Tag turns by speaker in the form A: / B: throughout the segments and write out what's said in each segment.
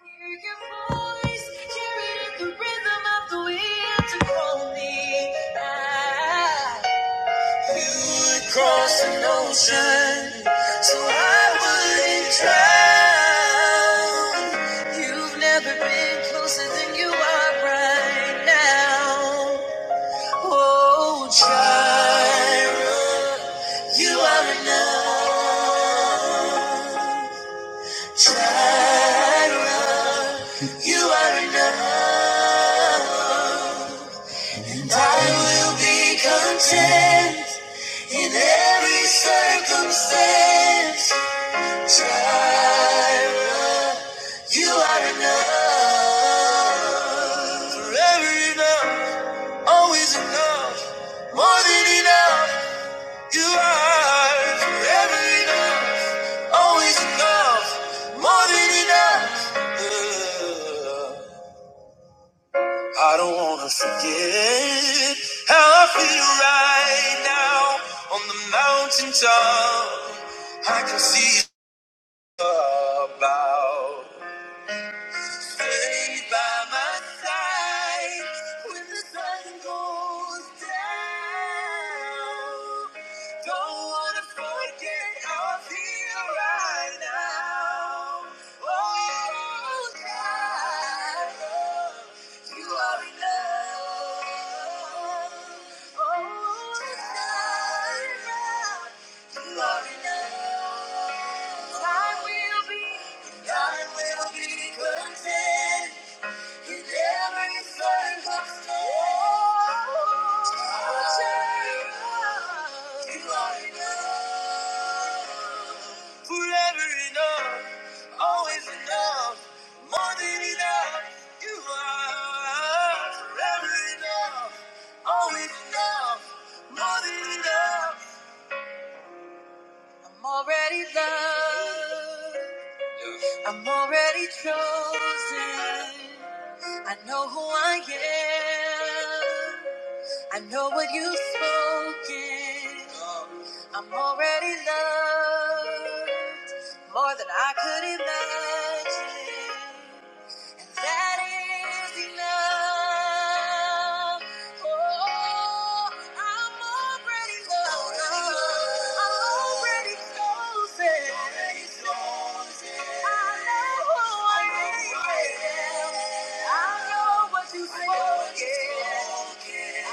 A: Hear your voice, hear in the rhythm of the wind to call me back. You would cross an ocean, so I wouldn't drown. You've never been closer than you are right now. Oh, Jireh, you are enough. Jireh. You are enough. And I will be content in every circumstance. Jireh, you are enough. Forever enough, always enough, more than enough. You are forever enough, always enough, more than enough. I don't wanna forget how I feel right now on the mountaintop. I can see about Stay by my side when the sun goes down. Don't wanna forget how I feel right now. Oh, God, you are enough. Oh, God. You are enough. I will be, I will be content. Forever enough, always enough, more than enough. You are forever enough, always enough, more than enough. I'm already loved. I'm already chosen. I know who I am. I know what you've spoken. I'm already loved more than I could imagine. And that is enough. Oh, I'm already loved. I'm already chosen. I know who I am. I know what you said. That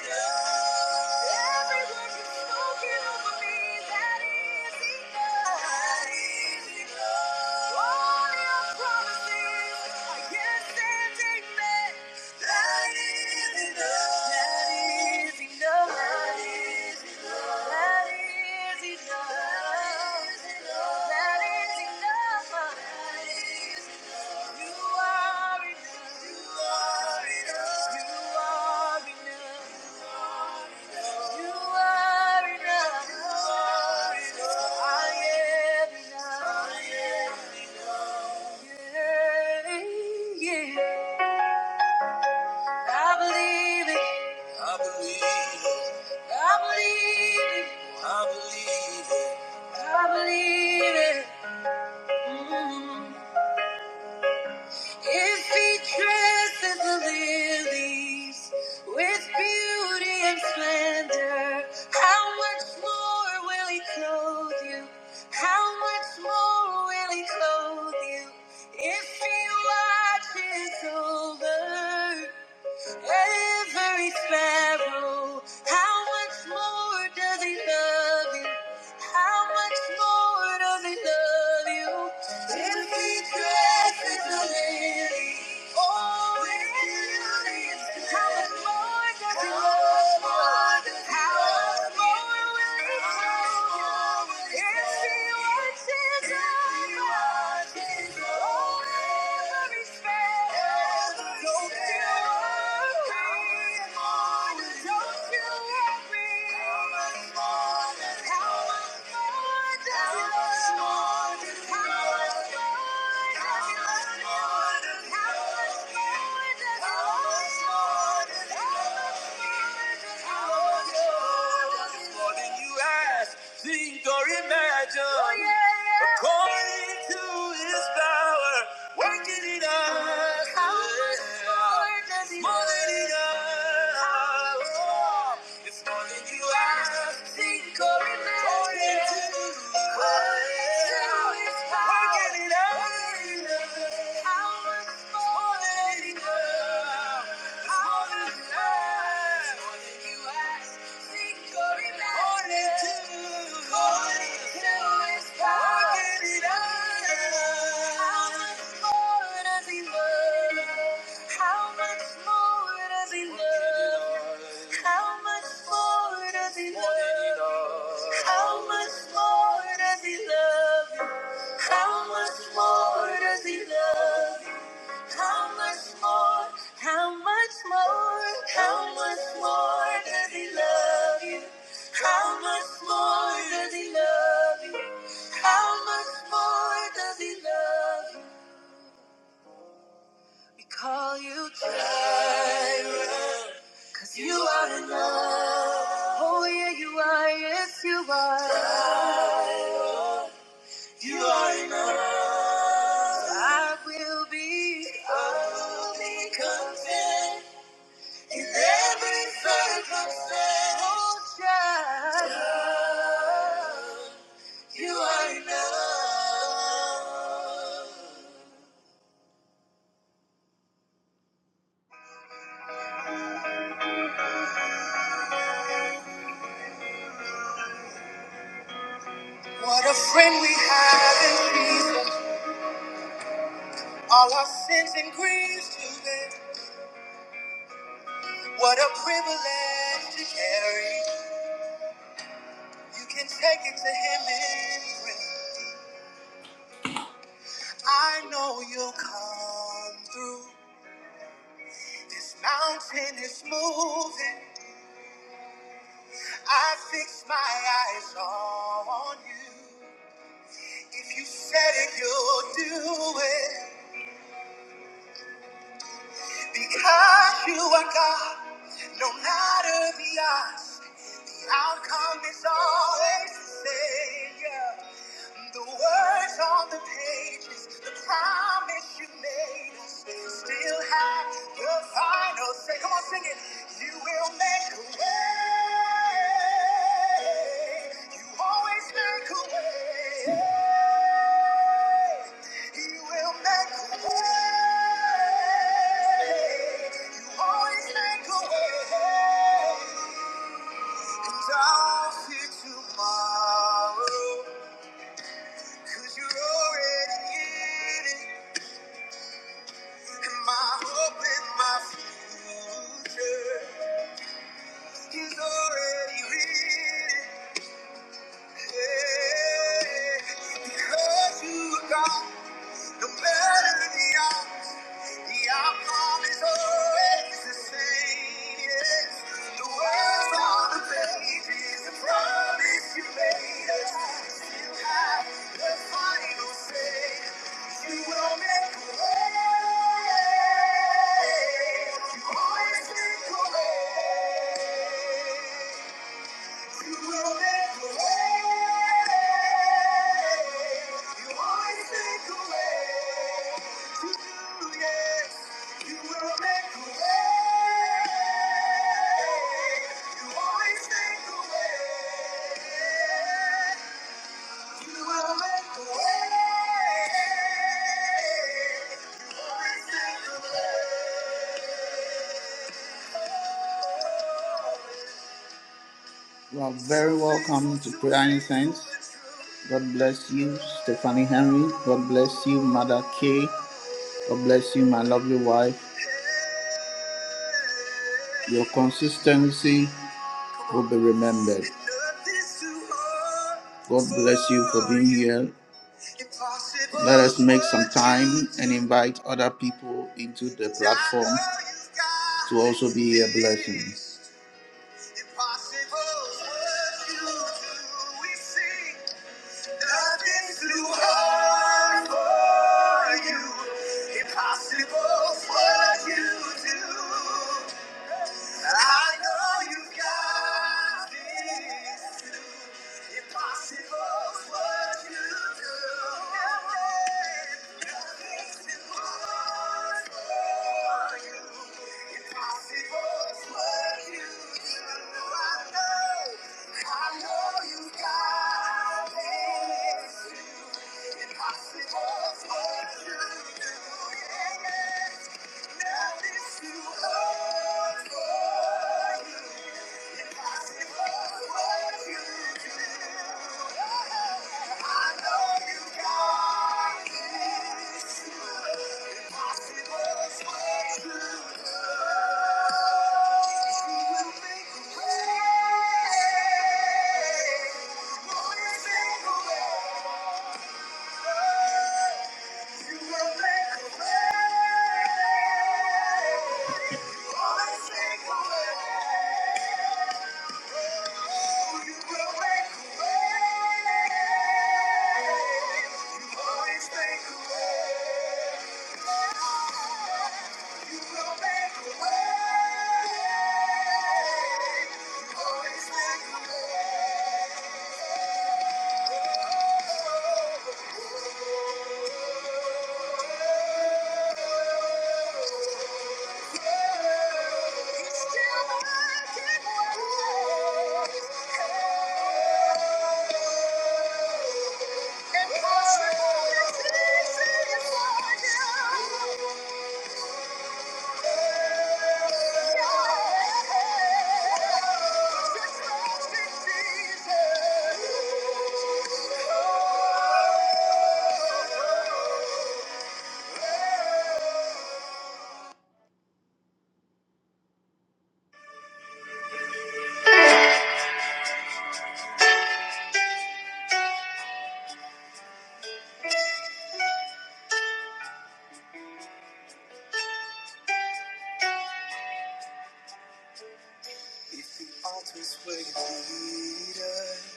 A: is enough that is enough. That is enough. yes That is enough. That is enough. That is enough. That is enough. That is enough. That is You are enough. You are enough. I am enough. Yeah, yeah. I believe it. I believe it. I believe it. I believe it. If he dresses the lilies with beauty and splendor, how much more will he clothe you? How much more will he clothe you? If he watches over Every sparrow, how much more does he love you? How much more does he love you? If he dresses the lily, oh, with beauty, how much more does he love you? How much more will he love you? How much more? How much more? Think or imagine, oh, yeah, yeah. according to His power, working in us. more than love us? enough. It's more than you ask, think, or imagine. According to Working it out. How much more than enough. How much more than you enough. How much more does he love you? How much more, how much more, how much more does he love you? How much more does he love you? How much more does he love you? We call you Jireh, cause you are enough. Oh yeah, you are, yes you are. Jireh. You are enough. I will be. I will be content. In every circumstance, child, you are enough. What a friend we have in Jesus. All our sins and griefs to bear. What a privilege to carry. You can take it to him in prayer. I know you'll come through. This mountain is moving. I fix my eyes on you. If you said it, you'll do it. Because you are God, no matter the odds, the outcome is always the same. The words on the pages, the promise you made us, still have the final say. Come on, sing it. You will make a way. You always make a way. You will make a way. You always make a way. And I'll see tomorrow. Cause you're already in it. And my hope and my future is already written. Yeah. yeah, yeah. Because you are No matter the odds, the outcome is always the same. Yes. The words on the page is the promise you made us. You have the final say. You will make a way. You always make a way. You always make a always way. You are very welcome to Prayer Incense. God bless you, Stephanie Henry. God bless you, Mother Kay. God bless you, my lovely wife. Your consistency will be remembered. God bless you for being here. Let us make some time and invite other people into the platform to also be a blessing. Impossible's what you do. We see nothing's too hard for you. Impossible's what you do. I know you got this too. Impossible's what you do. Nothing's too hard for you. Impossible's what you do. I know, I know you got this. Thank you. Always make a way. If the altar's where you lead us.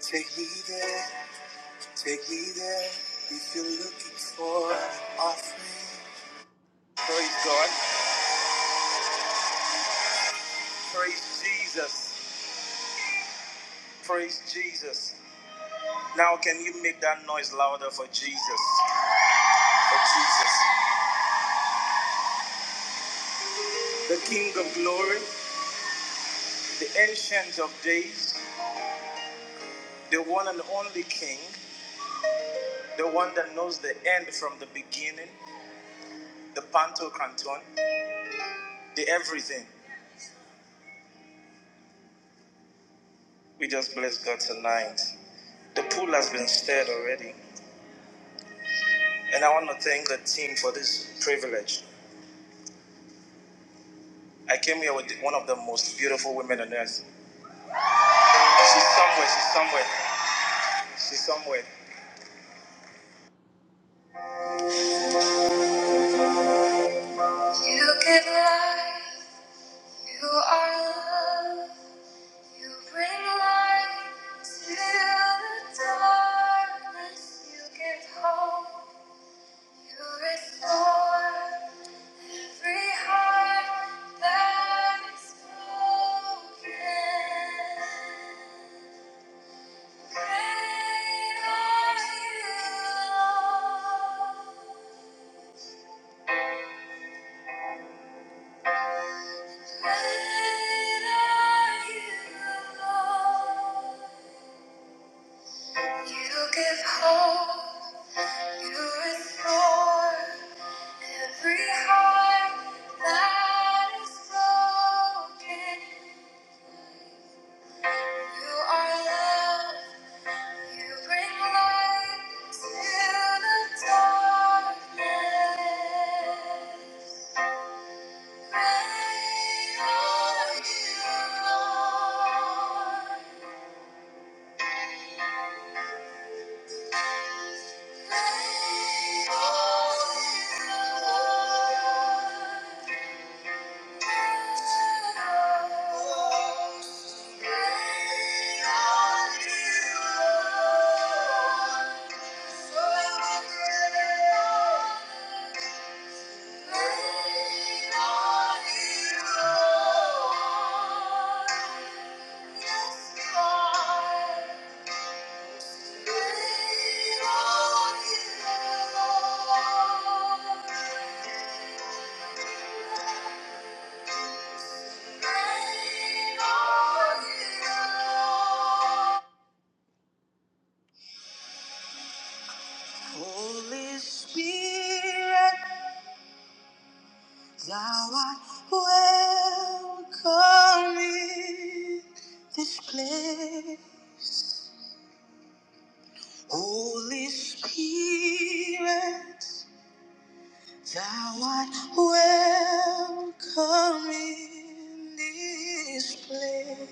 A: Take me there, take me there. If you're looking for an offering, praise God, praise Jesus, praise Jesus. Now, can you make that noise louder for Jesus? For Jesus, the King of glory, the Ancient of Days, the one and only King, the one that knows the end from the beginning, the Panto Canton, the everything. We just bless God tonight. The pool has been stirred already. And I want to thank the team for this privilege. I came here with one of the most beautiful women on earth. She's somewhere, she's somewhere, she's somewhere. You give life, you are love, you bring light to the darkness, you give hope, you restore every heart that is broken. Great are you, Lord. Great are you, Lord. You give hope, you restore every heart that is broken. You are love, you bring light to the darkness. Yes, God. Holy Spirit, thou art welcome in this place. Holy Spirit, thou art welcome in this place.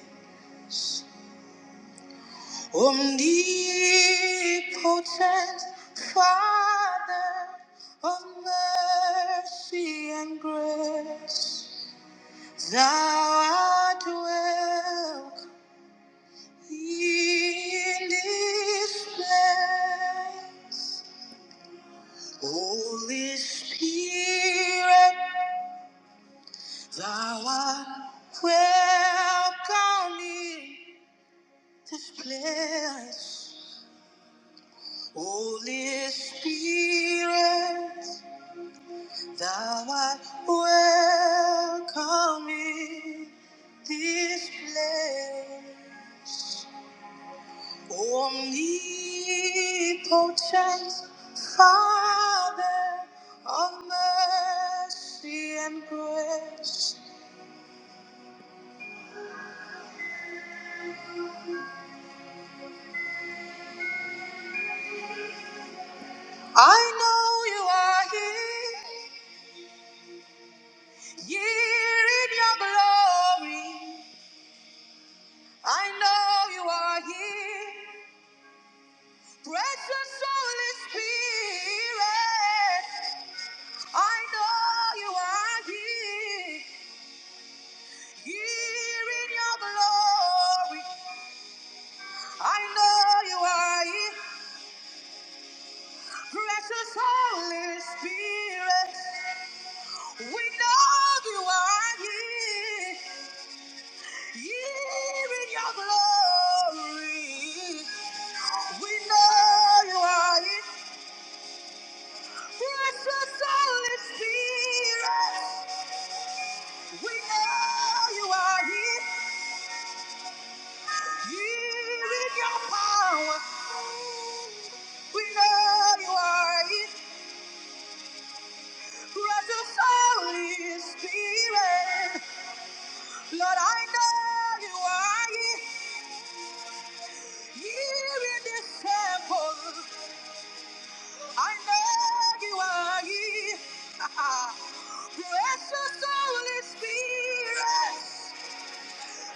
A: Omnipotent Father of mercy and grace, Thou art welcome in this place. Holy Spirit, Thou art welcome in this place. Holy Spirit. Thou art welcome in this place, omnipotent Father of mercy and grace. I know you are here, here in your glory. I know you are here, precious Holy Spirit. I know you are here, here in your glory. I know you are here, precious Holy Spirit. We know you are here, here in your glory. We know you are here, precious Holy Spirit. We know you are here. Here in your power, we know you are it. Precious Holy Spirit, Lord, I know you are Here in this temple, I know you are it. Precious Holy Spirit.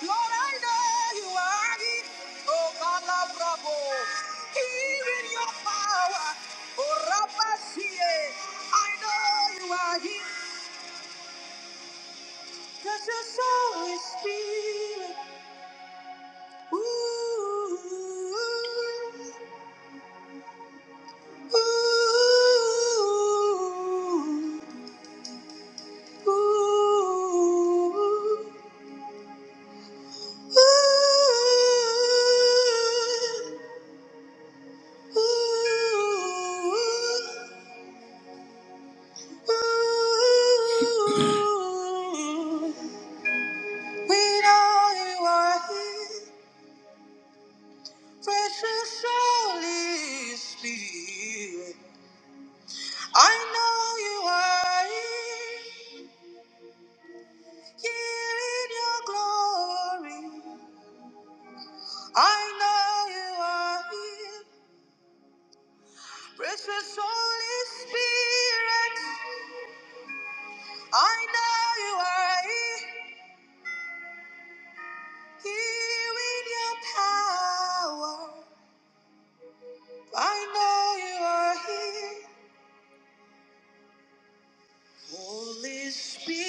A: Lord, I know you are here. Oh, Palabrabo, here in your power. Oh, Rabasie, I know you are here. Cause your soul is spirit. Ooh, ooh, ooh, ooh, ooh. Ooh, we know you are here, precious Holy Spirit. I know you are here, here in your glory. I know you are here, precious Holy Spirit. I know you are here, here in your power. I know you are here. Holy Spirit,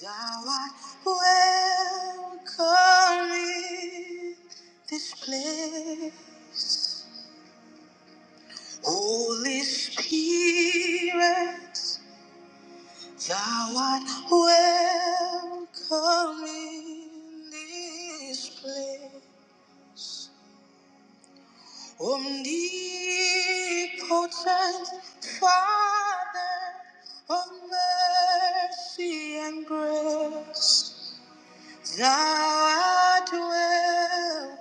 A: thou art welcome in this place. Holy Spirit, thou art welcome in this place. Omnipotent Father of mercy and grace. Thou art welcome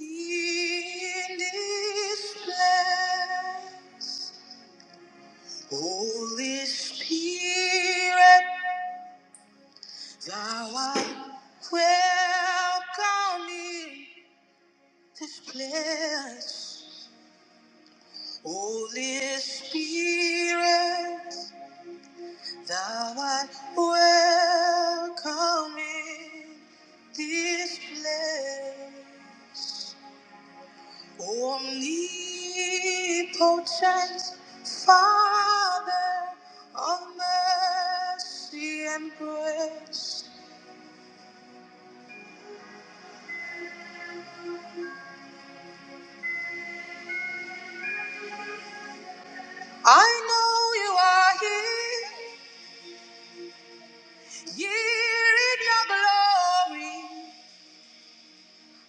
A: in this place. Holy Spirit, thou art welcome in this place. Holy Spirit, thou art welcome in this place. Omnipotent Father of mercy and grace, I know you are here, here in your glory.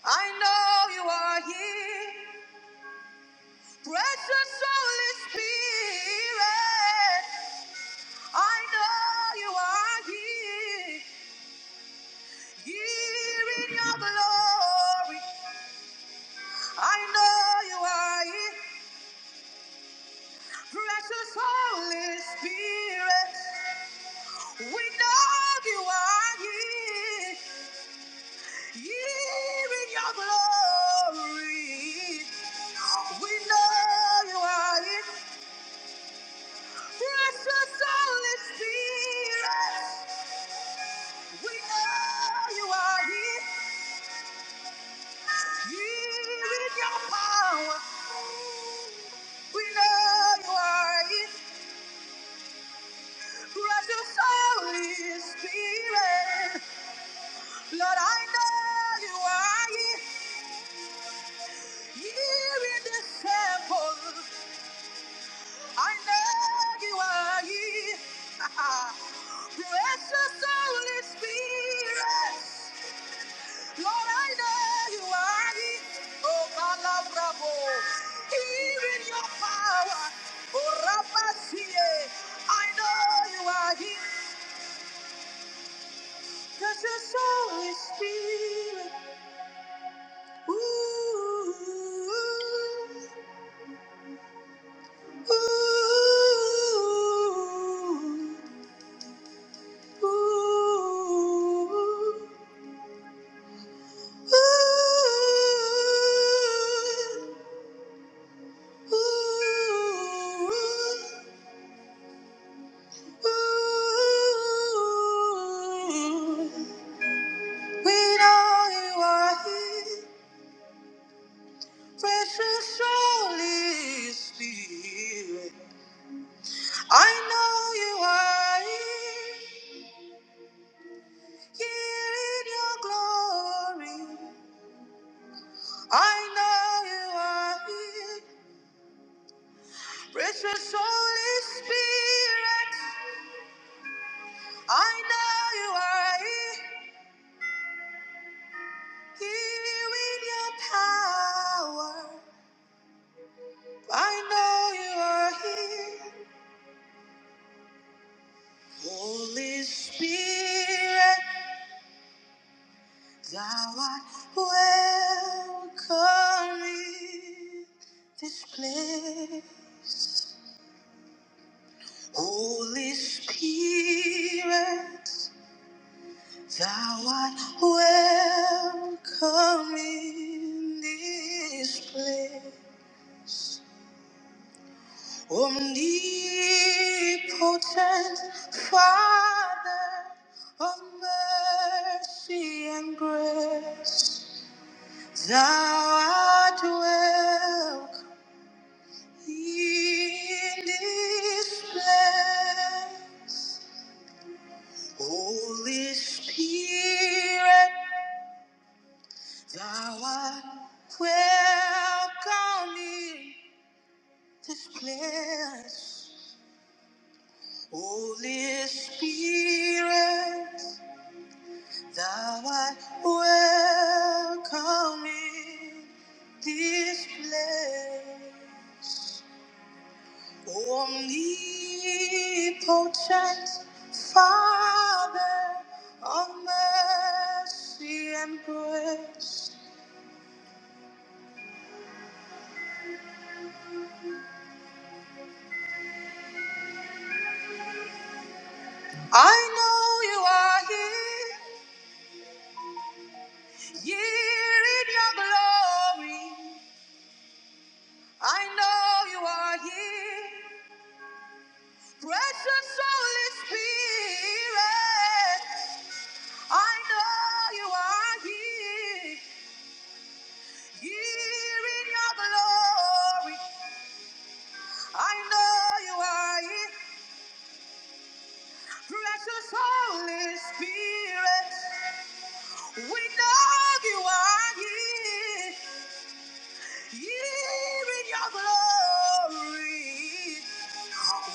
A: I know you are here, precious Holy Spirit. I know you are here, here in your glory. I know you are here. Precious Holy Spirit, we know you are here, here in your glory. We know you are here. Precious Holy Spirit, we know you are here, here in your power. We know you are here, precious Holy Spirit. Lord, I know you are here. Here in this temple, I know you are here. Precious Holy Spirit, Lord, I know you are here. Oh, Calabravo, here in your power. Oh, Rapacie, I know you are here. Precious Holy Spirit, ooh, ooh. ooh. We know you are here, precious Holy Spirit. I know you are here, here in your glory. I know you are here, precious Holy Spirit. I know you are here with your power. I know you are here. Holy Spirit, thou art welcome in this place. Holy Spirit, thou art welcome in this place. Omnipotent Father of mercy and grace, thou art welcome in this place. Holy Spirit, thou art welcome in this place. Holy Spirit. Thou art welcome in this place, omnipotent Father of mercy and grace. I know you are here, here in your glory. I know you are here, precious Holy Spirit. I know you are here, here in your glory. I know you are here, precious Holy Spirit. We know you are here, here in your glory.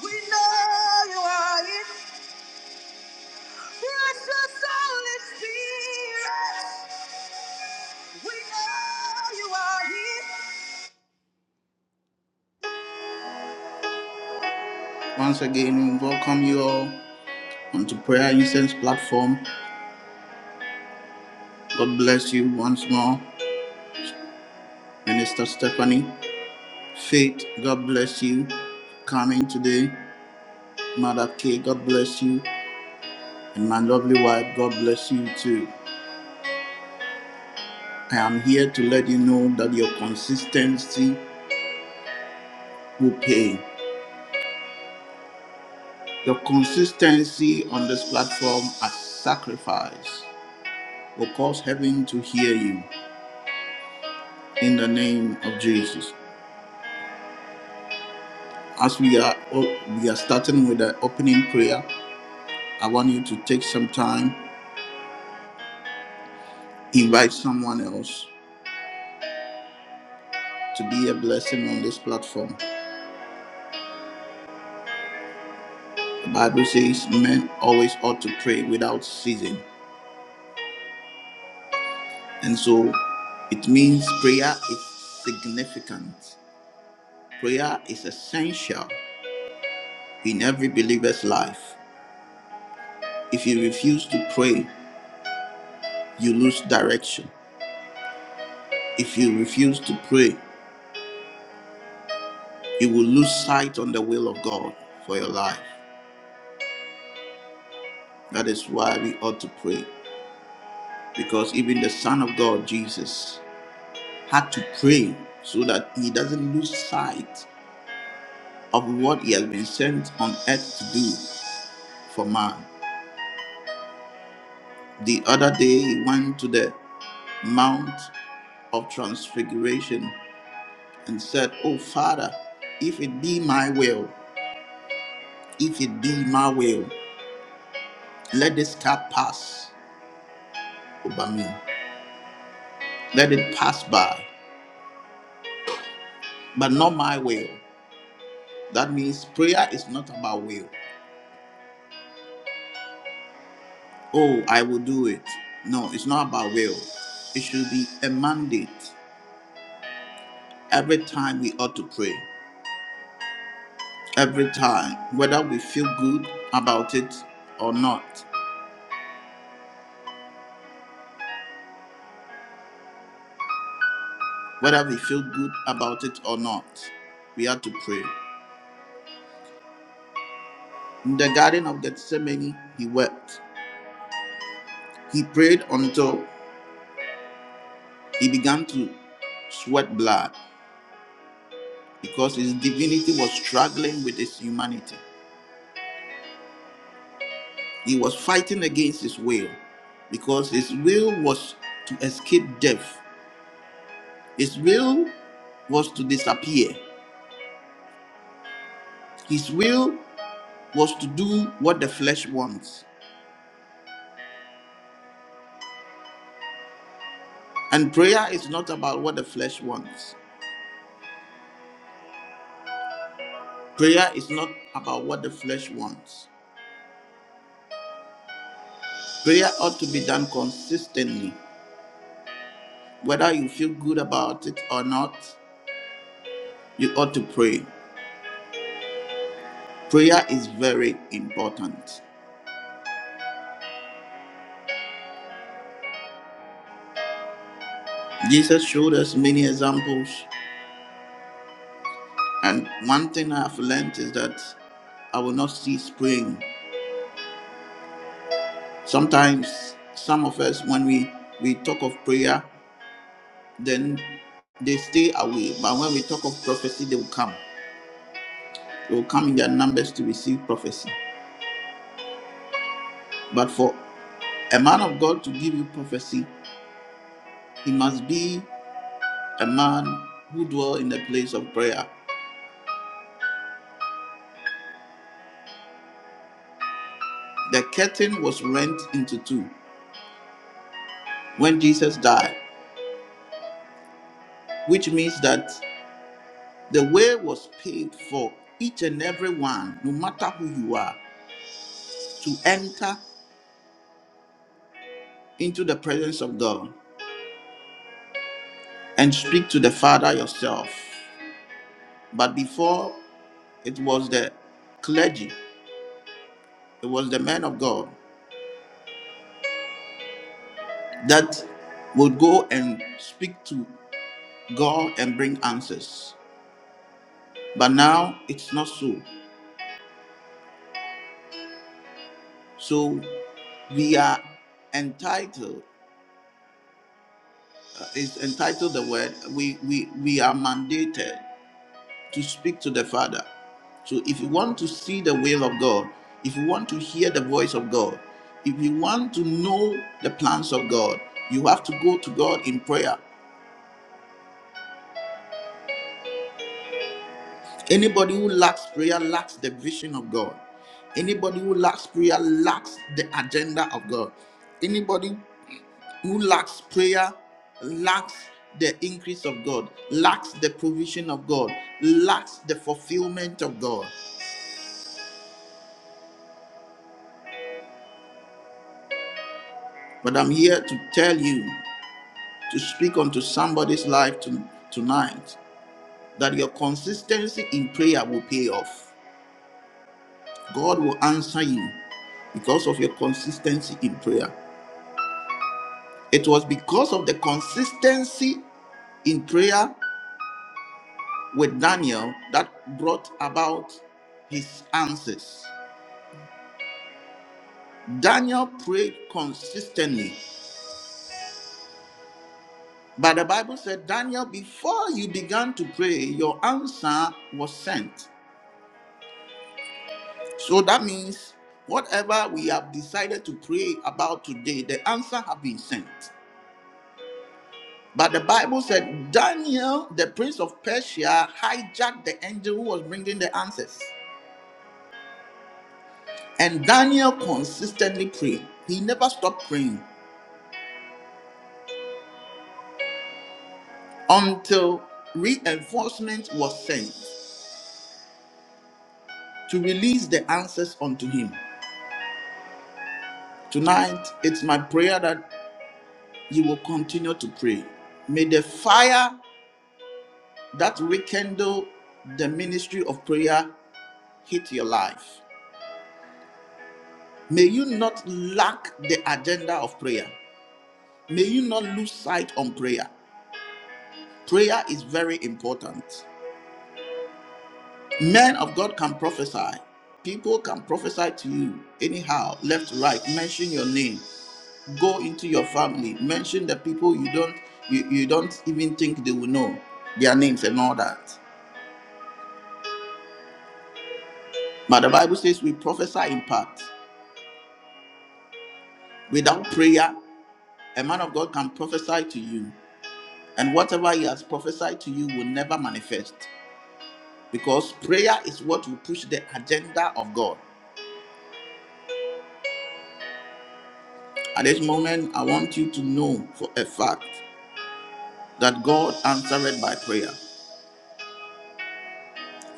A: We know you are here, precious Holy Spirit. We know you are here. Once again, we welcome you all. onto Prayer Incense platform. God bless you once more, Minister Stephanie. Faith, God bless you. Coming today, Mother K, God bless you. And my lovely wife, God bless you too. I am here to let you know that your consistency will pay. Your consistency on this platform as sacrifice will cause heaven to hear you in the name of Jesus. As we are we are starting with the opening prayer, I want you to take some time, invite someone else to be a blessing on this platform. The Bible says men always ought to pray without ceasing. And so it means prayer is significant. Prayer is essential in every believer's life. If you refuse to pray, you lose direction. If you refuse to pray, you will lose sight on the will of God for your life. That is why we ought to pray. because even the Son of God, Jesus, had to pray so that he doesn't lose sight of what he has been sent on earth to do for man. The other day, he went to the Mount of Transfiguration and said, Oh, Father, if it be my will, if it be my will, let this cup pass over me. Let it pass by, but not my will. That means prayer is not about will. oh, I will do it. No, it's not about will. It should be a mandate. Every time we ought to pray, every time, whether we feel good about it or not, whether we feel good about it or not, we have to pray. In the Garden of Gethsemane, he wept. He prayed until he began to sweat blood because his divinity was struggling with his humanity. He was fighting against his will because his will was to escape death. His will was to disappear. His will was to do what the flesh wants. And prayer is not about what the flesh wants. Prayer is not about what the flesh wants. Prayer ought to be done consistently. Whether you feel good about it or not, you ought to pray. Prayer is very important. Jesus showed us many examples And one thing I've learned is that I will not cease praying. Sometimes some of us, when we, we talk of prayer, then they stay away. But when we talk of prophecy, they will come. They will come in their numbers to receive prophecy. But for a man of God to give you prophecy, he must be a man who dwell in the place of prayer. The curtain was rent into two when Jesus died, which means that The way was paved for each and every one, no matter who you are, to enter into the presence of God and speak to the Father yourself. But before, it was the clergy, it was the men of God that would go and speak to God and bring answers. But now it's not so. So we are entitled, uh, is entitled the word, we, we, we are mandated to speak to the Father. So if you want to see the will of God, if you want to hear the voice of God, if you want to know the plans of God, you have to go to God in prayer. Anybody who lacks prayer lacks the vision of God. Anybody who lacks prayer lacks the agenda of God. Anybody who lacks prayer lacks the increase of God, lacks the provision of God, lacks the fulfillment of God. But I'm here to tell you to speak onto somebody's life to, tonight that your consistency in prayer will pay off. God will answer you because of your consistency in prayer. It was because of the consistency in prayer with Daniel that brought about his answers. Daniel prayed consistently. But the Bible said, Daniel, before you began to pray, your answer was sent. So that means whatever we have decided to pray about today, the answer have been sent. But the Bible said Daniel, the prince of Persia, hijacked the angel who was bringing the answers. And Daniel consistently prayed. He never stopped praying until reinforcement was sent to release the answers unto him. Tonight, it's my prayer that you will continue to pray. May the fire that rekindle the ministry of prayer hit your life. May you not lack the agenda of prayer. May you not lose sight on prayer. Prayer is very important. Men of God can prophesy. People can prophesy to you anyhow, left, right. Mention your name. Go into your family. Mention the people you don't you, you don't even think they will know their names and all that. But the Bible says we prophesy in part. Without prayer, A man of God can prophesy to you, and whatever he has prophesied to you will never manifest because prayer is what will push the agenda of God. At this moment, I want you to know for a fact that God answered by prayer.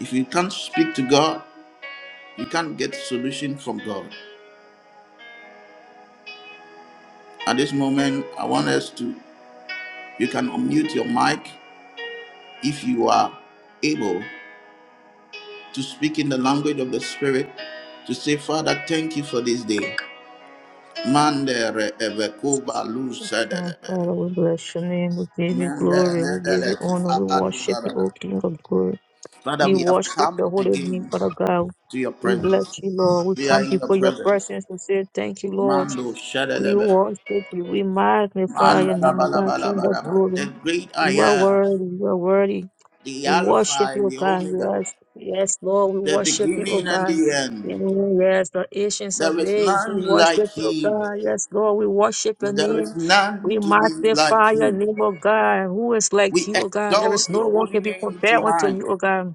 A: If you can't speak to God, you can't get solution from God. At this moment, I want us to, you can unmute your mic if you are able to speak in the language of the Spirit to say, Father, thank you for this day. Mandere evekuba
B: Oh,
A: lusedelebe.
B: Father, we bless your name. We give you glory. We
A: Mandere
B: give you
A: eleki
B: honor. We
A: fakadu
B: worship you, O King of glory.
A: Father,
B: We
A: we have
B: worship your
A: come
B: holy name,
A: again
B: Father God.
A: to your
B: We
A: presence.
B: bless you, Lord. We
A: We
B: come
A: are in your
B: before your
A: presence.
B: presence to say thank you, Lord.
A: Mando
B: We
A: shedelebe.
B: worship you. We magnify your name, O God, King of
A: Mandalabalabalabalaba. The
B: glory.
A: great I
B: You are
A: am,
B: worthy. You are worthy.
A: the
B: We worship
A: Alpha
B: you,
A: and
B: O
A: the
B: God.
A: Omega,
B: Yes, yes, Lord, we
A: the
B: worship you, O
A: beginning and
B: God.
A: the end.
B: Mm, Yes, the ancients
A: There
B: of
A: is
B: days, we
A: none like
B: worship you, O
A: him.
B: God. Yes, Lord, we worship your
A: There is
B: name.
A: none
B: We
A: to be like
B: magnify your
A: him.
B: name, O God. Who is like
A: We
B: you, O God? There is
A: exalt
B: no
A: your
B: one
A: holy
B: can be
A: name
B: compared unto you,
A: tonight.
B: O God.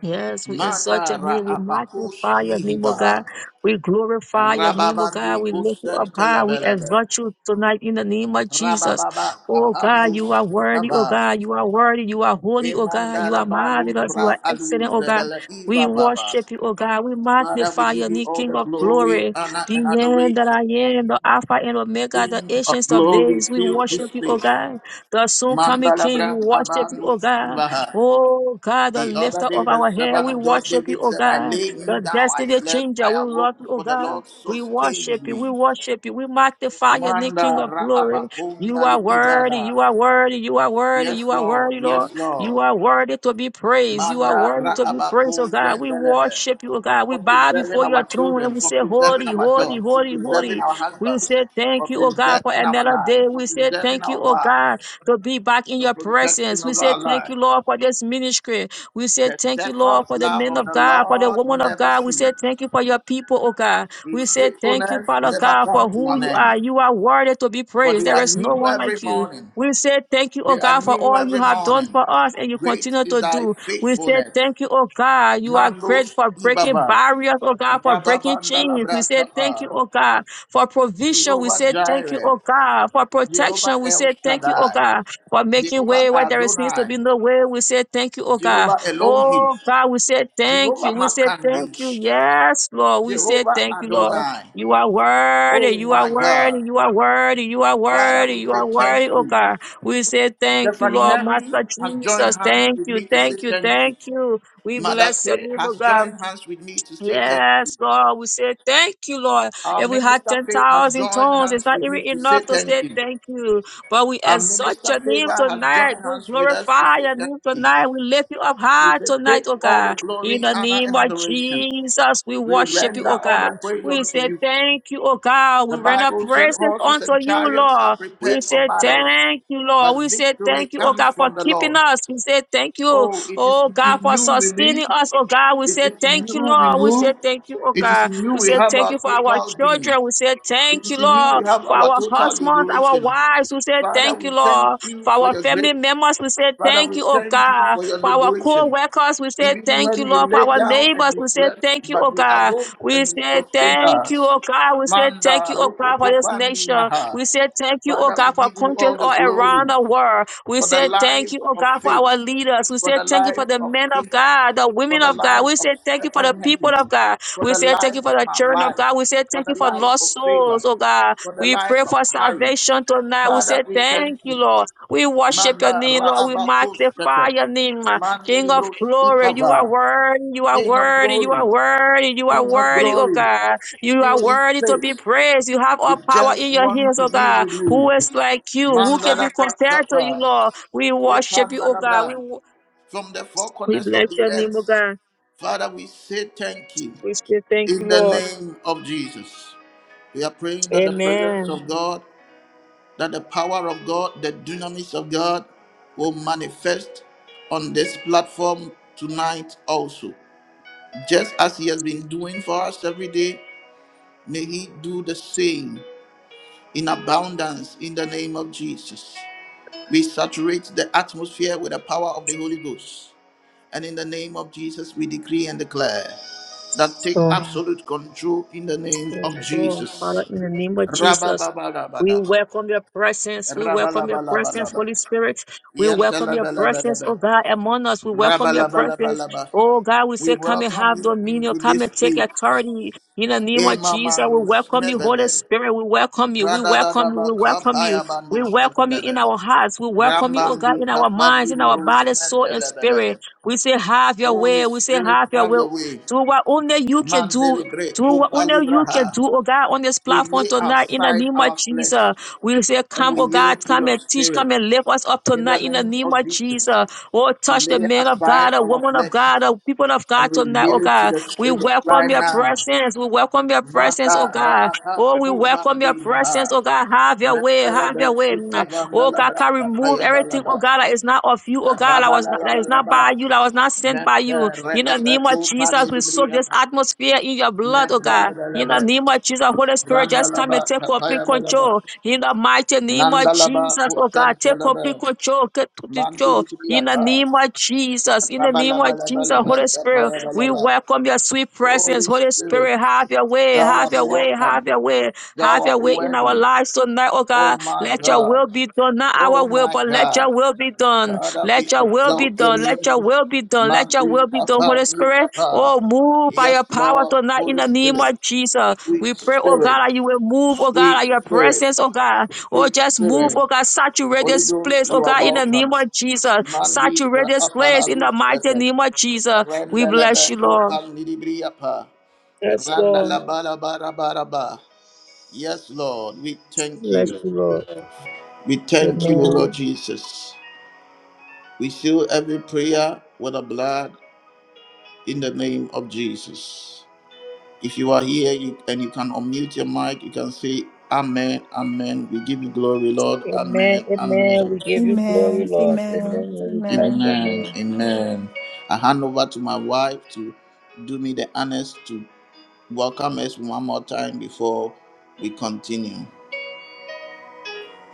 B: Yes, we exalt
A: Manda
B: your
A: ra
B: name. We
A: apakus
B: magnify your name, O
A: mihiba,
B: God. We glorify your name, O God.
A: Rababandi
B: We lift you
A: kusen
B: up high. We
A: telebelebe.
B: exalt you tonight in the name of Jesus.
A: Rabababa
B: Oh God,
A: apanus
B: you are worthy, oh
A: ipaba.
B: God. You are worthy. You are holy, oh God.
A: Emanda
B: You are
A: raba
B: marvelous. You are
A: lubra aluz
B: excellent, oh God.
A: bedele
B: We
A: iva baba.
B: worship you, oh God. We
A: Father, we
B: magnify your
A: give you
B: name,
A: all
B: King
A: the
B: of
A: glory,
B: glory.
A: honor,
B: The
A: and
B: end that
A: adoration.
B: I am, the Alpha and Omega, the
A: King of
B: ancients of
A: glory,
B: days. We
A: fill this
B: worship you, oh
A: place.
B: God. The soon coming King.
A: Mandalabra
B: We worship you, oh
A: abanus
B: God.
A: ibaha.
B: Oh God, the
A: The
B: lifter
A: other
B: of
A: day, the
B: our hair,
A: servant
B: we
A: of God
B: worship you,
A: David
B: oh
A: said, I
B: God.
A: laid
B: The
A: me down, I
B: destiny
A: slept,
B: changer,
A: I
B: we
A: awoke,
B: love you, oh
A: for the
B: God.
A: Lord
B: We
A: sustained
B: worship you, we
A: me.
B: worship you, we magnify your name, King
A: Manda
B: of glory. You
A: Raabakundali
B: are worthy,
A: Ibada.
B: you are worthy, you are worthy,
A: Yes,
B: you are
A: Lord.
B: worthy,
A: Yes,
B: Lord. You
A: Lord.
B: are worthy to be praised, you are
A: Manda
B: worthy to be praised, oh God. We
A: Raabakundelebe.
B: worship you, oh God. We
A: For
B: bow
A: preserving
B: before
A: our
B: your throne and
A: children,
B: we
A: for
B: say,
A: preserving
B: Holy,
A: our
B: holy,
A: jobs, for
B: holy,
A: preserving
B: holy.
A: our
B: We
A: husbands,
B: say
A: for
B: thank you, oh God, for
A: preserving our
B: another
A: lives,
B: day.
A: for
B: We say
A: preserving
B: thank you,
A: our
B: oh God
A: wives,
B: to be back in
A: the
B: your presence.
A: protection
B: We
A: of
B: say
A: our
B: thank you,
A: lives.
B: Lord, for this ministry. We say
A: The
B: thank you, Lord,
A: steadfast
B: for the
A: love
B: men
A: of
B: of
A: the
B: God, for the
A: Lord
B: woman of
A: never
B: God. We
A: ceases.
B: say thank you for your people, oh God. We
A: His
B: say thank you,
A: faithfulness
B: Father
A: never
B: God, for
A: comes to
B: who
A: an
B: you
A: end.
B: are. You are worthy to be
A: For
B: praised.
A: they
B: There
A: are
B: is no
A: new
B: one like
A: every
B: you.
A: morning.
B: We say thank you, oh
A: They are
B: God, for
A: new
B: all you
A: every
B: have done
A: morning.
B: for us and you
A: Great
B: continue
A: is
B: to
A: thy
B: do. We say
A: faithfulness.
B: thank you, oh God. You are
A: Mandos
B: great for breaking
A: Ibaba.
B: barriers, oh God, for breaking
A: Rababandala
B: chains. We say thank
A: Brakapa.
B: you, oh God for provision, we
A: Jehovah
B: say thank you,
A: Jireh.
B: oh God. For
A: Jehovah
B: protection, we
A: El
B: say thank you, oh
A: Shaddai.
B: God. For making
A: Jehovah
B: way where there seems to
A: Adonai.
B: be no way, we say thank you, oh God.
A: Jehovah Elohim.
B: Oh God, we say thank
A: Jehovah
B: you. We say thank you.
A: Makandish.
B: Yes, Lord. We say
A: Jehovah
B: thank you, Lord.
A: Adonai.
B: You are worthy.
A: Oh
B: You are
A: my
B: worthy.
A: God.
B: You are worthy. You are
A: Father,
B: worthy.
A: we
B: You are
A: say thank
B: worthy, oh
A: you.
B: God. We say thank you,
A: Stephanie
B: Lord.
A: Henry
B: Master
A: has joined
B: Jesus,
A: hands
B: thank
A: with
B: you.
A: me to say
B: Thank you.
A: thank you.
B: Thank you. We
A: Mother
B: bless your
A: Kay
B: name, oh
A: has
B: God.
A: joined hands with me to say thank you.
B: Yes, Lord, we say thank you, Lord.
A: Our
B: If we had
A: minister faith has
B: 10,000
A: joined
B: tongues, it's
A: hands
B: not
A: with
B: even
A: me to say
B: enough to
A: thank
B: say
A: you.
B: thank you. But we
A: Our
B: exalt
A: minister
B: your name
A: favor has
B: tonight.
A: joined
B: We
A: hands with us to
B: glorify
A: say
B: your
A: thank
B: name
A: you.
B: tonight. We lift you up
A: We
B: high
A: say,
B: tonight,
A: Take
B: oh
A: all the
B: God. In
A: glory,
B: the
A: honor,
B: name
A: and
B: of
A: adoration.
B: Jesus, we
A: We
B: worship you,
A: render
B: oh
A: all
B: God.
A: the praise
B: We
A: unto
B: say
A: you.
B: thank you, oh God.
A: The
B: We render
A: Bible said
B: praises
A: horses
B: unto
A: and
B: you,
A: chariots are
B: Lord. We
A: prepared for
B: say
A: battle,
B: thank you, Lord. We
A: but
B: say
A: victory
B: thank you, oh
A: comes
B: God, for
A: from the
B: keeping
A: Lord.
B: us. We say thank you
A: Oh, it is
B: Oh God,
A: in
B: for
A: you we live,
B: sustaining us. Oh God, we
A: it
B: say
A: is in
B: thank you,
A: you we
B: Lord. We say
A: move,
B: thank you, oh
A: it is
B: God.
A: in you
B: We
A: we
B: say
A: have
B: thank
A: our
B: you for our
A: total being.
B: children. We say
A: It
B: thank you,
A: is in you we
B: Lord,
A: have
B: for
A: our
B: our
A: total
B: husbands, our
A: liberation.
B: wives. We say
A: Father,
B: thank
A: we
B: you,
A: thank
B: Lord,
A: you
B: for
A: for
B: our
A: your
B: family
A: grace.
B: members. We say
A: Father,
B: thank
A: we
B: you, oh
A: thank you
B: God.
A: for your
B: For our co
A: liberation.
B: workers, we say
A: Even
B: thank you,
A: when we
B: Lord.
A: lay
B: For our
A: down and
B: neighbors,
A: we
B: we say
A: slept,
B: thank you, oh
A: but we
B: God.
A: awoke
B: We
A: and you
B: say
A: sustained
B: thank you,
A: us.
B: oh God. We say thank
A: Manda
B: you, oh God, for this
A: Rokokofani
B: nation.
A: Maha.
B: We say thank you, oh
A: Father, we
B: God, for
A: give you
B: countries
A: all the
B: all around
A: glory
B: the world. We
A: for the
B: say thank
A: life
B: you, oh
A: of
B: God, for
A: faith,
B: our leaders. We
A: for
B: say
A: the
B: thank you
A: life
B: for the
A: of
B: men of
A: Peter,
B: God, the
A: for
B: women
A: the
B: of God.
A: life
B: We
A: of
B: say thank you for the
A: Stephen
B: people
A: Henry,
B: of God.
A: for
B: We
A: the
B: say thank
A: life
B: you for
A: of
B: the
A: my
B: children of
A: wife,
B: God. We say
A: for
B: thank
A: the
B: you for
A: life of
B: lost
A: favor,
B: souls, oh God.
A: for the
B: We
A: life
B: pray
A: of
B: for
A: Harry.
B: salvation tonight. We say
A: Father, we thank
B: thank you,
A: you.
B: Lord. We worship your
A: Manda
B: name, Lord. We
A: Raabakus
B: magnify
A: Pete.
B: your name, uh, King
A: Mandi
B: of
A: Bruce
B: glory. You are
A: Itava.
B: worthy. You are
A: King of
B: worthy. You
A: glory.
B: are worthy. You are
A: King of
B: worthy, oh
A: glory.
B: God. You
A: Fill
B: are
A: this
B: worthy to be
A: place.
B: praised. You have all
A: We
B: power
A: just
B: in your
A: want
B: hands,
A: to
B: oh
A: be
B: God.
A: with
B: Who
A: you.
B: is like you? Who
A: Manda
B: can be
A: Labra
B: compared to you,
A: Kapa.
B: Lord? We worship you,
A: Ekanda
B: oh God. We,
A: Labra.
B: wo-
A: From the four
B: we
A: corners
B: bless
A: of the
B: your name, oh
A: earth.
B: God.
A: Father, we say thank you
B: We say thank you,
A: in the
B: Lord.
A: name of Jesus. We are praying that the presence
B: Amen.
A: of God that the power of God, the dunamis of God, will manifest on this platform tonight also. Just as He has been doing for us every day, may He do the same in abundance in the name of Jesus. We saturate the atmosphere with the power of the Holy Ghost. And in the name of Jesus, we decree and declare that take
B: So,
A: absolute control in the name
B: Yes,
A: of
B: Lord.
A: Jesus.
B: Father, in the name of
A: Rabba
B: Jesus,
A: baba rabba
B: we
A: daba.
B: welcome your presence. We
A: Rabba
B: welcome your
A: laba laba
B: presence,
A: laba.
B: Holy Spirit. We welcome your presence, oh
A: Yantalabalabala.
B: God, among us. We welcome your presence.
A: Rabalabalabalaba.
B: Oh God, we say,
A: We
B: come and
A: welcome
B: have
A: you
B: dominion.
A: into
B: Come
A: this
B: and take
A: place.
B: authority. In the name of Jesus, we
A: Emamandos
B: welcome you, Holy
A: mebebe.
B: Spirit. We welcome you. We welcome you. We
A: Radadadaba
B: welcome you. We
A: kapayabandos
B: welcome you in
A: mebebe.
B: our hearts. We welcome you, oh God,
A: Rambandi
B: in our minds, in
A: kapadiri
B: our
A: bros
B: body, soul, and spirit.
A: mentelebelebe.
B: We say, have your
A: Holy
B: way. We say,
A: Spirit,
B: have your
A: have
B: way.
A: your way.
B: Do what only you can do
A: Mandeli
B: do what
A: breko
B: only you can
A: palibraha.
B: do, oh God, on this
A: We
B: platform
A: lay
B: tonight in the
A: aside
B: name of
A: our
B: Jesus.
A: flesh
B: We say,
A: and
B: Come,
A: we
B: oh God,
A: yield to
B: come
A: your
B: and teach, come
A: spirit.
B: and lift us up
A: In the
B: tonight in the
A: name
B: name
A: of
B: of Jesus.
A: Jesus,
B: Oh,
A: we
B: touch the
A: lay
B: man of God,
A: aside
B: the
A: our
B: woman of
A: flesh
B: God, the people of
A: and
B: God
A: we
B: tonight, oh
A: yield to
B: God.
A: the
B: We
A: Spirit
B: welcome
A: right
B: your
A: now.
B: presence. We welcome your presence,
A: Mata
B: oh God.
A: raaka
B: Oh, we welcome
A: kubandi
B: your
A: maha.
B: presence, oh God. Have your way, have
A: Mandalaba
B: your way. Oh God,
A: ikabandalabra
B: can remove everything,
A: apayabalaba.
B: oh God, that is not of you, oh God, that was not, that is not
A: Rabalabalaba.
B: by you, that was not sent by
A: Manda
B: you. In the
A: reepe
B: name of Jesus,
A: kupani
B: we soak this
A: libriyapa.
B: atmosphere in your blood, oh God. In
A: Mandalabalaba.
B: the name of Jesus, Holy Spirit, just come
A: Randalaba
B: and take complete
A: apayabalaba.
B: control. In the mighty name of
A: Nandalaba
B: Jesus, oh God, take
A: kuchentalaba.
B: complete control in the
A: Mandilibriyapa.
B: name of Jesus, in the name of Jesus,
A: Rabalabalabalaba
B: Holy Spirit, we
A: apayabalaba.
B: welcome your sweet presence.
A: Holy
B: Holy
A: Spirit,
B: Spirit, have your way,
A: thou
B: have
A: art
B: your way,
A: welcome.
B: have your way,
A: Thou
B: have your
A: art
B: way in our
A: worthy.
B: lives tonight, oh
A: Oh
B: God.
A: my
B: Let your
A: God.
B: will be done, not
A: Oh
B: our will,
A: my
B: but let
A: God.
B: your will be done.
A: Father, we
B: Let your will be
A: exalt your
B: done, let your
A: name.
B: will be done, let your
A: Mandi
B: will be done,
A: Apa
B: Holy
A: ni
B: Spirit.
A: Apa.
B: Oh, move by
A: Yes,
B: your power
A: Lord,
B: tonight in
A: Holy
B: the name
A: Spirit,
B: of Jesus.
A: sweet
B: We pray, oh God,
A: Spirit,
B: that you will move, oh God,
A: sweet
B: that your
A: Spirit,
B: presence, oh God. Oh,
A: sweet
B: just move,
A: Spirit.
B: oh God, saturate
A: Holy
B: this
A: Ghost,
B: place,
A: you
B: oh
A: are
B: God, in the name
A: welcome.
B: of Jesus.
A: Mandi
B: Saturate this
A: Apa
B: place in the
A: Halu
B: mighty
A: Sete.
B: name of Jesus. We
A: Randalaba
B: bless you, Lord.
A: Kopam Nidibri Apa.
B: Yes, Lord.
A: Randalaba Laba Raba Raba. Yes, Lord, we thank
B: Bless
A: you.
B: you, Lord.
A: We thank you, O
B: Amen.
A: Lord Jesus. We seal every prayer with the blood in the name of Jesus. If you are here you, and you can unmute your mic, you can say, Amen, Amen. We give you glory, Lord.
B: Amen.
A: Amen,
B: Amen.
A: Amen,
B: We give you glory,
C: Amen.
B: Lord.
C: Amen.
B: Amen. We bless
C: Amen.
B: your
A: Amen,
B: name.
A: Amen. I hand over to my wife to do me the honors to welcome us one more time before we continue.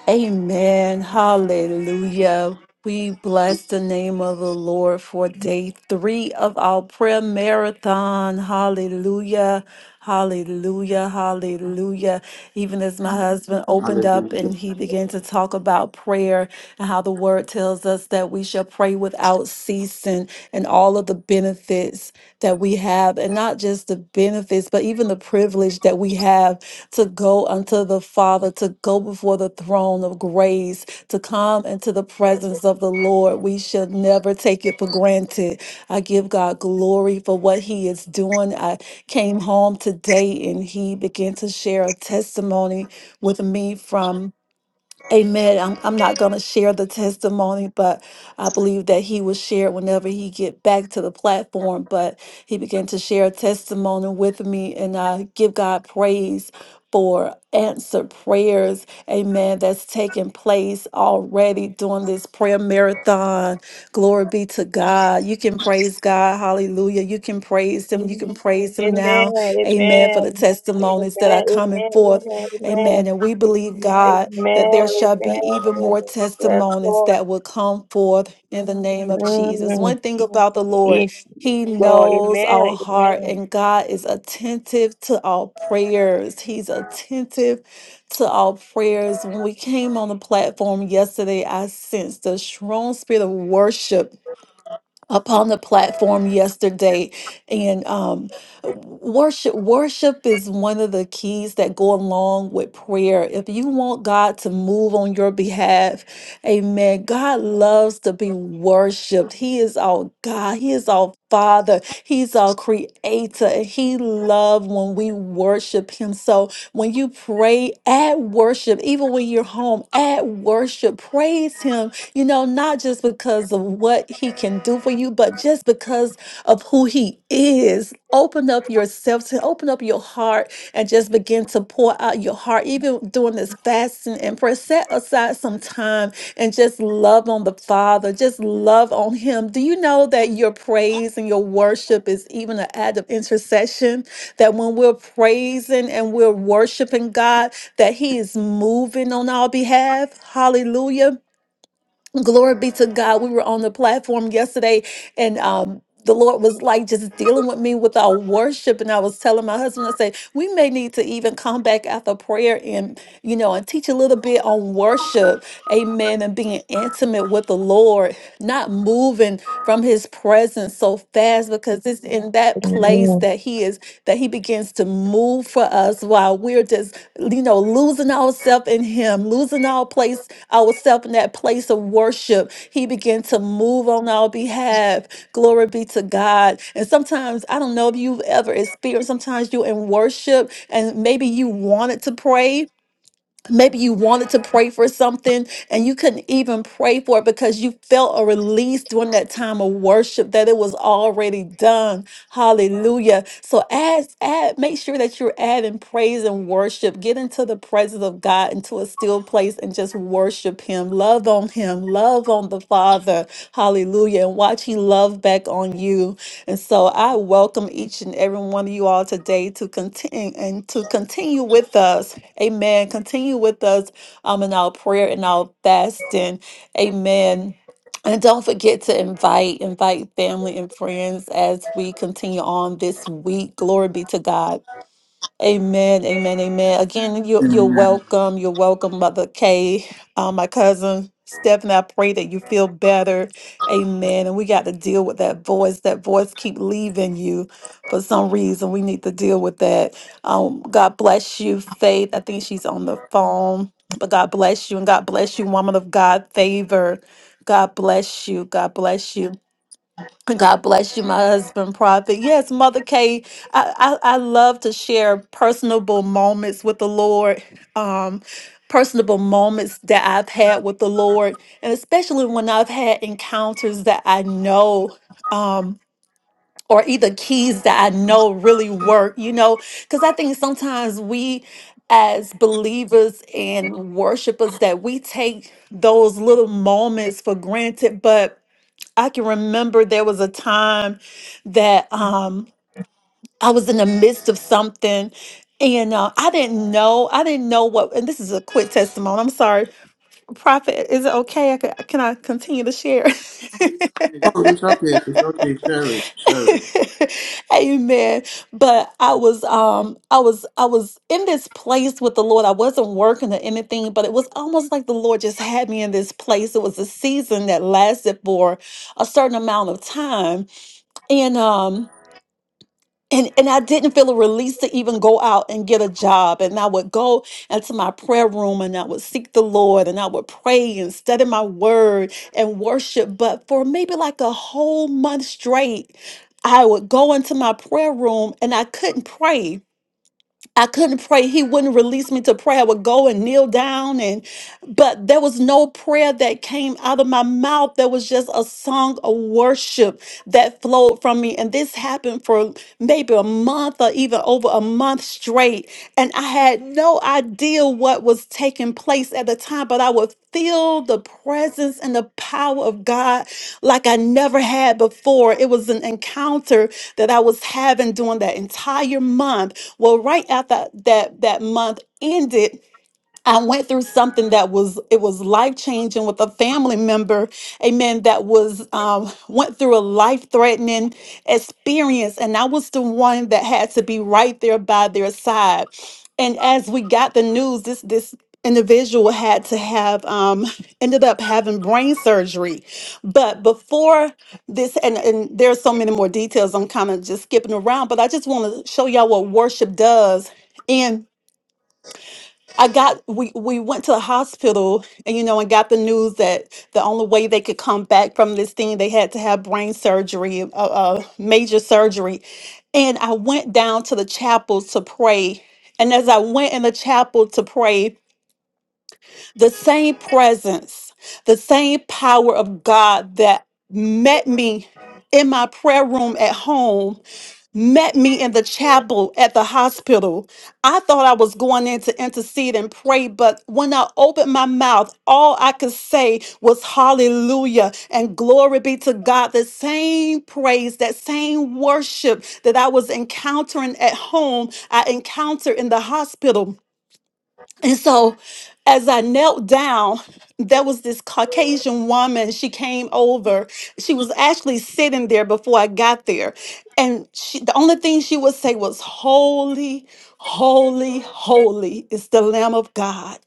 C: Amen. Hallelujah. We bless the name of the Lord for day three of our prayer marathon. Hallelujah. Hallelujah. Hallelujah. Even as my husband opened up
A: Hallelujah.
C: and he began to talk about prayer and how the word tells us that we shall pray without ceasing and all of the benefits that we have, and not just the benefits, but even the privilege that we have to go unto the Father, to go before the throne of grace, to come into the presence of the Lord. We should never take it for granted. I give God glory for what He is doing. I came home today and He began to share a testimony with me from. Amen. I'm, I'm not going to share the testimony, but I believe that he will share whenever he get back to the platform. But he began to share a testimony with me, and I give God praise for answered prayers. Amen. That's taking place already during this prayer marathon. Glory be to God. You can praise God. Hallelujah. You can praise him. You can praise him
B: Amen.
C: now. Amen.
B: Amen.
C: For the
B: Amen. Amen.
C: testimonies that are coming
B: Amen.
C: forth. Amen. And we believe
B: Amen.
C: God that there shall
B: Amen.
C: be even
B: Amen.
C: more
B: Yes,
C: testimonies
B: Lord.
C: that will come forth in the name of Jesus.
B: Mm.
C: One thing about the Lord,
B: Yes,
C: He
B: Lord.
C: knows our
B: Amen.
C: heart,
B: Amen.
C: and God is attentive to our prayers. He's attentive to our prayers. When we came on the platform yesterday, I sensed a strong spirit of worship upon the platform yesterday and um worship worship is one of the keys that go along with prayer if you want god to move on your behalf amen god loves to be worshiped he is our god he is our father he's our creator and he loves when we worship him so when you pray add worship even when you're home add worship praise him you know, not just because of what he can do for you, but just because of who he is. Open up yourself to open up your heart and just begin to pour out your heart, even during this fasting and prayer. Set aside some time and just love on the Father, just love on him. Do you know that your praise and your worship is even an act of intercession? That when we're praising and we're worshiping God, that he is moving on our behalf. Hallelujah Glory be to God. We were on the platform yesterday and um the Lord was like just dealing with me with our worship. And I was telling my husband, I said, we may need to even come back after prayer and, you know, and teach a little bit on worship. Amen. And being intimate with the Lord not moving from his presence so fast because it's in that place
B: Amen.
C: that he is that he begins to move for us while we're just you know losing ourselves in him losing our place ourselves in that place of worship he began to move on our behalf glory be to god and sometimes i don't know if you've ever experienced sometimes you're in worship and maybe you wanted to pray Maybe you wanted to pray for something and you couldn't even pray for it because you felt a release during that time of worship that it was already done. Hallelujah. So add, add, make sure that you're adding praise and worship. Get into the presence of God into a still place and just worship him. Love on him. Love on the Father. Hallelujah. And watch he love back on you. And so I welcome each and every one of you all today to continue and to continue with us Amen. Continue with us um, in our prayer and our fasting. Amen. And don't forget to invite, invite family and friends as we continue on this week. Glory be to God. Amen, amen, amen. Again, you're, you're welcome. You're welcome, Mother Kay, uh, my cousin Stephanie. I pray that you feel better. Amen. And we got to deal with that voice. That voice keep leaving you for some reason. We need to deal with that. Um, God bless you, Faith. I think she's on the phone. But God bless you, and God bless you, woman of God, favor. God bless you. God bless you. God bless you, my husband, Prophet. Yes, Mother Kay, I, I, I love to share personable moments with the Lord, um, personable moments that I've had with the Lord, and especially when I've had encounters that I know. Um, or either keys that I know really work, you know, because I think sometimes we as believers and worshipers that we take those little moments for granted, but I can remember there was a time that um, I was in the midst of something and uh, I didn't know. I didn't know what, and this is a quick testimony. I'm sorry. Prophet, is it okay? I could, can I continue to share?
A: Oh, it's okay. It's okay. Share it. Share it.
C: Amen. But I was, um, I was, I was in this place with the Lord. I wasn't working or anything, but it was almost like the Lord just had me in this place. It was a season that lasted for a certain amount of time. And, um, and and I didn't feel a release to even go out and get a job. And I would go into my prayer room and I would seek the Lord and I would pray and study my word and worship. But for maybe like a whole month straight, I would go into my prayer room and I couldn't pray. I couldn't pray. He wouldn't release me to pray. I would go and kneel down and but there was no prayer that came out of my mouth. There was just a song of worship that flowed from me. And this happened for maybe a month or even over a month straight. And I had had no idea what was taking place at the time, but I would feel the presence and the power of God like I never had before. It was an encounter that I was having during that entire month. Well, right after that that month ended, I went through something that was it was life changing with a family member, amen. That was um, went through a life threatening experience, and I was the one that had to be right there by their side. And as we got the news, this this individual had to have um, ended up having brain surgery. But before this, and and there's so many more details. I'm kind of just skipping around, but I just want to show y'all what worship does. I got we we went to the hospital and you know and got the news that the only way they could come back from this thing they had to have brain surgery, uh, uh, major surgery, and I went down to the chapel to pray. And as I went in the chapel to pray, the same presence, the same power of God that met me in my prayer room at home met me in the chapel at the hospital. I thought I was going in to intercede and pray, but when I opened my mouth, all I could say was hallelujah and glory be to God. The same praise, that same worship that I was encountering at home, I encountered in the hospital. And so as I knelt down, there was this Caucasian woman. She came over. She was actually sitting there before I got there. And she, the only thing she would say was, Holy, holy, holy is the Lamb of God.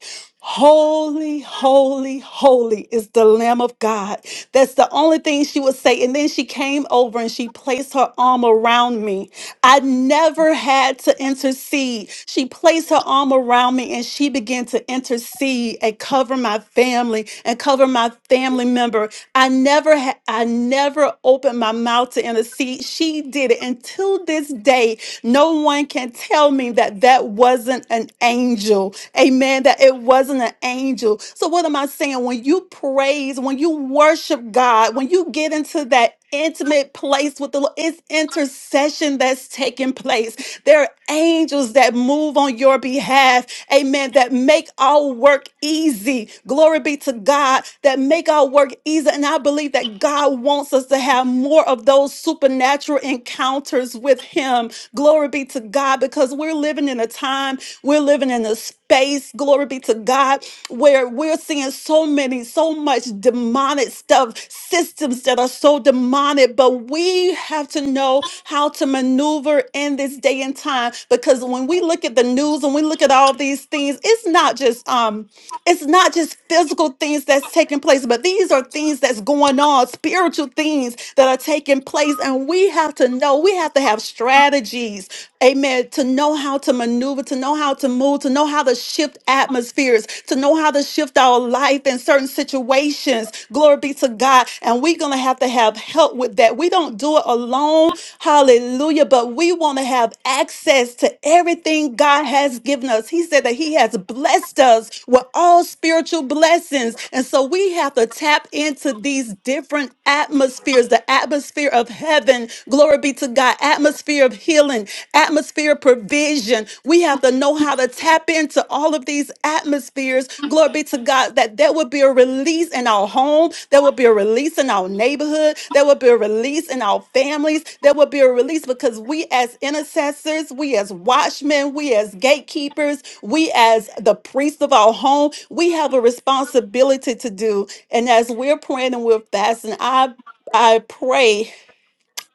C: Holy, holy, holy is the Lamb of God. That's the only thing she would say. And then she came over and she placed her arm around me. I never had had to intercede. She placed her arm around me and she began to intercede and cover my family and cover my family member. I never had I never opened my mouth to intercede. She did it until this day. No one can tell me that that wasn't an angel. Amen. That it wasn't an angel. So, what am I saying? When you praise, when you worship God, when you get into that that intimate place with the Lord. It's intercession that's taking place. There are angels that move on your behalf. Amen. That make our work easy. Glory be to God that make our work easy. And I believe that God wants us to have more of those supernatural encounters with Him. Glory be to God because we're living in a time, we're living in a space. Glory be to God where we're seeing so many, so much demonic stuff, systems that are so demonic, but we have to know how to maneuver in this day and time because when we look at the news and we look at all these things, it's not just um it's not just physical things that's taking place, but these are things that's going on, spiritual things that are taking place and we have to know, we have to have strategies, amen, to know how to maneuver maneuver, to know how to move, to know how to shift atmospheres, to know how to shift our life in certain situations. Glory be to God. And we're going to have to have help with that. We don't do it alone. Hallelujah. But we want to have access to everything God has given us. He said that He has blessed us with all spiritual blessings. And so we have to tap into these different atmospheres, the atmosphere of heaven heaven. Glory be to God. Atmosphere of healing, atmosphere of provision. We have to know how to tap into all of these atmospheres. Glory be to God that there will be a release in our home. There will be a release in our neighborhood. There will be a release in our families. There will be a release because we as intercessors, we as watchmen, we as gatekeepers, we as the priest of our home, we have a responsibility to do. And as we're praying and we're fasting, I I pray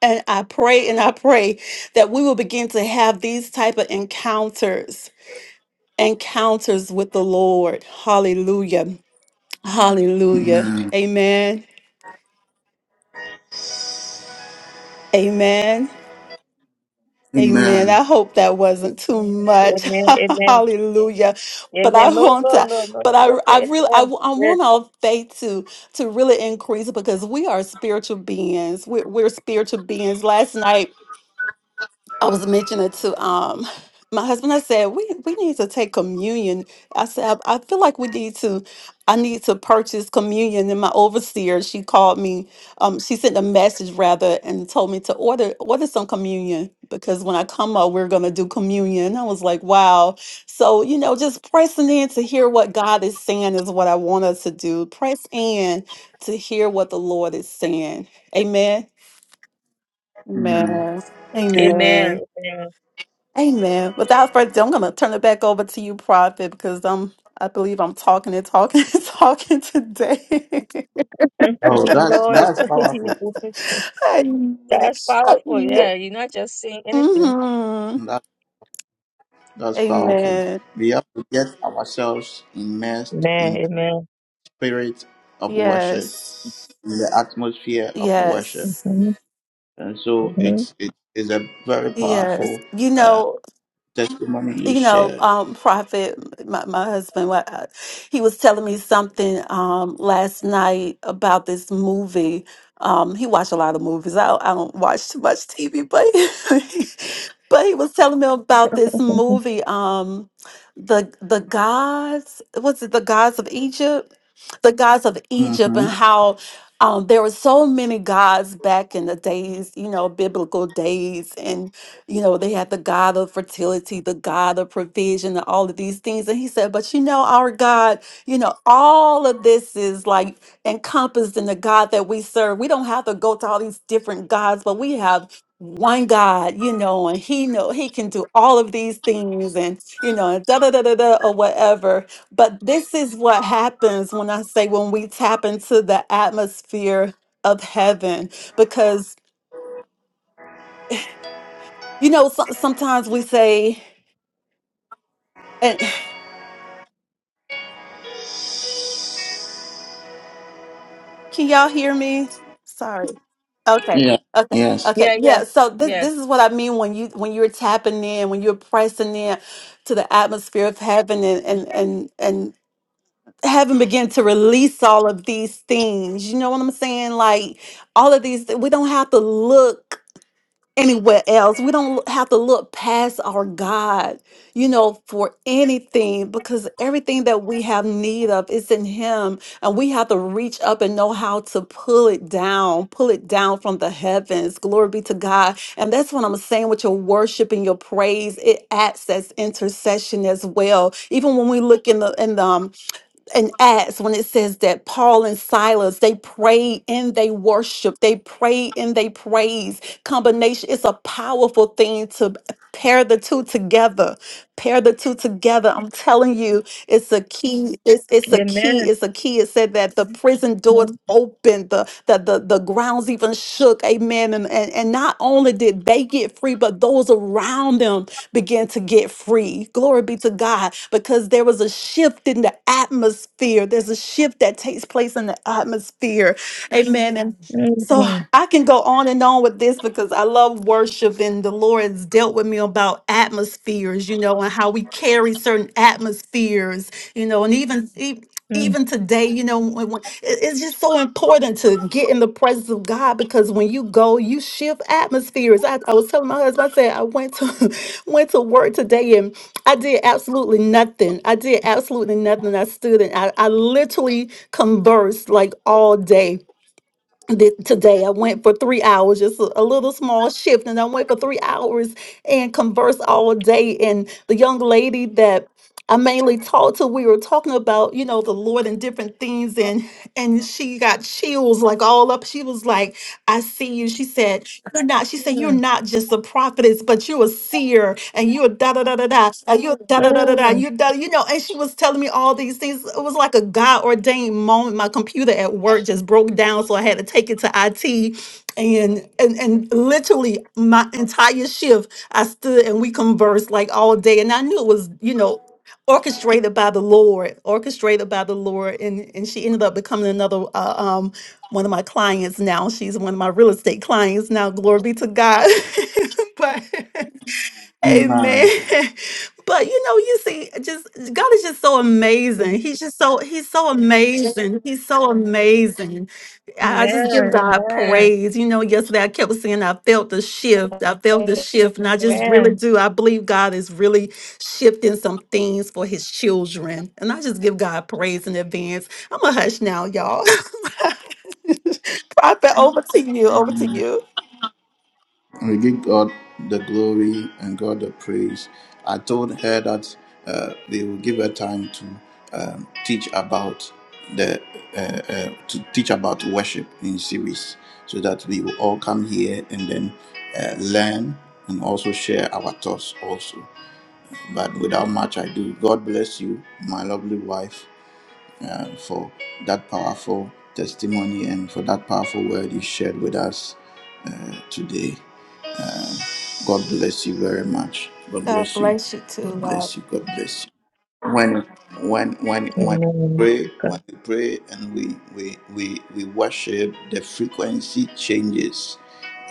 C: and I pray and I pray that we will begin to have these type of encounters, encounters with the Lord. Hallelujah. Hallelujah.
A: Amen.
C: Amen. Amen. Amen.
A: Amen.
C: I hope that wasn't too much.
B: Amen.
C: Hallelujah. But I
B: Amen. No,
C: want
B: no,
C: to,
B: no, no.
C: but
B: It's
C: I, I
B: okay.
C: really, I,
B: Amen.
C: I
B: Yes.
C: want our faith to, to really increase because we are spiritual beings. We're, we're spiritual beings. Last night, I was mentioning to um my husband, I said, we, we need to take communion. I said, I, I feel like we need to, I need to purchase communion. And my overseer, she called me, um, she sent a message rather and told me to order order some communion because when I come up, we're gonna do communion. I was like, wow. So, you know, just pressing in to hear what God is saying is what I want us to do. Press in to hear what the Lord is saying. Amen.
A: Amen.
C: Amen.
D: Amen.
C: Amen.
B: Amen. Amen.
C: Amen. Without further ado, I'm going to turn it back over to you, Prophet, because um, I believe I'm talking and talking and talking today.
A: Oh, that's
B: no,
A: that's powerful.
B: it's-
C: Amen.
B: that's powerful.
C: Yeah.
B: Yeah, you're not just saying anything.
C: hmm
A: That, that's powerful.
C: Amen.
A: We have to get ourselves
B: Amen.
A: immersed in the
B: Amen.
A: spirit of worship,
C: Yes.
A: in the atmosphere of worship.
C: Yes.
B: Mhm.
A: And so
B: Mhm.
A: it's it is a very powerful
C: Yes. You
A: uh,
C: know,
A: testimony you
C: you know,
A: shared.
C: um, Prophet, my, my husband, what, uh, he was telling me something um, last night about this movie. Um, he watched a lot of movies. I, I don't watch too much TV, but but he was telling me about this movie, um, the the gods. Was it the gods of Egypt? The gods of Egypt,
A: Mm-hmm.
C: and how um, there were so many gods back in the days, you know, biblical days, you know, they had the God of fertility, the God of provision, and all of these things. And he said, But you know, our God, you know, all of this is like encompassed in the God that we serve. We don't have to go to all these different gods, but we have one God, you know, and he know he can do all of these things and you know, and da da da da da or whatever. But this is what happens when I say when we tap into the atmosphere of heaven, because you know, so- sometimes we say, Can y'all hear me? Sorry. Okay.
A: Yeah.
C: Okay.
A: Yes.
C: Okay.
B: Yeah, yeah,
C: Yeah. So this
B: yeah.
C: this is what I mean when you when you're tapping in, when you're pressing in to the atmosphere of heaven and and and and heaven begin to release all of these things. You know what I'm saying? Like all of these we don't have to look anywhere else. We don't have to look past our God, you know, for anything because everything that we have need of is in Him. And we have to reach up and know how to pull it down, pull it down from the heavens. Glory be to God. And that's what I'm saying with your worship and your praise. It acts as intercession as well. Even when we look in the in the um, in Acts when it says that Paul and Silas they prayed and they worshiped, they prayed and they praise combination. It's a powerful thing to pair the two together. Pair the two together. I'm telling you, it's a key. It's it's a key.
B: Amen.
C: It's a key. It said that the prison doors
B: Mhm.
C: opened, the the the, the grounds even shook. Amen. And, and and not only did they get free, but those around them began to get free. Glory be to God. Because there was a shift in the atmosphere. There's a shift that takes place in the atmosphere. Amen. So
B: Mhm.
C: I can go on and on with this because I love worship and the Lord's dealt with me about atmospheres, you know, and how we carry certain atmospheres, you know, and even e-
B: Mhm.
C: even today, you know, when, when- it- it's just so important to get in the presence of God because when you go, you shift atmospheres. I, I was telling my husband, I said I went to went to work today and I did absolutely nothing. I did absolutely nothing. I stood and I, I literally conversed like all day th- today i went for three hours just a, a little small shift and i went for three hours and conversed all day and the young lady that I mainly talked to we were talking about, you know, the Lord and different things and and she got chills like all up. She was like, I see you. She said, You're not, she said, You're
B: Mhm.
C: not just a prophetess, but you're a seer and you're da da da da da and you're da da da da da
B: Mhm.
C: you da you know, and she was telling me all these things. It was like a God ordained moment. My computer at work just broke down, so I had to take it to IT and and and literally my entire shift I stood and we conversed like all day and I knew it was, you know orchestrated by the Lord, orchestrated by the Lord, and and she ended up becoming another uh, um one of my clients now. She's one of my real estate clients now. Glory be to God. but Amen.
A: Amen.
C: But you know, you see, just God is just so amazing. He's just so he's so amazing. He's so amazing. I I just give
B: Amen.
C: God
B: Amen.
C: praise. You know, yesterday I kept saying I felt the shift. I felt the shift, and I just really
B: Amen.
C: do. I believe God is really shifting some things for His children, and I just give God praise in advance. I'm a hush now, y'all. Prophet, over to you. Over to you.
A: We give God the glory and God the praise. I told her that uh, they will give her time to um, teach about the uh, uh, to teach about worship in series, so that we will all come here and then uh, learn and also share our thoughts also. But without much ado, God bless you, my lovely wife, uh, for that powerful testimony and for that powerful word you shared with us uh, today. God bless you very much. God
C: God
A: bless you.
C: bless you.
A: God
C: God.
A: bless you. God bless you. When when when when we
B: Amen.
A: pray, when
B: God.
A: we pray and we we we, we worship, the frequency changes.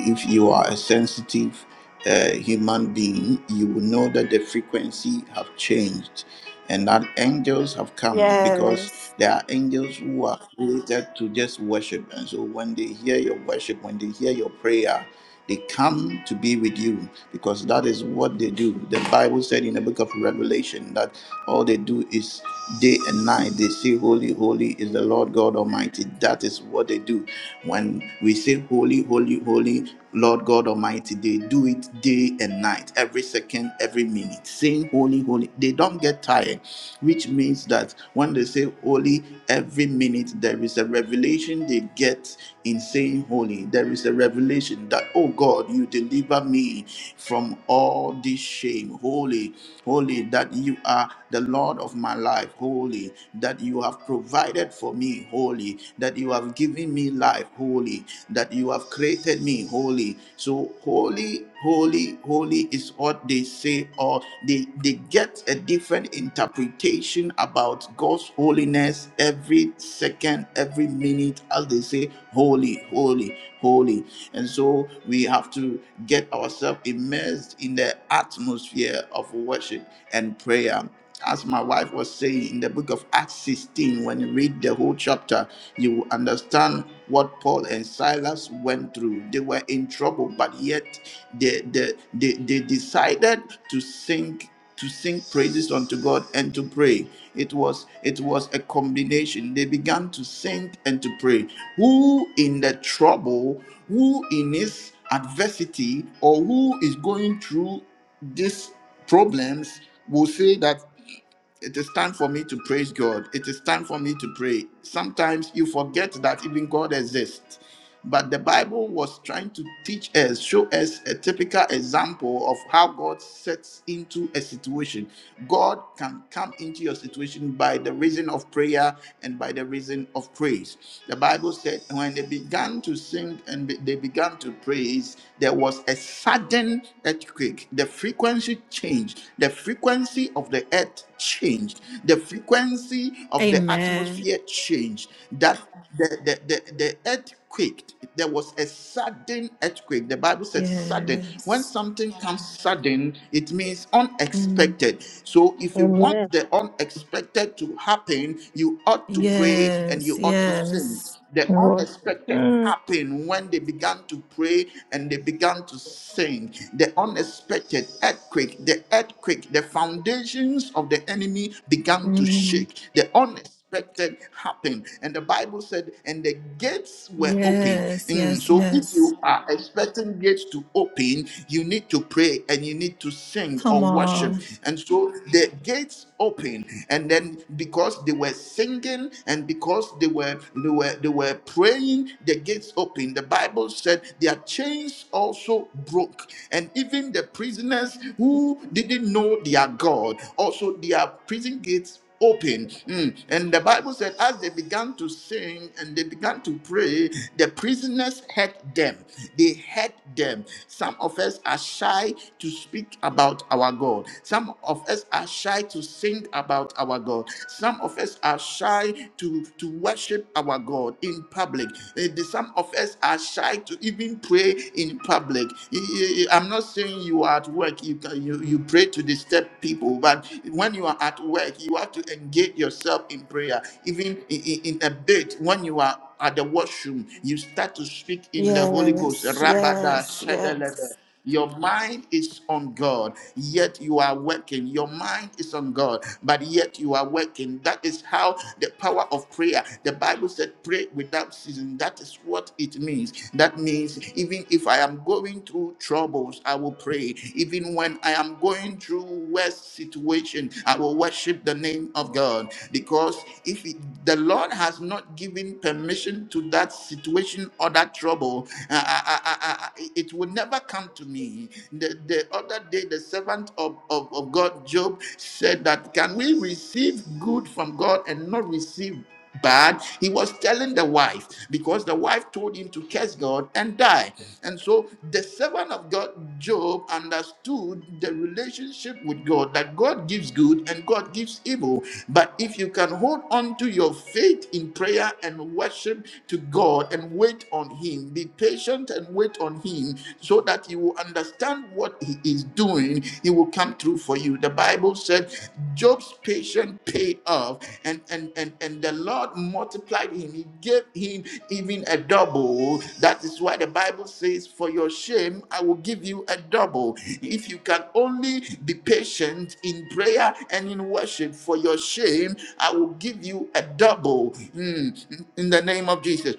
A: If you are a sensitive uh, human being, you will know that the frequency have changed and that angels have come because
C: Yes.
A: there are angels who are created to just worship. And so when they hear your worship, when they hear your prayer, they come to be with you because that is what they do. The Bible said in the book of Revelation that all they do is day and night they say, Holy, holy is the Lord God Almighty. That is what they do. When we say, Holy, holy, holy, Lord God Almighty, they do it day and night, every second, every minute, saying holy, holy. They don't get tired, which means that when they say holy every minute, there is a revelation they get in saying holy. There is a revelation that, oh God, you deliver me from all this shame. Holy, holy, that you are the Lord of my life, holy, that you have provided for me, holy, that you have given me life, holy, that you have created me, holy. So, holy, holy, holy is what they say, or they, they get a different interpretation about God's holiness every second, every minute, as they say, holy, holy, holy. And so we have to get ourselves immersed in the atmosphere of worship and prayer. As my wife was saying in the book of Acts 16, when you read the whole chapter, you will understand what Paul and Silas went through. They were in trouble, but yet they, they, they, they decided to sing to sing praises unto God and to pray. It was it was a combination. They began to sing and to pray. Who in the trouble, who in his adversity, or who is going through these problems will say that it is time for me to praise God. It is time for me to pray. Sometimes you forget that even God exists. But the Bible was trying to teach us, show us a typical example of how God sets into a situation. God can come into your situation by the reason of prayer and by the reason of praise. The Bible said, when they began to sing and be- they began to praise, there was a sudden earthquake. The frequency changed. The frequency of the earth changed. The frequency of the
C: Amen.
A: atmosphere changed. That the, the, the, the earth quaked. There was a sudden earthquake. The Bible says sudden. When
C: Yes.
A: something comes sudden, it means
C: Mm.
A: unexpected. So if you want
B: Amen.
A: the unexpected to happen, you ought to pray and
C: Yes.
A: you ought to sing.
C: Yes.
A: The
B: I worship.
A: unexpected
B: Mm.
A: happened when they began to pray and they began to sing. The unexpected earthquake, the earthquake, the foundations of the enemy began to
C: Mm.
A: shake. The unexpected unexpected happened. And the Bible said, and the gates were open.
C: Yes.
A: Mm,
C: Yes.
A: so if
C: Yes.
A: you are expecting gates to open, you need to pray and you need to sing or
C: Come
A: worship.
C: on.
A: And so the gates open, and then because they were singing and because they were they were they were praying, the gates open. The Bible said their chains also broke, and even the prisoners who didn't know their God, also their prison gates open. Mm. And the Bible said, as they began to sing and they began to pray, the prisoners heard them. They heard them. Some of us are shy to speak about our God. Some of us are shy to sing about our God. Some of us are shy to, to worship our God in public. Eh, the- Some of us are shy to even pray in public. Eh, eh, eh, I'm not saying when you are at work, you can you, you pray to disturb people, but when you are at work, you have to engage yourself in prayer. Even in, in, in a bit, when you are at the washroom, you start to speak in the Holy Ghost.
C: Yes.
A: Rabada
C: Yes.
A: shedelebe.
C: Yes.
A: Your mind is on God, yet you are working. Your mind is on God, but yet you are working. That is how the power of prayer. The Bible said, "Pray without ceasing." That that is what it means. That means even if I am going through troubles, I will pray. Even when I am going through worst situation, I will worship the name of God. Because if it- the Lord has not given permission to that situation or that trouble, I- I- I- I- I- it will never come to me. The, the other day, the servant of, of, of God, Job, said that, Can we receive good from God and not receive? But he was telling the wife because the wife told him to curse God and die. And so the servant of God, Job, understood the relationship with God that God gives good and God gives evil. But if you can hold on to your faith in prayer and worship to God and wait on Him, be patient and wait on Him so that you will understand what He is doing doing, He will come through for you. The Bible said Job's patience paid off, and and and and the Lord multiplied him. He gave him even a double. That is why the Bible says, "For your shame, I will give you a double." If you can only be patient in prayer and in worship, for your shame, I will give you a double. Mm, In the name of Jesus.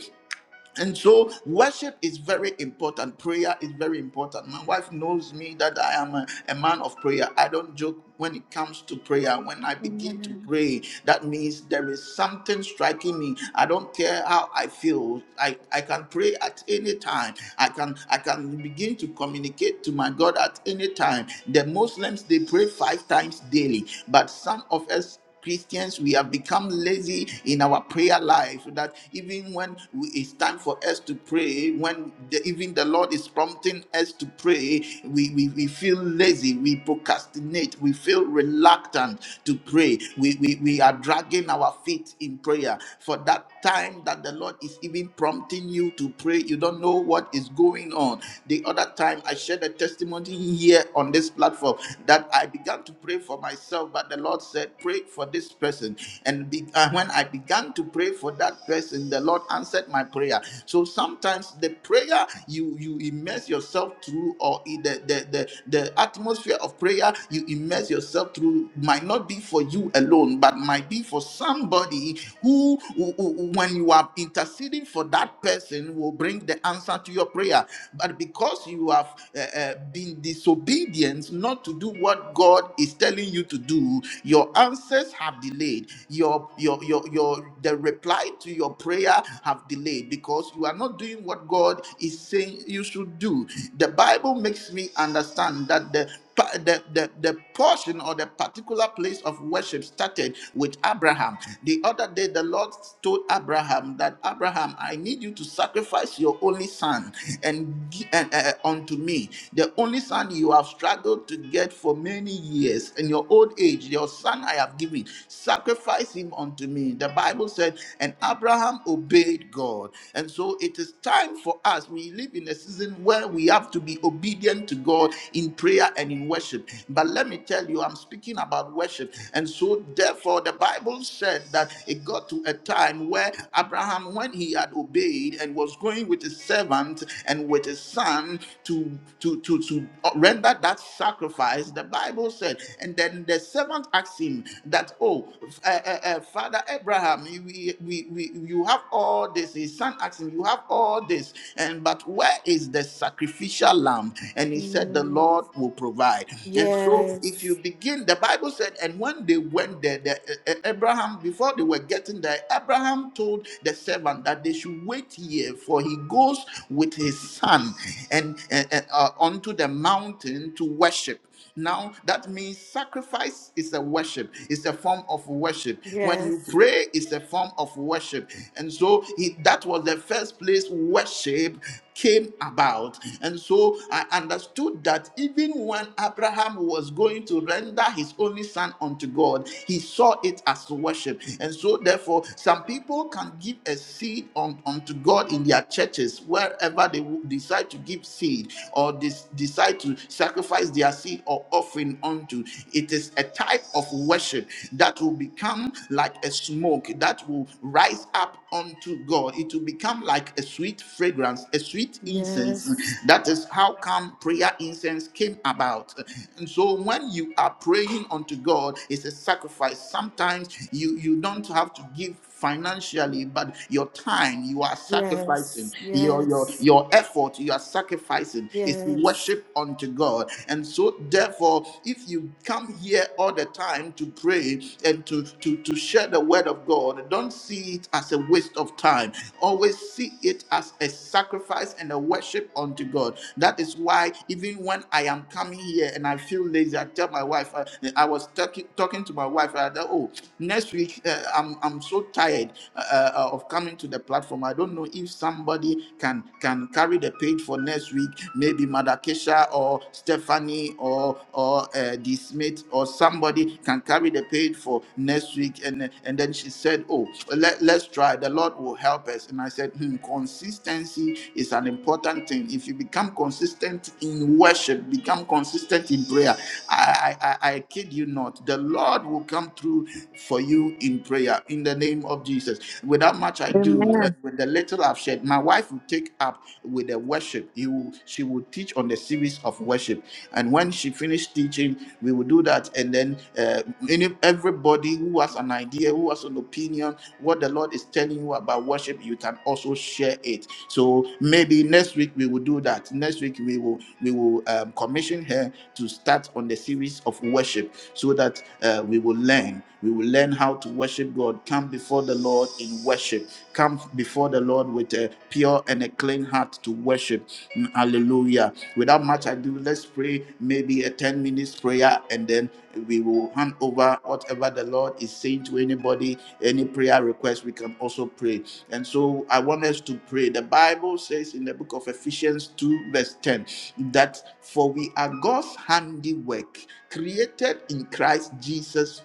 A: And so worship is very important. Prayer is very important. My wife knows me that I am a, a man of prayer. I don't joke when it comes to prayer. When I begin to
C: Amen.
A: pray, that means there is something striking me. I don't care how I feel. I, I can pray at any time. I can I can begin to communicate to my God at any time. The Muslims they pray five times daily, but some of us Christians, we have become lazy in our prayer life so that even when we, it's time for us to pray, when the, even the Lord is prompting us to pray, we, we, we feel lazy, we procrastinate, we feel reluctant to pray. We, we, we are dragging our feet in prayer. For that time that the Lord is even prompting you to pray, you don't know what is going on. The other time, I shared a testimony here on this platform that I began to pray for myself myself, but the Lord said, Pray for this person. And be, uh, when I began to pray for that person, the Lord answered my prayer. So sometimes the prayer you, you immerse yourself through, or in the, the, the, the atmosphere of prayer you immerse yourself through, might not be for you alone, but might be for somebody who, who- who- when you are interceding for that person, will bring the answer to your prayer but because you have uh, uh, been disobedient not to do what what God is telling you to do, your answers have delayed. Your your your your the reply to your prayer have delayed because you are not doing what God is saying you should do. The Bible makes me understand that the pa- the, the, the portion or the particular place of worship started with Abraham. The other day, the Lord told Abraham that Abraham, I need you to sacrifice your only son and, gi- and uh, unto me. The only son you have struggled struggled to get for many years. In your old age, your son I have given. Sacrifice him unto me. The Bible said, and Abraham obeyed God. And so it is time for us. We live in a season where we have to be obedient to God in prayer and in worship. But let me tell you, I'm speaking about worship. And so therefore, the Bible said that it got to a time where Abraham, when he had obeyed and was going with his servant and with his son, to to to to to render that sacrifice the bible said and then the servant asked him that oh uh, uh, uh, father abraham we, we, we you have all this his son asked him you have all this and but where is the sacrificial lamb and he said the
C: Mm.
A: lord will provide and so if you
C: Yes.
A: begin the bible said and when they went there the, uh, uh, abraham before they were getting there abraham told the servant that they should wait here for he goes with his son and, and, and, uh, onto the mountain to worship. Now that means sacrifice is a worship, it's a form of worship. When you
C: Yes.
A: pray, it's a form of worship. And so he, that was the first place worship came about. And so I understood that even when Abraham was going to render his only son unto God, he saw it as worship. And so, therefore, some people can give a seed un- unto God in their churches wherever they decide to give seed or des- decide to sacrifice their seed or offering unto. It is a type of worship that will become like a smoke that will rise up unto God. It will become like a sweet fragrance, a sweet incense.
C: Yes.
A: That is how come prayer incense came about. And so when you are praying unto God, it's a sacrifice. Sometimes you, you don't have to give financially, but your time, you are sacrificing
C: Yes.
A: your your
C: Yes.
A: your effort you are sacrificing is
C: Yes.
A: worship unto god and so therefore if you come here all the time to pray and to to to share the word of god don't see it as a waste of time always see it as a sacrifice and a worship unto god that is why even when i am coming here and i feel lazy i tell my wife I i was talking talking to my wife I that, oh next week uh, i'm i'm so tired uh, uh, of of coming to the platform. I don't know if somebody can can carry the page for next week. Maybe Madakesha or Stephanie or or uh, D Smith or somebody can carry the page for next week. And and then she said, "Oh, let, let's try. The Lord will help us." And I said, hmm, "Consistency is an important thing. If you become consistent in worship, become consistent in prayer. I I, I I kid you not. The Lord will come through for you in prayer in the name." name of Jesus. Without much I do, uh,
B: Amen.
A: with the little I've shared, my wife will take up with the worship. He will, she will teach on the series of worship. And when she finished teaching, we will do that. And then uh, any, everybody who has an idea, who has an opinion, what the Lord is telling you about worship, you can also share it. So maybe next week we will do that. Next week we will we will um, commission her to start on the series of worship so that uh, we will learn. We will learn how to worship God. Come before the Lord in worship. Come before the Lord with a pure and a clean heart to worship. Mm, Hallelujah. Without much ado, let's pray maybe a 10 minutes prayer and then we will hand over whatever the Lord is saying to anybody. Any prayer request, we can also pray. And so I want us to pray. The Bible says in the book of Ephesians 2, verse 10, that for we are God's handiwork, created in Christ Jesus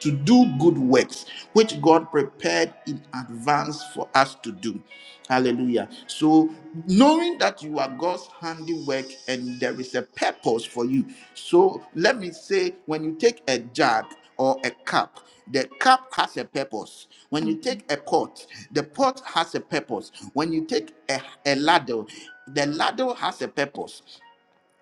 A: to do good works which God prepared in advance for us to do. Hallelujah. So, knowing that you are God's handiwork and there is a purpose for you. So, let me say, when you take a jug or a cup, the cup has a purpose. When you take a pot, the pot has a purpose. When you take a, a ladle, the ladle has a purpose.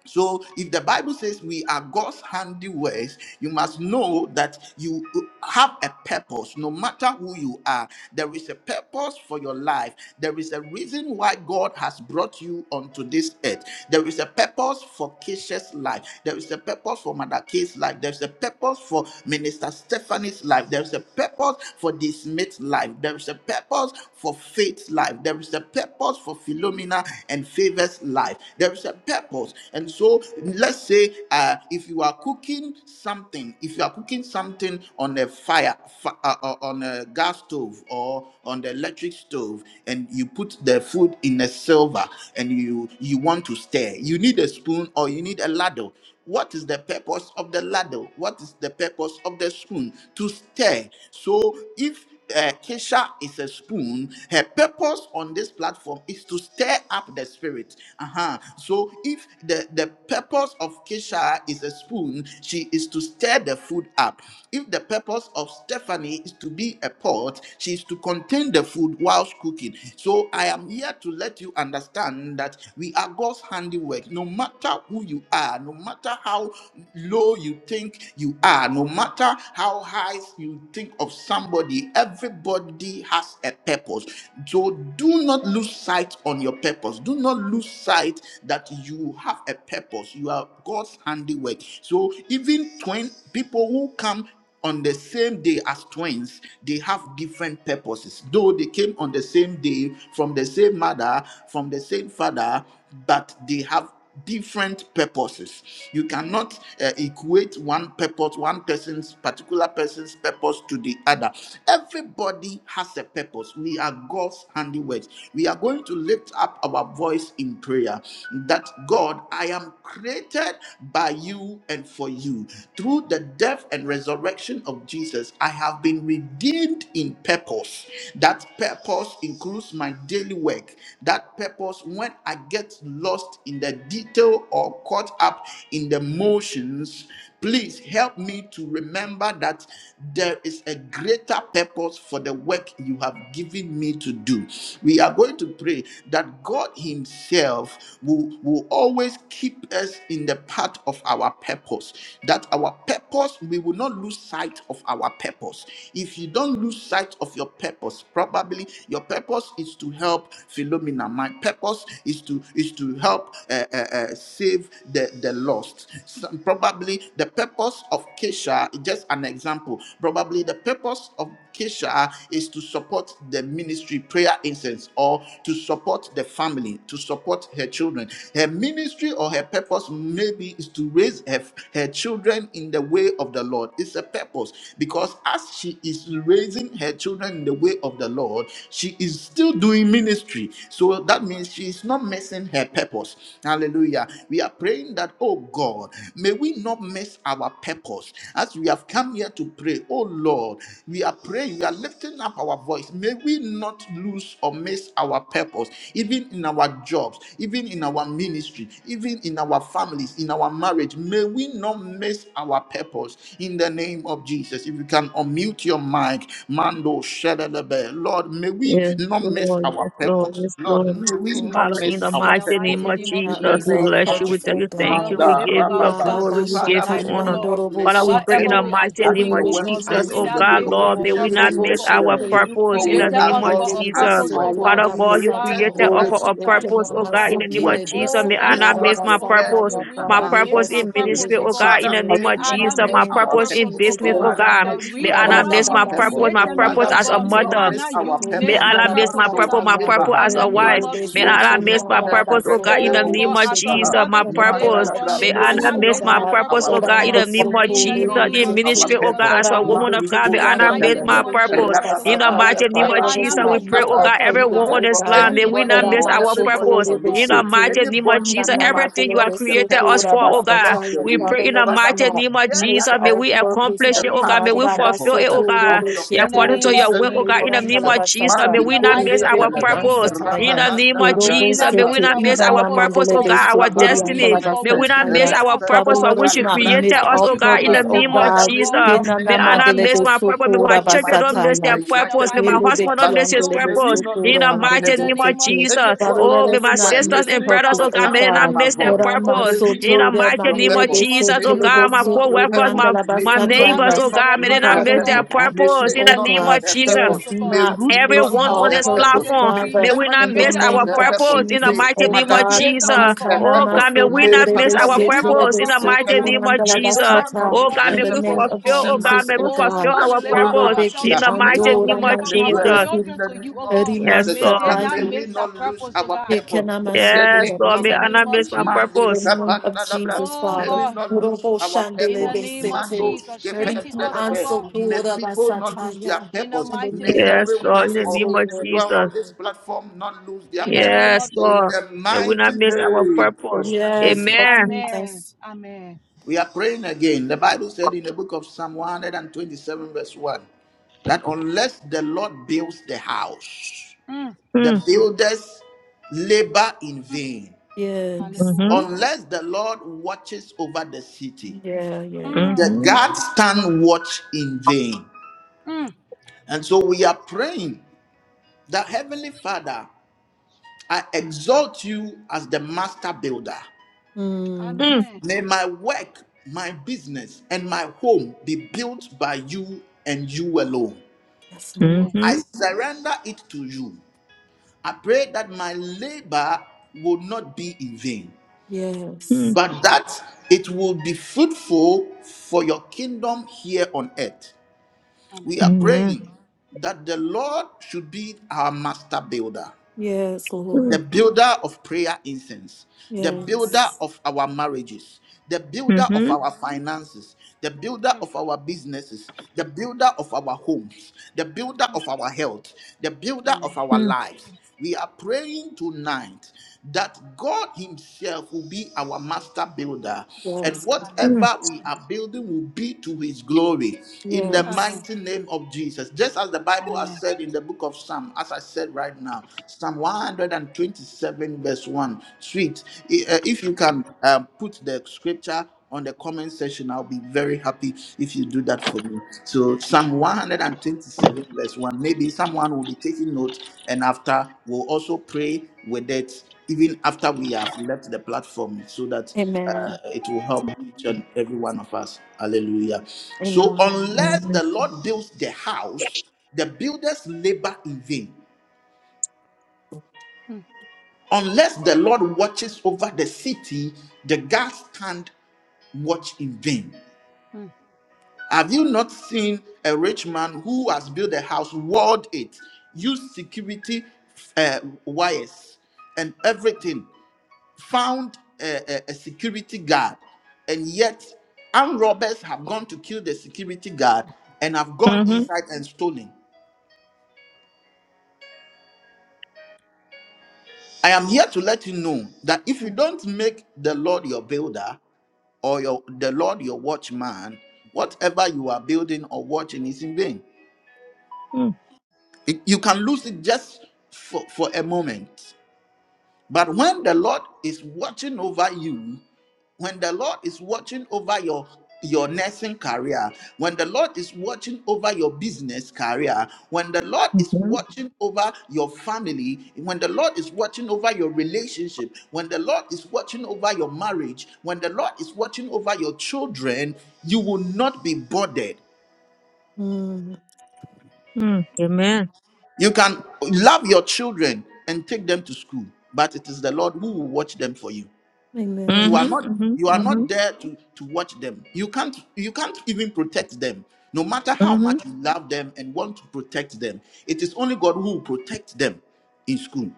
A: So, if the Bible says we are God's handiworks, you must know that you have a purpose. No matter who you are, there is a purpose for your life. There is a reason why God has brought you onto this earth. There is a purpose for Keisha's life. There is a purpose for Mother Kay's life. There's a purpose for Minister Stephanie's life. There's a purpose for this mate's life. There is a purpose for Faith's life. There is a purpose for Philomena and Favor's life there's a purpose. And so let's say uh, if you are cooking something, if you are cooking something on a fire, fi- uh, uh, on a gas stove or on the electric stove, and you put the food in a silver and you you want to stir, you need a spoon or you need a ladle. What is the purpose of the ladle? What is the purpose of the spoon? To stir. So if uh, Kesha is a spoon. Her purpose on this platform is to stir up the spirit. Uh-huh. So if the, the purpose of Kesha is a spoon, she is to stir the food up. If the purpose of Stephanie is to be a pot, she is to contain the food whilst cooking. So I am here to let you understand that we are God's handiwork. No matter who you are, no matter how low you think you are, no matter how high you think of somebody, everybody has a purpose. So do not lose sight on your purpose. Do not lose sight that you have a purpose. You are God's handiwork. So even twin people who come on the same day as twins, they have different purposes. Though they came on the same day from the same mother, from the same father, but they have different purposes. You cannot uh, equate one purpose, one person's particular person's purpose to the other. Everybody has a purpose. We are God's handiworks. We are going to lift up our voice in prayer that God, I am created by you and for you. Through the death and resurrection of Jesus, I have been redeemed in purpose. That purpose includes my daily work work, that purpose, when I get lost in the detail or caught up in the motions, please help me to remember that there is a greater purpose for the work you have given me to do. We are going to pray that God Himself will, will always keep us in the path of our purpose, that our purpose, we will not lose sight of our purpose. If you don't lose sight of your your purpose. Probably your purpose is to help Philomena. My purpose is to is to help uh, uh, uh, save the the lost. Some, probably the purpose of Kesha, just an example. Probably the purpose of Kesha is to support the ministry prayer incense or to support the family, to support her children. Her ministry or her purpose maybe is to raise her, her children in the way of the Lord. It's a purpose purpose because as she is raising her children in the way of the Lord, she is still doing ministry. So that means she is not missing her purpose. Hallelujah. We are praying that, oh God, may we not miss our purpose. As we have come here to pray, oh Lord, we are praying, we are lifting up our voice. May we not lose or miss our purpose, even in our jobs, even in our ministry, even in our families, in our marriage marriage, may we not miss our purpose in the name of Jesus. If you can unmute your mic, Mando Shedelebe. Lord, may we
B: Yes,
A: not miss
B: Lord. Yes,
A: our
B: Lord.
A: purpose.
B: Yes,
A: Lord,
B: Lord.
A: may
C: We
A: we
C: call
A: not
B: Father, in
A: miss
B: the
A: our
E: In the
B: mighty
C: Jesus.
A: purpose
B: name
E: mighty
C: May
B: of
C: we
E: name of
B: Jesus,
A: in
C: not
A: the
C: lose
B: we
E: Jesus,
C: our
A: name
E: oh
B: bless
A: of
B: you.
E: God.
B: We
C: purpose,
A: Jesus.
B: tell
C: oh
B: you thank
E: Father,
B: you.
C: God.
E: we
B: We
A: Manda
E: lift
B: give
E: up
B: you the
E: ourselves
A: Rababa.
E: to
B: glory.
E: you
B: We give
A: Father,
B: you
E: tonight,
A: may
C: Arabashatan
E: oh
A: we
B: honor.
E: God.
A: not
C: bandorobo
A: miss
B: Father, we
A: our
B: pray in
E: Whatever
B: the
C: shete.
E: we
A: purpose.
E: are
B: mighty
D: God.
A: As
B: name
E: doing,
A: your
B: of
E: oh
A: word
C: Urebeki
E: God, may
B: Jesus.
A: says
E: we
B: Oh
A: in
C: ansa
E: not
A: the
B: God,
A: book
C: kaya
E: miss
A: of
B: Lord,
E: our
B: may we
A: Ephesians
B: not
E: purpose,
A: 2,
E: oh
C: mandorobo
B: miss
A: verse
E: God.
B: our
A: 10,
C: shete.
E: You
B: purpose
A: for
B: in the
A: we
E: created
C: Ora
A: are
B: name
E: us
B: of
E: for
A: God's
E: a
C: mandere
B: Jesus.
E: purpose,
C: beso
E: oh
A: handiwork,
B: Father
E: God.
C: kora
D: Hallelujah.
B: God, you
A: created
E: Father,
B: created
A: in
E: oh
C: basataya.
B: us
D: Glory
E: God,
A: Christ
D: to
B: for
D: you.
E: we
B: a
E: thank
A: Jesus
E: you,
B: purpose,
A: to
E: oh
B: oh
A: do
C: Ekenama
B: God, in
E: God.
A: good
B: the name of
A: work,
C: sekele
B: Jesus.
E: Oh
B: May
C: beso
E: God,
B: I
E: we
B: not
A: which
C: kora
A: God
E: thank
B: miss
E: you,
B: my
E: oh God.
A: prepared
B: purpose.
E: May
C: basataya.
A: in
E: we
B: My
E: not
A: advance
C: Arere
E: miss
A: for
B: purpose
A: us
E: my
C: baso
B: in
A: to do.
C: kore
E: purpose,
B: ministry,
E: oh
B: oh
E: God.
B: God, in
A: Father,
B: the
C: beshete.
B: name
A: may
E: May
B: of
A: we
E: I
C: In the
E: not
A: not
B: Jesus.
A: miss
E: miss
B: My
C: name
E: my
A: our
C: of
B: purpose in
E: purpose,
A: purpose.
E: oh
C: Jesus,
B: business,
E: God.
C: oh
B: oh
D: Hallelujah.
A: Father, may
B: God.
E: The
C: God.
A: we
B: May I
A: not
E: reason
B: not
A: miss
E: why
C: Arada
D: Hallelujah.
B: miss
A: our
B: my
E: you
B: purpose.
A: purpose.
C: baso
B: My
E: created me,
C: kore
B: purpose
E: oh
A: Father,
B: as
A: may
B: a
E: God,
A: we
E: may
C: beshete.
A: not
B: mother.
E: I
A: miss
E: not
C: Beso
A: our
E: you
B: May
E: miss
A: purpose.
E: my
B: Allah
C: korianda
B: miss my
E: purpose, oh
A: Mando
B: purpose,
E: God
B: my
C: basataya.
B: purpose
A: Shivaha,
E: in
B: as
C: In
E: the
B: a
C: the
E: name
B: wife.
E: of
B: May
A: Mandibros
B: Allah
E: Jesus, oh
B: miss my
A: Mente
E: God.
B: purpose, oh God, in the
E: Oh
A: Rebebos
B: name
E: God,
B: of
E: as a
B: Jesus,
A: Shivaha,
E: mother
B: my
E: today, oh
C: name
B: purpose.
C: of
E: God,
A: Mandalabra.
E: may
B: May
A: May
E: I
C: Jesus,
B: Allah
A: we
E: not
C: oh
B: miss
A: not
E: miss
B: my
E: my
A: miss
C: God.
B: purpose,
A: our
E: purpose,
B: oh
E: oh
B: God, in
A: purpose.
E: God,
B: the
D: Hallelujah.
B: name
A: May
B: of
E: in
A: we
E: the
A: not
B: Jesus,
E: name
B: in
A: miss
E: of
A: our
B: ministry,
C: Aramasotorebesete.
B: oh
E: Jesus,
A: purpose.
B: God,
E: oh
B: as a
E: God.
B: woman of God.
A: Mandiko
B: May
E: In the
B: Allah miss
E: mighty
B: my
E: name
A: Setelebe,
E: of
B: purpose.
E: Jesus, oh
B: In the
E: God,
C: Arambebetukiandalamasotorabasataya.
B: mighty
A: Rabababa,
B: name
E: may
C: Father,
B: of
E: I
C: let us
E: not
B: Jesus, we
E: miss
A: Rabados
C: not
B: pray,
C: miss
E: my
B: oh
C: our
A: Kappa.
B: God,
E: purpose, oh
A: We
C: purpose,
B: everyone
E: God.
B: on
A: pray
C: oh
B: this
A: for
B: land,
C: God.
B: may
E: In
B: we
E: the
A: anybody
B: not miss
E: name
A: or
E: of
B: our
A: everybody
E: Jesus,
B: purpose.
E: oh
A: on this
B: In
E: God.
B: the
A: stage,
C: Aramasotorebesete.
B: mighty name of
A: anybody
B: Jesus,
A: who has
B: everything
A: lost
B: you have
A: lost the
B: created us
A: purpose.
B: for,
A: You
B: oh
A: have
B: God,
A: lost the
C: Inanamazolebesotorabasataya.
B: we
A: way.
B: pray
C: Father,
B: in
C: let
B: the
C: us
A: Father,
B: mighty
A: we
C: not
B: name of
A: hear
C: miss
A: that
B: Jesus, may
C: our
B: we
A: person
C: purpose,
A: into
E: In
B: accomplish
E: the
A: the
B: it,
C: oh
B: oh
E: name
A: path
B: God,
E: of
C: God.
B: may
A: of
B: we
E: Jesus.
B: fulfill
A: purpose,
B: it,
A: uh,
B: oh God.
A: of your
B: Yeah,
E: In
C: Rabasotorebesete.
E: the
B: according
A: purpose,
E: name
B: to
A: in
E: of
B: your
A: the
B: will, oh
A: name
B: God,
A: of
B: in the
E: Jesus.
B: name
A: Jesus.
B: of Jesus, may
C: Lebesotoriandalabasata.
E: In
B: we
E: the
A: Mandiko
B: not miss
E: mighty
B: our
E: name
C: Urebeki
E: of
A: setelebe,
B: purpose.
E: Jesus, oh
B: In
E: God.
C: ansataya,
B: the name of
E: May we
C: urobo
B: Jesus, may
E: not
A: rababandalabrasapa,
B: we
C: sete,
E: base
B: not
E: our
B: miss our
C: idana
E: purpose,
A: rendos
E: oh
B: purpose, oh
C: mandelebe
E: God.
B: God, our
C: sukuri
E: The
A: nikipavandus
B: destiny.
E: reason
C: andalaba
E: for
B: May
A: mete,
B: we
E: which you
B: not miss
C: sataya.
E: made
B: our
A: refe
E: us, oh
C: Father,
B: purpose for
E: God.
C: let
B: which
C: us
B: you
E: The
C: not
B: created
E: reason
C: miss
E: for
B: us,
C: our
A: kopalibrandus
E: which
B: oh
E: you
B: God, in
C: purpose,
B: the
A: maba.
E: created
C: O
B: name of
E: us,
A: Father,
E: oh
C: God.
A: may we
E: God.
B: Jesus.
A: not miss
B: May
C: Dinana
E: In
B: I
E: the
A: our
B: not
E: name
B: miss
C: mandelebe
E: of
A: purpose
B: my purpose.
E: Jesus.
B: May my
A: though
C: sukura
A: we
B: children
A: might
B: don't
A: be
B: miss
A: in
B: their
C: basataya.
A: the
E: In the
B: purpose.
A: United
B: May my
E: mighty
A: States,
E: name
B: husband
E: of
B: don't
A: but
C: Urebeki
B: miss
E: Jesus.
B: his
A: still
C: andelebe
A: may we
B: purpose.
A: not
B: In
A: lose
C: sukura
B: the
A: our
B: mighty
E: In the
C: andelebe
B: name
A: purpose.
B: of
E: name of
C: sete.
B: Jesus.
E: Jesus,
C: Father,
E: oh
A: Anybody
B: Oh,
C: let
E: God.
B: may
C: us
B: my
A: anywhere
C: not
E: We
B: sisters
C: miss
E: lift
B: and
A: listening
E: up
A: to
B: brothers,
C: purpose,
A: the
B: oh
C: O
B: God,
E: ourselves
B: may they
A: sound
E: to
A: of
B: not
E: you
C: God.
A: my
B: miss their
E: tonight,
A: voice,
E: oh God.
C: Erama
B: purpose.
A: may we
B: In
A: not
B: the
C: sotura
A: lose
B: mighty
A: your
E: In
B: name
E: the
B: of
A: purpose.
C: mandelebe
E: name of
B: Jesus,
A: May
C: sete
B: oh
A: you
E: Jesus,
C: lebe
B: God,
A: not
E: oh
B: my
A: lose
E: God.
A: your
C: sukuri
B: co-workers,
A: purpose.
B: my
C: andalaba
A: May
E: May
B: my
E: we not
B: neighbors,
C: sataya.
A: Philomena
E: miss
B: oh
E: our
A: not
B: God, may they
A: lose
B: not
A: her
E: purpose,
C: Father,
E: oh
B: miss
C: we
B: their
E: God.
A: purpose. May
C: ask
B: purpose
C: you,
B: in
E: In
A: Faith
C: O
B: the
E: the
A: not
B: name
E: name
A: lose
C: God.
E: of
B: of
A: her
C: Let
B: Jesus.
E: Jesus,
A: purpose.
C: us
E: oh God.
A: May
C: not
A: Ruth not
C: miss
B: Everyone
A: lose
B: on
C: our
E: Oh
A: her
B: this
E: God, we
A: purpose.
C: purpose,
E: say
B: platform,
E: cre-
A: May
B: may
C: Father,
E: you
B: we
A: Stephanie
B: not
C: in the
B: miss
E: created
A: not lose
B: our
E: us
C: name
E: for
A: her
C: of
E: a
A: purpose.
B: purpose in
E: reason.
B: the
C: Jesus,
A: May
B: mighty
C: oh
B: name
E: You
A: Mother
B: of
C: God.
A: Kate
E: created
B: Jesus.
A: not
C: In
E: us
A: lose
E: for
C: the
A: her
E: a
C: name
B: Oh
A: purpose.
E: purpose,
B: God, may
E: oh
B: we
E: God.
A: May
E: May
B: not
E: we
B: miss
E: not
A: Pastor
B: our
E: miss
A: Louise
E: our
A: not
B: purpose in
A: lose
B: the
E: purpose,
A: her
E: oh
B: mighty
E: God.
A: purpose.
B: name of
A: May
E: In the
B: Jesus.
A: Favor
E: mighty
A: not
E: name
B: Oh
A: lose
E: of
A: her
B: God, may we
A: purpose.
E: Jesus, oh
C: of
A: In
B: fulfill,
E: God.
A: the
B: oh God,
C: Jesus,
B: may
A: mighty
B: we
C: oh
A: name
E: Oh
A: of
B: fulfill
C: God.
A: Yahweh.
E: God, we
B: our
E: lift
A: Yeshua
E: up
B: purpose
C: Lelobeki
E: ourselves
B: in
E: to
B: the
A: HaMashiach.
E: you, oh
A: We
B: mighty
E: God. We
B: name
C: andora
A: decree
B: of
E: lift
A: and
E: up our
B: Jesus.
A: declare
C: mandelebesi,
A: in
E: children
A: the
E: to you,
A: name
E: oh
A: of
E: God.
B: Yes,
A: Jesus
E: May they
A: that
B: Lord.
E: not
C: erimansataya,
A: may we
E: miss that
A: not lose
E: purpose, oh
A: our
E: God.
A: purpose. In the
B: Yes,
A: name
B: Lord.
E: In
A: of
B: May
E: the
B: I
C: ekenamasukurabasa
E: name
B: not
E: of
B: miss
A: Jesus,
B: my
A: Mandi
E: Jesus.
C: the
B: purpose.
C: name of
A: Kapandalabra.
C: Jesus,
E: Oh
A: May
C: Father.
A: we
E: God,
A: not lose
C: Robo
A: our
E: in
C: shandele
E: the
A: purpose.
E: name of
C: besete.
A: Mando
E: Jesus. Strengthen
C: Riki
E: us, oh
A: Skependalabra.
E: God.
C: anso
A: May
C: dora
A: people not lose their
C: basataya.
E: In the
A: purpose.
C: In the
E: mighty
A: May
E: name
C: name of
E: of
B: Yes, Lord. In
A: everyone
B: the
E: Jesus, oh
C: Jesus,
A: or
B: name
E: God.
B: of
C: Lord.
A: individual
B: Jesus.
A: on this platform not lose their
E: In the
A: purpose.
E: name of
B: Yes,
A: In
E: Jesus.
B: Lord.
A: the
B: May we
A: mighty
B: not miss our
A: name of
B: purpose.
C: Yes,
A: Jesus.
C: Lord
B: Amen.
E: Amen.
C: Jesus.
E: Amen.
A: We are praying again. The Bible said in the book of Psalm 127, verse 1, that unless the Lord builds the house,
E: Mm,
A: the
B: Mm,
A: builders labor in
E: mm.
A: vain.
C: Yes.
B: mhm,
E: Hallelujah.
A: Unless the Lord watches over the city,
C: Yeah, yeah, yeah.
E: Mm,
A: the
B: mhm,
A: guards stand watch in vain.
E: mm.
A: And so we are praying that Heavenly Father, I exalt you as the master builder.
C: Mm.
B: mm,
E: Amen.
A: May my work, my business, and my home be built by you and you alone.
C: Yes, Lord.
E: Amen.
A: I
B: mhm,
A: surrender it to you. I pray that my labor will not be in vain,
E: In the name
C: Yes.
B: mm,
E: of
A: but that
E: Jesus.
A: it will be fruitful for your kingdom here on earth.
E: Amen.
A: We are
B: mm, yeah,
A: praying that the Lord should be our master builder
C: Yes, Lord.
A: the
B: mm,
A: builder of prayer incense, the builder
E: Amen.
C: Yes.
A: of our marriages, the builder of
B: mhm,
A: our finances, the builder
E: Mm,
A: of our businesses, the builder of our homes, the builder
E: mm.
A: of our health, the builder of
E: Amen.
A: our
B: mm,
A: lives. We are praying tonight that God Himself will be our master builder, and
C: Yes.
E: Amen.
B: mm,
A: whatever we are building will be to His glory in the
C: Yes.
E: Amen.
A: mighty name of Jesus. Just as the Bible has
E: Amen.
A: said in the book of Psalm, as I said right now. Psalm 127, verse 1. Sweet. I- uh, If you can um, put the scripture on the comment section, I'll be very happy if you do that for me. So, Psalm 127, verse 1. Maybe someone will be taking note, and after we'll also pray with it, even after we have left the platform, so that
C: Amen.
A: uh, it will help each and every one of us. Hallelujah. So,
C: Amen.
E: Amen.
A: unless
B: mhm,
A: the Lord builds the house, the builders labor in vain.
E: Mm,
A: Unless the Lord watches over the city, the guards stand watch in vain.
E: mm,
A: Have you not seen a rich man who has built a house, walled it, used security uh, wires and everything, found a, a, a security guard, and yet armed robbers have gone to kill the security guard and have gone
B: mhm,
A: inside and stolen? I am here to let you know that if you
E: mm,
A: don't make the Lord your builder, or your the Lord your watchman, whatever you are building or watching is in vain.
B: mm,
A: It- you can lose it just for, for a moment. But when the Lord is watching over you, when the Lord is watching over your your nursing career, when the Lord is watching over your business career, when the Lord is
B: mhm,
A: watching over your family, when the Lord is watching over your relationship, when the Lord is watching over your marriage, when the Lord is watching over your children, you will not be bothered.
C: Mm,
B: mm. Amen.
A: You can love your children and take them to school, but it is the Lord who will watch them for you. you
C: amen.
A: are
B: Mhm,
A: not
B: mhm,
A: you are
B: mhm,
A: not there to to watch them you can't you can't even protect them no matter how
B: mhm.
A: much you love them and want to protect them it is only god who will protect them in school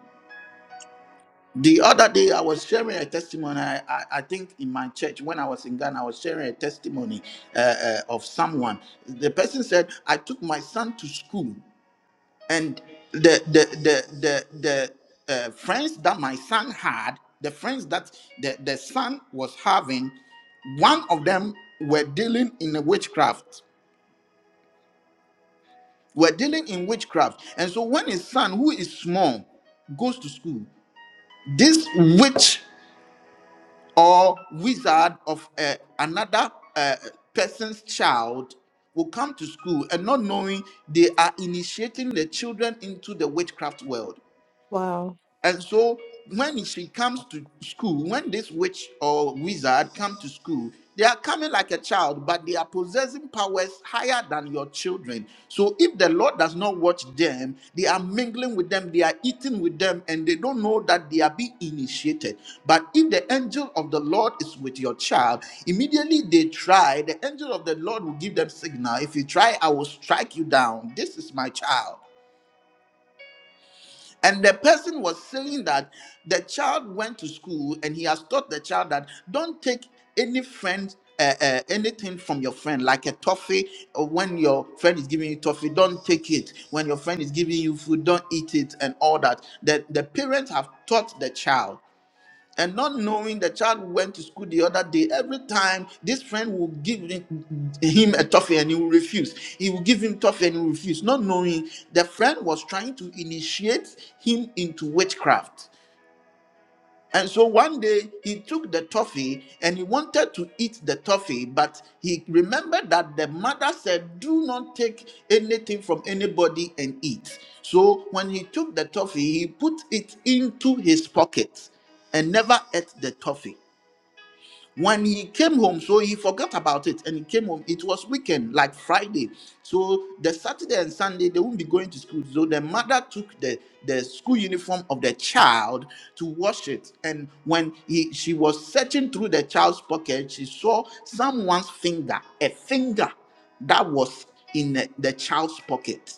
A: the other day i was sharing a testimony i, I, I think in my church when i was in ghana i was sharing a testimony uh, uh, of someone the person said i took my son to school and the the the the, the uh, friends that my son had the friends that the, the son was having one of them were dealing in a witchcraft were dealing in witchcraft and so when his son who is small goes to school this witch or wizard of uh, another uh, person's child will come to school and not knowing they are initiating the children into the witchcraft world
C: Wow.
A: And so when she comes to school, when this witch or wizard come to school, they are coming like a child, but they are possessing powers higher than your children. So if the Lord does not watch them, they are mingling with them, they are eating with them, and they don't know that they are being initiated. But if the angel of the Lord is with your child, immediately they try, the angel of the Lord will give them signal. If you try, I will strike you down. This is my child. And the person was saying that the child went to school and he has taught the child that don't take any friend. Uh, uh, anything from your friend, like a toffee, or when your friend is giving you toffee, don't take it. When your friend is giving you food, don't eat it, and all that. That the parents have taught the child and not knowing the child went to school the other day every time this friend will give him him a toffee and he will refuse he will give him toffee and he will refuse not knowing the friend was trying to initiate him into witchcraft and so one day he took the toffee and he wanted to eat the toffee, but he remembered that the mother said, Do not take anything from anybody and eat. So when he took the toffee, he put it into his pocket and never ate the toffee when he came home so he forgot about it and he came home it was weekend like friday so the saturday and sunday they wouldn't be going to school so the mother took the the school uniform of the child to wash it and when he she was searching through the child's pocket she saw someone's finger a finger that was in the the child's pocket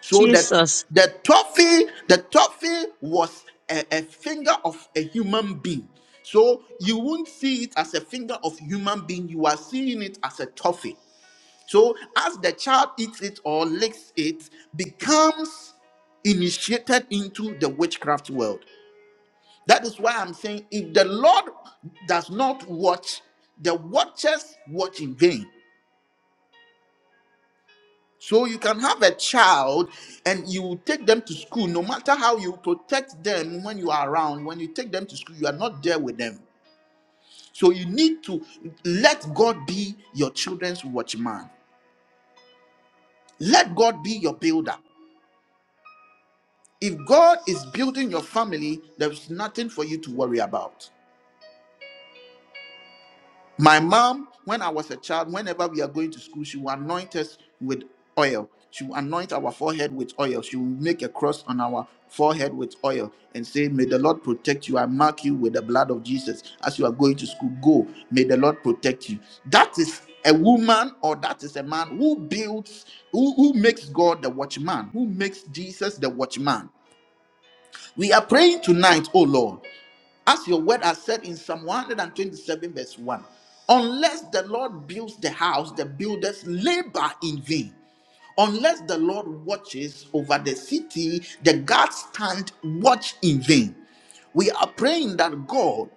A: so that
B: Jesus.
A: the toffee, the toffee was a, a finger of a human being. So you won't see it as a finger of human being. You are seeing it as a toffee. So as the child eats it or licks it, becomes initiated into the witchcraft world. That is why I'm saying if the Lord does not watch, the watchers watch in vain. So you can have a child and you will take them to school, no matter how you protect them when you are around, when you take them to school, you are not there with them. So you need to let God be your children's watchman. Let God be your builder. If God is building your family, there's nothing for you to worry about. My mom, when I was a child, whenever we are going to school, she will anoint us with oil. She will anoint our forehead with oil. She will make a cross on our forehead with oil and say, May the Lord protect you. I mark you with the blood of Jesus. As you are going to school, go. May the Lord protect you. That is a woman or that is a man who builds, who, who makes God the watchman, who makes Jesus the watchman. We are praying tonight, oh Lord. As your word has said in Psalm 127, verse 1 Unless the Lord builds the house, the builders labor in vain. Unless the Lord watches over the city, the guards stand watch in vain. We are praying that God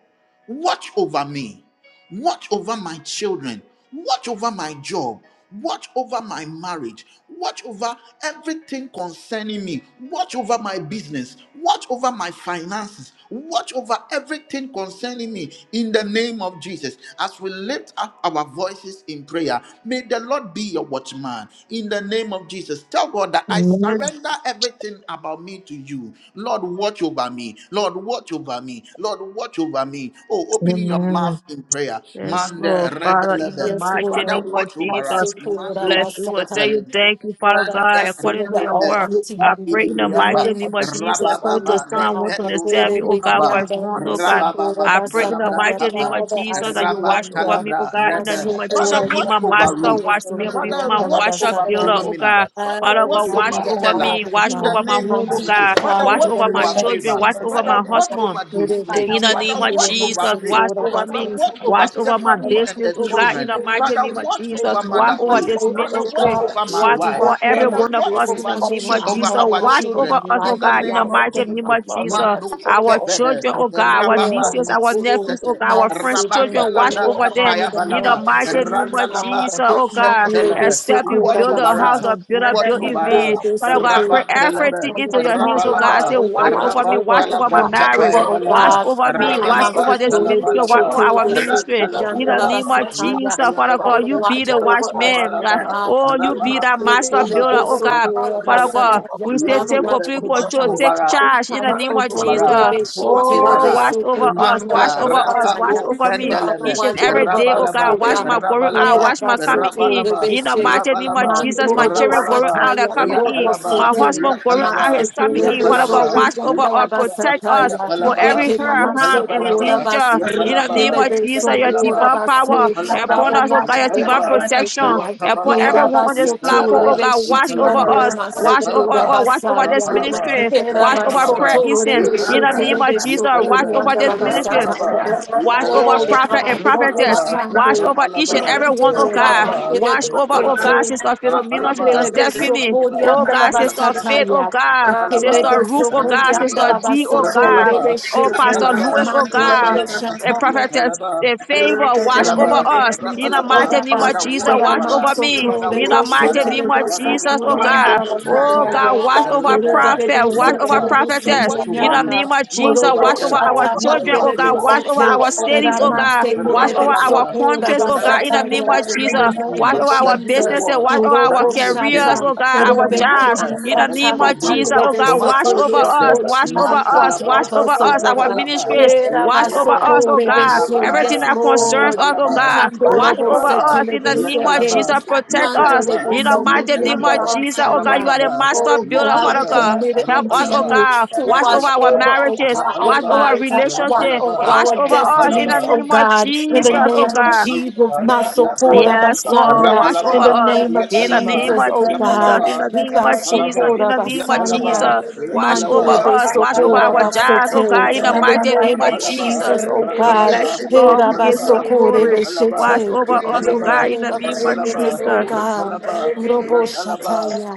A: watch over me. Watch over my children. Watch over my job. Watch over my marriage. Watch over everything concerning me. Watch over my business. Watch over my finances. Watch over everything concerning me in the name of Jesus. As we lift up our voices in prayer, may the Lord be your watchman in the name of Jesus. Tell God that I surrender everything about me to you. Lord, watch over me. Lord, watch over me. Lord, watch over me. Oh, opening your
B: Amen.
A: mouth in prayer prayer.
B: Yes,
A: Mande
B: Lord, Father, in
A: rebelebe.
B: the
C: Yes,
B: mighty
A: Father,
C: Lord.
B: name of
A: watch
C: Now
A: over us.
C: say,
B: Jesus,
C: Lord,
A: Mando
B: bless
C: about
B: you. I tell
C: Satan.
B: you,
A: shefelebe.
B: thank you, Father
C: Father,
A: Mante
C: I
B: God, according
C: surrender
B: to your
A: rebele.
C: all
B: word.
C: unto
A: Upa
B: I
C: you
B: pray in the
C: in the
A: minibriapa.
B: mighty
C: name
B: name
C: of
B: of Jesus,
C: Jesus, O
B: according to
C: Lord
A: Rabababa.
B: Psalm
C: God.
A: Nependo
B: 127,
C: Father,
B: oh God, for
A: skipaba.
B: his one, oh God.
A: Rabababa.
B: I pray in the
A: Dalabra
B: mighty name
A: kapa.
B: of
C: I
B: Jesus that you watch over
C: surrender.
B: me, oh
A: Rabatalabra
B: God,
C: My
B: in the
A: rebe.
B: name of Jesus.
C: support
A: Father,
C: is
B: Be
C: the
A: watch
B: my
A: over
B: master,
C: Kiandala
B: watch
C: Gates,
A: Ruth.
B: me, be
A: Father,
B: my
C: Kuriandala
A: watch
B: washer,
A: over
B: builder,
C: Basatan.
F: Father,
B: oh
F: wash
A: Philomena.
B: God.
C: I
A: Father,
B: Father
A: watch
F: me
B: God, watch
A: over
C: surrender
B: over
A: Stella.
C: all,
B: me,
C: O
B: watch
A: In the
C: God,
B: over my
A: name
B: home, oh
A: of
C: unto you,
A: Jesus.
B: God.
A: Father,
C: Father,
B: Watch
C: in
A: watch
C: the
B: over my
A: over
C: name of
B: children,
A: favor.
B: watch
C: Jesus,
B: over
C: O
A: Father,
B: my
C: God.
A: watch
B: husband.
A: over this mate.
B: In the name
A: Father,
B: of
A: watch
B: Jesus,
A: over faith.
B: watch over
A: Father,
B: me.
A: watch over
B: Watch over my
A: Stephanie
C: Father,
A: and
B: business,
A: her
C: I
B: oh God. In
A: children.
B: the mighty
A: Father,
B: name of
A: watch
B: Jesus,
A: over
B: watch
A: Mother
B: over
C: Watch
A: Kay.
B: this
C: over,
A: Father,
C: oh
A: watch
B: ministry.
C: God, my
A: over my
B: Watch
C: children,
A: wife.
C: watch
B: over
C: over
B: every
C: my
A: Father,
B: one of
A: watch
B: us in
C: business,
A: over,
B: the
C: watch
B: name
C: over
A: chi-
B: of
C: my
A: over
B: Jesus.
C: home,
A: our
C: watch
B: Watch
C: over
B: over
A: children.
C: my
B: us, oh
C: life,
A: In the
C: oh
B: God. In the
A: name
C: God,
A: of
C: watch
B: mighty
C: over my
B: name
A: Jesus,
B: of
C: mother,
B: Jesus,
C: watch
A: Mando
C: over
B: our
C: all
A: Shepede,
B: children,
C: my
B: oh God, our
C: head,
A: Rababa
B: nieces,
C: my
B: our
A: Niko
C: soul,
B: nephews, oh
A: Sete,
B: God,
C: my
B: our friends'
C: siblings,
B: children,
C: oh
B: watch
A: Rabantalabra
C: Lord
B: over
C: God,
B: them.
C: in
A: Kapaya
C: the
B: In the
A: Balaba,
C: name of
B: mighty name
C: Jesus,
B: of
A: Randalaba
B: Jesus,
C: Father.
B: oh
C: My
B: God.
A: Kushentelebe,
C: beloved
B: Except you
C: support
A: watch
C: of
B: build
C: us,
B: a
A: over
B: house or
A: us,
B: build a
A: watch
C: my
B: building,
A: over
B: vain.
A: us,
C: beloved
B: Father God, I pray
C: support
B: everything
A: Rabantelebe,
C: of
B: into
C: us,
B: your hands,
C: Father,
B: oh God. I
C: watch
B: say,
A: Rabalaba,
C: over,
B: watch
C: watch
B: over me,
C: over,
B: watch over my
A: Rabantalabra
C: watch over,
B: marriage.
A: Kapaya
C: oh
B: Watch
A: Balaba,
C: God.
B: over me.
C: Come
B: Watch
C: on,
A: Rabalaba,
B: over this
C: support of
B: ministry.
C: this,
B: Watch over
A: Talabalaba,
C: support of
B: our
C: this,
B: ministry. In the
A: Rantalabalaba,
B: name of
C: support
B: Jesus,
C: of
B: Father God,
C: Father,
B: you be
C: watch
B: the
C: over us,
B: watchman.
C: oh
B: God.
C: God.
B: Oh, you be the master builder, oh God. Father God, we say
C: Father,
B: take
C: watch
B: complete
C: over
A: Watch
B: control,
C: us.
B: take
A: over us.
B: charge in the
C: Father,
B: name
A: Watch
B: of
C: watch
A: over us.
B: Jesus.
A: Watch
B: Oh,
A: over us.
B: watch over us, watch
A: Manta
B: over us, watch
A: rapako
B: over me
A: fendelebe.
B: each and every
C: over
B: day, oh
C: us,
B: God.
A: Rabalaba.
B: Watch my going out,
A: Rabalaba.
B: watch my
C: oh
B: coming in.
A: Rabalaba.
B: In
C: God.
B: the mighty name of
A: Rabalaba.
F: away,
B: Jesus, my
C: Mandolobo
B: children
F: wash
B: going
A: Rabalaba.
F: the
B: out, they're
C: sataya,
F: cup
B: coming in.
C: robo
F: of
A: Yakalaba.
F: his
B: My
F: death,
C: sete,
F: for
B: husband going
A: Yakalaba.
B: out, he's coming
F: his
B: in.
C: mansekele
B: Father
C: so
A: Yakalaba.
B: God, watch over
C: burianda
B: us,
C: la
A: Yakalaba.
B: protect us.
C: basataya,
B: For
A: Yakalaba.
B: every
C: ekena
B: hurt, harm,
C: manse
B: and
A: Yakalaba.
C: bora
B: danger, in the
A: Yakalaba.
B: name of
C: basitiandele
B: Jesus, your
A: Yakalaba.
B: divine
C: so
B: power,
A: Yapalaba,
B: upon
C: Father,
B: us, oh God,
C: watch
B: your
C: over
B: divine
A: Yapalaba,
C: us, O
B: protection,
C: God.
B: upon
A: Yapalaba,
B: everyone on this
C: Herabasoto
B: platform,
A: Yapalaba,
B: oh God, watch
C: rebeshiti
B: over
A: Yapalaba,
C: andele
B: us, watch
C: masoko
B: over
A: Rapalaba,
B: us, watch over this
C: rabasaya.
A: Rapalaba,
B: ministry, watch over
A: Rapalaba,
B: prayer
C: Herabasoto
B: incense, in the
A: Yapalaba,
C: rebeshiti
B: name of Jesus,
C: lebesoko
B: watch
A: Yapalaba,
B: over this
C: riandala
B: ministry,
A: Rapalaba,
C: basataya.
B: Watch over
A: Yapalaba,
F: resurrection.
C: Oh
B: prophet and
C: God, Robo
A: Rapalaba,
B: prophetess.
A: Rapalaba,
B: Watch
C: Shande,
B: over each and
A: Rapalaba,
B: every one, oh
C: Mando,
B: God.
C: Ramandele
B: Watch over, oh
A: Rapalaba,
B: God,
C: Besete,
B: Sister Philomena,
A: Rapalaba,
B: Sister
C: Itandele
B: Stephanie,
C: Besoko
A: Yapalaba,
B: oh
C: riandala
B: God, Sister
A: Rapalaba,
B: Faith, oh
C: basataya.
B: God,
A: Rabalaba,
B: Sister
C: Kelebe
B: Ruth, oh
C: soko
B: God,
A: Rabalaba,
B: Sister
C: riandala
B: D, oh
C: basoto
B: God,
A: Rabalaba,
B: oh
C: rebeshito,
B: Pastor
A: Rabalaba,
B: Lewis, oh
C: Mando
B: God,
C: Robo
A: Rabalaba,
B: and
F: Thank you.
C: Shataya.
B: prophetess.
A: Yatalaba,
B: In
F: Wash over
B: favor,
C: In
B: watch
C: the
B: over
A: Alaba,
F: our
C: name of
B: us.
F: children.
A: Rab
B: In
C: Jesus,
B: the
C: oh
A: Alaba,
B: mighty name
C: God.
B: of
A: Father,
B: Jesus,
A: watch
B: watch
A: over
B: over
A: us.
B: me.
C: Ramasoto
A: Father,
B: In the
A: watch
C: rebe
F: Wash
A: over
B: mighty
A: us.
B: name
C: setele
B: of
A: Father,
C: beso
B: Jesus,
A: watch
B: oh
A: over
C: kurianda
B: God.
A: us.
C: la
B: Oh
A: Mante,
B: God,
C: basataya.
B: watch over
C: Rebe
A: Rebe,
B: prophet,
C: bebe
B: watch over
C: setele
A: Yepa,
C: beso
A: and
B: prophetess.
A: watch
B: In
A: over
B: the
C: kurianda.
A: Ruth.
B: name of
A: Watch
B: Jesus,
A: over
C: Orobo
B: watch over
A: Stella.
B: our
C: shata
A: Watch
B: children,
A: over
B: oh
C: mandele
B: God,
A: Favor.
B: watch over
C: besete.
F: over
A: Watch
B: our
A: over
F: us in
B: cities,
F: the
B: oh
A: Philomena.
B: God,
F: mighty name
C: Ramasekule
B: watch over
F: of Jesus.
C: beso
B: our
A: Rabalaba. We
C: kura
B: countries, oh God,
F: Protect
B: in
A: surrender
B: the
F: us
B: name
F: over
C: basataya.
B: of
F: our
A: everything
F: blood.
C: In
B: Jesus.
C: the
A: unto
C: name
B: Watch
A: you
C: of
B: over
F: Cover us
B: our
A: that you will
F: with
C: Jesus.
F: the
B: businesses.
F: blood
B: Watch
A: watch,
F: of
B: over
F: Jesus.
A: that
B: our
A: you
C: Orobo
A: will
F: oh
B: careers,
F: God.
A: build,
C: shata.
B: oh God,
A: that
F: In
A: you
F: the
B: our
A: will
C: Rebenki
F: mighty
A: watch
B: jobs.
F: name
A: us
B: In the
F: of
A: and you
C: ansata
B: name
F: Jesus.
C: la
A: will
B: of Jesus,
A: bear
C: pandele
B: oh
F: Watch
B: God,
F: over
B: watch
A: Mako
C: besete.
F: us
B: over
F: with your
C: Yes,
B: us.
A: Shata,
C: Lord
F: jealous
B: Watch over
C: Jesus,
F: eyes.
B: us.
C: watch
B: Watch
A: Matalaba,
F: Watch
C: over
B: over
F: over
C: us, oh
B: us,
F: our
B: our
C: God.
F: children with
A: Rabalaba,
F: your
B: ministries.
F: jealous
B: Watch over
F: eyes.
B: us,
A: Yatalaba,
C: Erabasoko
B: oh
F: Watch
C: rebe
B: God.
C: she.
F: over
B: Everything
C: Yes,
A: Rabalaba,
B: that
F: everything that
B: concerns
C: Lord.
F: brings to
B: us, oh
F: us.
A: Rabalaba,
B: God.
F: Watch
C: Ikandoro
B: Watch
F: over
B: over
F: our
A: Rabalaba,
B: us
C: bosetele
B: in
F: children,
B: the name
F: protect
B: of
C: beseke.
F: them
B: Jesus.
A: Yatalaba,
F: from us.
B: Protect
F: Guard
B: us.
C: Mandele
F: them
A: Yatalaba,
B: In
F: in
B: the
F: the
B: mighty
F: mighty
C: besoburi
B: name
F: name
B: of
A: Yatalaba,
F: of
B: Jesus, oh
F: Jesus.
B: God, you
C: andalabasaya.
B: are the
A: Rabalaba,
B: master
C: Oh
B: builder,
C: God,
B: Father
C: we
A: Yatalaba,
B: God.
C: commit it
B: Help
C: unto
B: us, oh
A: Rabalaba,
C: you
B: God.
C: to
B: Watch over
C: watch
B: our
A: Rabalaba,
C: over, oh
B: marriages.
C: God, our
B: Watch over
A: Rabalaba,
B: our
C: lives, watch
B: relationship.
C: over
A: Rabalaba,
B: Watch
C: our
B: over us in
C: destinies,
B: the
A: Yatalaba,
C: oh
B: name of
C: God, in
A: Watch
B: Jesus,
C: the
B: oh
C: name of
B: God.
C: Jesus, Masokora
B: Yes, Lord,
C: Basaya,
B: watch over
C: in the
B: us
C: name of
B: in the name
C: Jesus,
B: of
C: oh
B: Jesus,
C: God,
B: in the name of
F: Rapa
B: Jesus, in
C: Ikbasokora
B: the name of
C: Basaya,
B: Jesus. Watch over
C: Mandele
B: us, watch over
C: Besokora
B: our jobs, oh God, in
C: Basete,
B: the
C: in the
B: mighty name
C: name
B: of
C: of Jesus,
B: Jesus.
C: oh
B: We
C: God.
B: bless you, Lord. We give you the glory. Watch
C: Herabasokorebeshete.
B: over
C: In
B: us,
C: the
B: oh God, in
C: name
B: the
C: of
B: name of
C: Jesus, oh
B: Jesus.
C: God. Robo Shataya.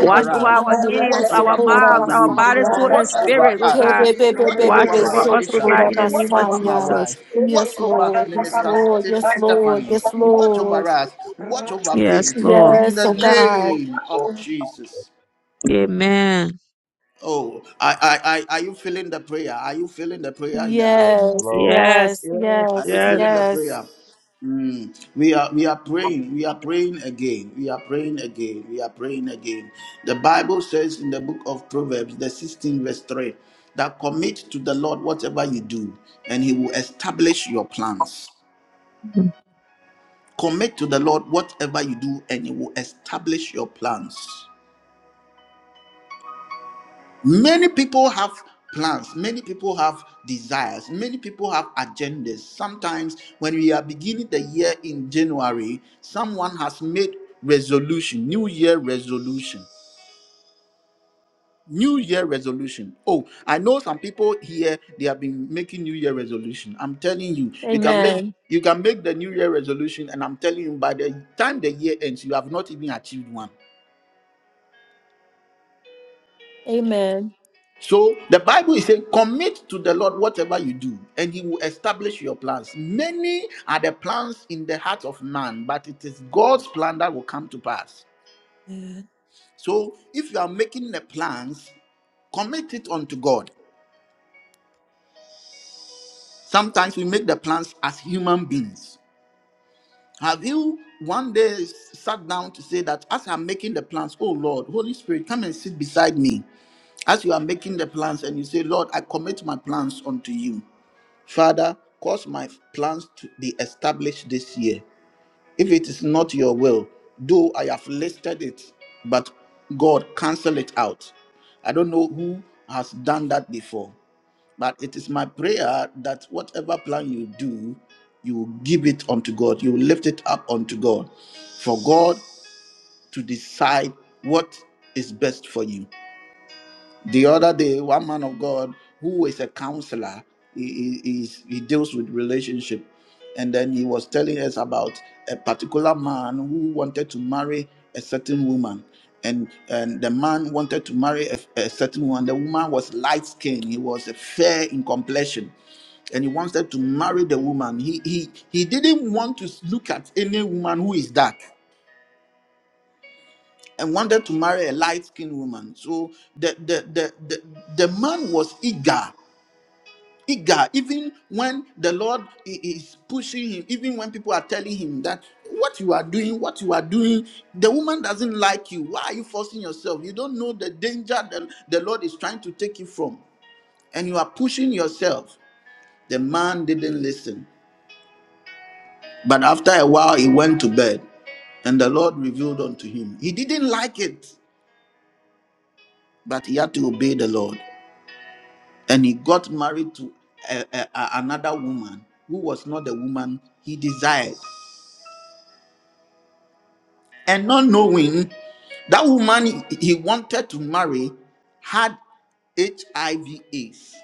B: Watch over
A: us.
B: our hands,
A: Watch
B: our
A: over
C: Antelebasokora
A: Pastor
B: mouths, our
A: Louis.
B: bodies, soul,
C: Basaya.
B: and
A: Watch over
B: spirit, oh
A: us.
B: God.
A: Watch
B: Watch
A: over
B: over
A: Mother
B: us
A: Keisha.
B: tonight
C: Kebebebebebebesokora
B: in the name
A: Watch
B: of
A: over my
C: Basaya.
B: Jesus.
A: wife. Watch
C: Yes,
A: over
C: Lord. Yes,
A: Minister
C: Lord.
A: Steph-
C: Yes, Lord.
A: Stephanie.
C: Yes,
A: Watch over
C: Lord.
A: us. Watch over
B: Yes,
A: faith.
B: Lord.
A: In
C: Yes,
A: the
C: oh God.
A: name of Jesus.
B: Amen.
A: Oh, I, I, I, are you feeling the prayer? Are you feeling the prayer in the house?
C: Yes,
G: Lord,
B: Yes,
C: yes,
A: Are
C: yes,
A: you
B: yes,
A: feeling the
C: yes.
A: prayer? Mm. We are we are praying. We are praying again. We are praying again. We are praying again. The Bible says in the book of Proverbs, the 16 verse 3, that commit to the Lord whatever you do, and he will establish your plans.
B: yes.
A: Commit to the Lord whatever you do, and he will establish your plans. Many people have plans, many people have desires, many people have agendas. Sometimes, when we are beginning the year in January, someone has made resolution, New Year resolution. New Year resolution. Oh, I know some people here they have been making New Year resolution. I'm telling you, you can make
C: Amen.
A: you can make the New Year resolution, and I'm telling you, by the time the year ends, you have not even achieved one.
C: Amen.
A: So the Bible is saying, commit to the Lord whatever you do, and He will establish your plans. Many are the plans in the heart of man, but it is
C: Good.
A: God's plan that will come to pass. So if you are making the plans, commit it unto God. Sometimes we make the plans as human beings. Have you one day sat down to say that as I'm making the plans, oh Lord, Holy Spirit, come and sit beside me? As you are making the plans and you say, Lord, I commit my plans unto you. Father, cause my plans to be established this year. If it is not your will, though I have listed it, but God, cancel it out. I don't know who has done that before, but it is my prayer that whatever plan you do, you will give it unto God, you will lift it up unto God, for God to decide what is best for you. The other day, one man of God who is a counselor, he, he, he's- he deals with relationship. And then he was telling us about a particular man who wanted to marry a certain woman. And, and the man wanted to marry a, a certain woman. The woman was light skinned, he was fair in complexion and he wanted to marry the woman. He he he didn't want to look at any woman who is dark and wanted to marry a light-skinned woman. So the the the the, the man was eager, eager, even when the Lord i- is pushing him, even when people are telling him that what you are doing, what you are doing, the woman doesn't like you. Why are you forcing yourself? You don't know the danger that the Lord is trying to take you from, and you are pushing yourself. The man didn't listen. But after a while, he went to bed, and the Lord revealed unto him. He didn't like it, but he had to obey the Lord. and he got married to a, a- a- another woman who was not the woman he desired. And not knowing that woman he he wanted to marry had HIV/AIDS,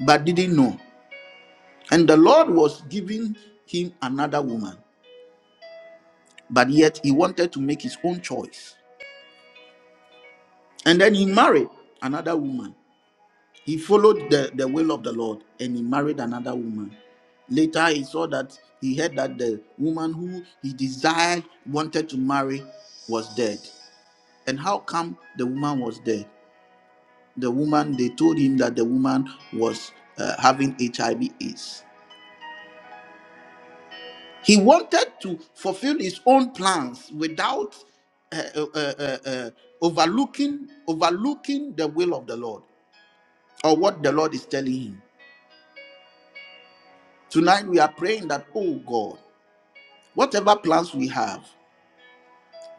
A: but didn't know. And the Lord was giving him another woman, but yet he wanted to make his own choice. And then he married another woman. He followed the, the will of the Lord and he married another woman. Later, he saw that he heard that the woman who he desired, wanted to marry, was dead. And how come the woman was dead? The woman, they told him that the woman was uh, having HIV/AIDS. He wanted to fulfill his own plans without uh, uh, uh, uh, uh, overlooking overlooking the will of the Lord or what the Lord is telling him. Tonight we are praying that, oh God, Whatever plans we have,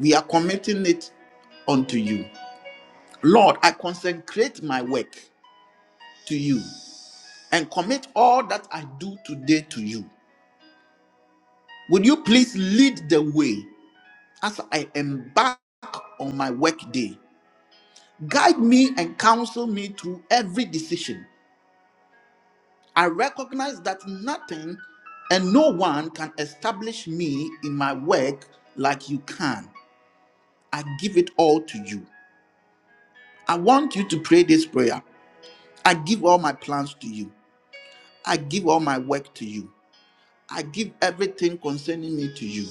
A: we are committing it unto you. Lord, I consecrate my work to you and commit all that I do today to you. Would you please lead the way as I embark on my work day? Guide me and counsel me through every decision. I recognize that nothing and no one can establish me in my work like you can. I give it all to you. I want you to pray this prayer. I give all my plans to you. I give all my work to you. I give everything concerning me to you.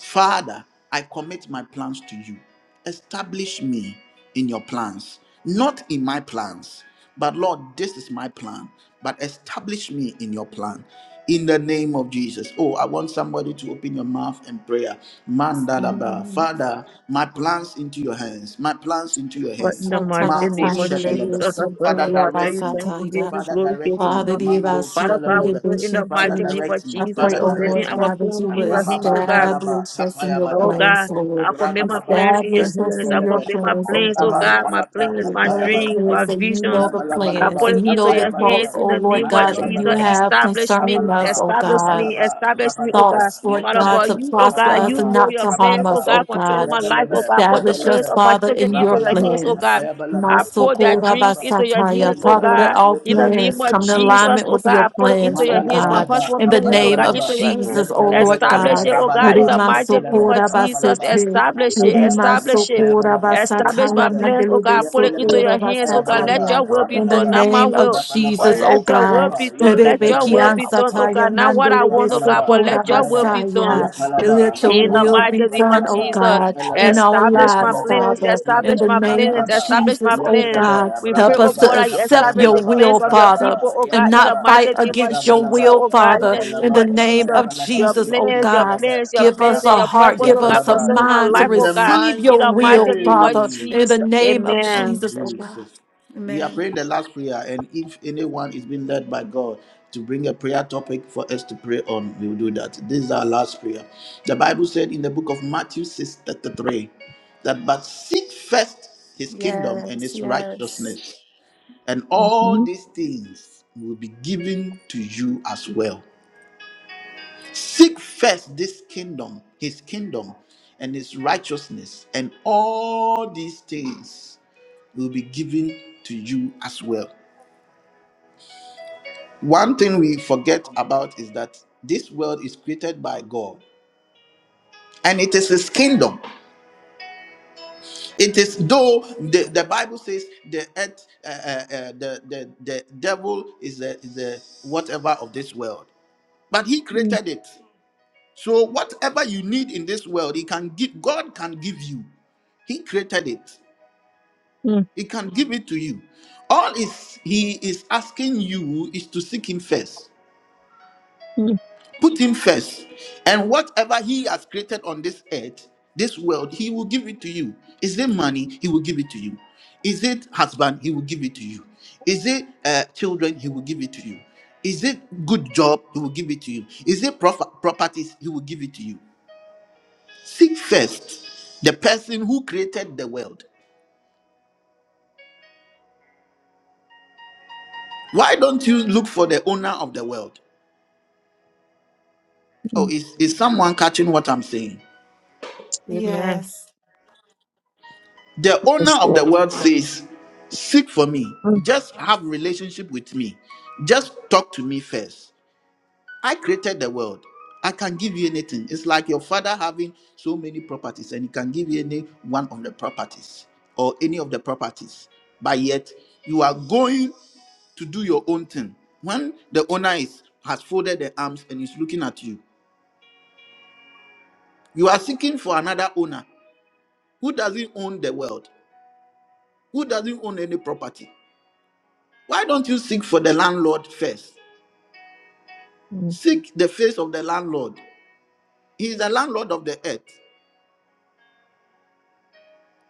A: Father, I commit my plans to you. Establish me in your plans, not in my plans. But Lord, this is my plan. But establish me in your plan. In the name of Jesus. Oh, I want somebody to open your mouth and prayer. Mandalaba.
C: Mm.
A: Father, my plans into your hands. My plans into your
B: But in
A: hands.
B: the
C: Asata
B: mighty
C: la
A: Marco
B: name of
C: fangele
B: Jesus,
A: Shedelebe.
B: I
C: besu
B: bless
A: Father,
B: you.
C: kura
B: I tell
A: direct
B: you,
A: me.
B: thank
C: basata
B: you,
C: ya.
B: give you
A: Father,
B: glory, give
A: direct
B: you
A: me.
C: Father,
B: honor.
C: give
A: Mando
C: us
B: Father
C: hope
B: God, we
C: that
A: Shedelebe.
B: pray
C: the
B: in the
C: should
A: Father,
B: mighty
C: team.
B: name of
A: direct me.
C: I
B: Jesus,
C: pray,
A: Father,
C: oh
B: committing
A: direct
C: Lord
A: me.
B: our
C: God, that you
B: parents
C: will
B: in your hands,
A: Rababa
B: oh God.
A: talaba
C: establish us in
A: tapaya
C: your
B: Oh
A: balaba.
B: God,
C: plans,
B: I
C: Lord.
B: commit my
A: Rabalaba
B: plans in
C: Establish
B: your
C: us
B: hands. I
C: in
A: sebelebelebe.
C: your
B: commit my
C: plans, oh
B: plans, oh
A: Raban
C: God.
B: God, my
A: talaba
C: And
B: plans,
C: Your
B: my
A: tapaya
C: word
B: dreams,
A: balaba.
B: my
C: declares that you know
B: vision.
C: the
B: I
A: Rabalabalaba
C: plans
B: put
C: and
B: it
C: you know
B: into
C: the
A: tapaya
B: your
A: balaba.
C: thoughts,
B: hands in
C: oh
B: the name
C: Lord
B: of
C: God, that you
B: Jesus.
A: Mandalabalaba.
C: have
B: Establish
C: concerning
B: me,
A: Rabalaba
C: us, oh
B: establish
C: God
B: me,
A: rabalaba
B: establish me, oh
A: rabalaba.
B: God.
C: thoughts, Lord
B: Father
C: God,
B: God,
A: Nepelebe
C: to
B: you, oh
C: prosper
B: God,
C: us
B: you
A: rabalaba
C: and
B: know
C: not
B: your
C: to harm
B: plans, oh
A: rabalaba.
C: us,
B: God,
C: oh
B: concerning
C: God.
B: my life,
A: Rebelebe
B: oh God. Put the
C: Establish
B: plans
C: us,
A: rebelebe.
B: of my
C: Father,
B: children
C: in
B: into
C: your
B: your
A: Rabalaba
B: hands, oh
C: plans.
B: God.
A: tapaya balaba
B: I put their
A: tapaya
C: Masokura
B: dreams
A: balaba.
B: into your
C: basataya.
B: hands, oh
C: Father, let
B: God.
A: Mandalaba
C: all
B: In the
A: yepelebe
B: name
C: plans
B: of
C: come in
B: Jesus,
A: yepelebe.
C: alignment
B: oh
C: with
B: God, I
C: your
B: put it into
C: plans,
B: your
C: oh
A: Mandala
B: hands. My
C: God.
A: balaba,
B: husband's
C: In the
B: plans,
A: apaya
B: oh
C: name
B: God,
C: of
A: balaba,
B: into your hands.
C: Jesus, oh
A: yantala
C: Lord
A: balaba,
B: Establish
C: God.
B: it, oh God, in
A: rabalaba,
B: the mighty name
A: nepalaba,
B: of
C: Rimasokura
B: Jesus.
A: rabalaba,
C: basete.
B: Establish it.
A: rabalaba,
C: Rima
B: Establish it.
A: apaya
C: sokora
A: balaba,
B: Establish my
C: basataya,
A: yapalaba,
B: plans, oh
C: mandelebe
B: God. Put it
A: yapalaba,
B: into
C: sokora
B: your hands,
A: apaya
B: oh God. Let
A: balaba,
C: basataya.
B: your will be
C: In the
B: done,
A: rabalaba,
B: not my
C: name of
B: will.
A: rabalaba,
B: But
C: Jesus,
B: let
C: O
B: your will
C: God.
A: rabalaba,
B: be done. Let your will
A: yapalaba,
C: Rebekian
B: be done, oh
A: rabalaba,
C: sataya,
B: God. Not what I
C: mandelebe
B: want, oh God,
A: rabalaba,
B: but
C: sokora
B: let your
A: apaya ba,
B: will be done.
C: basaya.
A: yapalaba,
C: Let your
B: In the
C: will
A: Rapalaba,
C: be
B: mighty name of
C: done, O
A: Rapalaba,
B: Jesus,
C: God,
A: Yapalaba,
C: in our
B: establish my
C: lives,
A: Yapalaba,
B: plans,
C: Father. In
B: establish
A: Yapalaba,
C: the
B: my
C: name of
B: plans,
A: Rapalaba,
B: establish my
C: Jesus, O
B: plans.
A: Yapalaba,
C: God.
B: We pray,
C: Help
B: oh
C: us
A: Rabalaba,
B: God,
C: to
B: that you
C: accept
B: establish
C: your
B: the
A: Tapayabalaba,
C: will,
B: plans of your
C: Father,
A: Rabalaba,
B: people, oh God,
C: and
B: in the
A: Yapalaba,
C: not
B: mighty
C: fight
B: name of
C: against your
B: Jesus,
A: Rabalaba,
C: will,
B: oh God, in
C: Father.
B: the
C: In
B: name
A: Tapayabalaba,
B: of
C: the name
B: Jesus.
C: of
A: Tapayabalaba,
B: Your
C: Jesus, oh
B: plans, your
C: God.
B: plans,
A: Yapalabalaba,
B: your
C: Give us
B: plans, and
A: Rapalaba,
C: a
B: your
C: heart,
B: purpose,
C: give
B: oh God,
C: us a
A: Yapalaba.
B: concerning my
C: mind to
B: life,
A: In
B: oh
A: the
B: God,
C: receive
B: in
C: your
A: mighty
B: the mighty
C: will,
B: name of
C: Father,
A: name
C: in
B: Jesus.
C: the name of
A: of
B: Amen.
C: Jesus, oh God.
A: Jesus. We are
C: Amen.
A: praying the last prayer, and if anyone is being led by God to bring a prayer topic for us to pray on, we will do that. This is our last prayer. The Bible said in the book of Matthew 6 33 that but seek first his kingdom and
C: Yes,
A: his
C: yes.
A: righteousness, and all
B: Mhm,
A: these things will be given to you as well. Seek first this kingdom, his kingdom, and his righteousness, and all these things will be given to you as well. One thing we forget about is that this world is created by God and it is his kingdom. It is though the, the Bible says the earth, uh, uh, uh, the, the, the devil is the, is the whatever of this world, but he
B: mm,
A: created it. So whatever you need in this world, he can give, God can give you. He created it.
B: mm,
A: He can give it to you. All is he is asking you is to seek him first.
B: mm,
A: Put him first. And whatever he has created on this earth, this world, he will give it to you. Is it money? He will give it to you. Is it husband? He will give it to you. Is it uh, children? He will give it to you. Is it good job? He will give it to you. Is it prof- properties? He will give it to you. Seek first the person who created the world. Why don't you look for the owner of the world? Oh,
B: mm.
A: is, is someone catching what I'm saying?
B: Amen.
C: Yes.
A: The owner
B: Yes,
A: of the
B: Lord.
A: world says, Seek for me.
B: Mm,
A: Just have relationship with me. Just talk to me first. I created the world. I can give you anything. It's like your father having so many properties and he can give you any one of the properties or any of the properties. But yet you are going to do your own thing. When the owner is has folded the arms and is looking at you, you are seeking for another owner who doesn't own the world, who doesn't own any property. Why don't you seek for the landlord first?
B: mm,
A: Seek the face of the landlord. He is the landlord of the earth.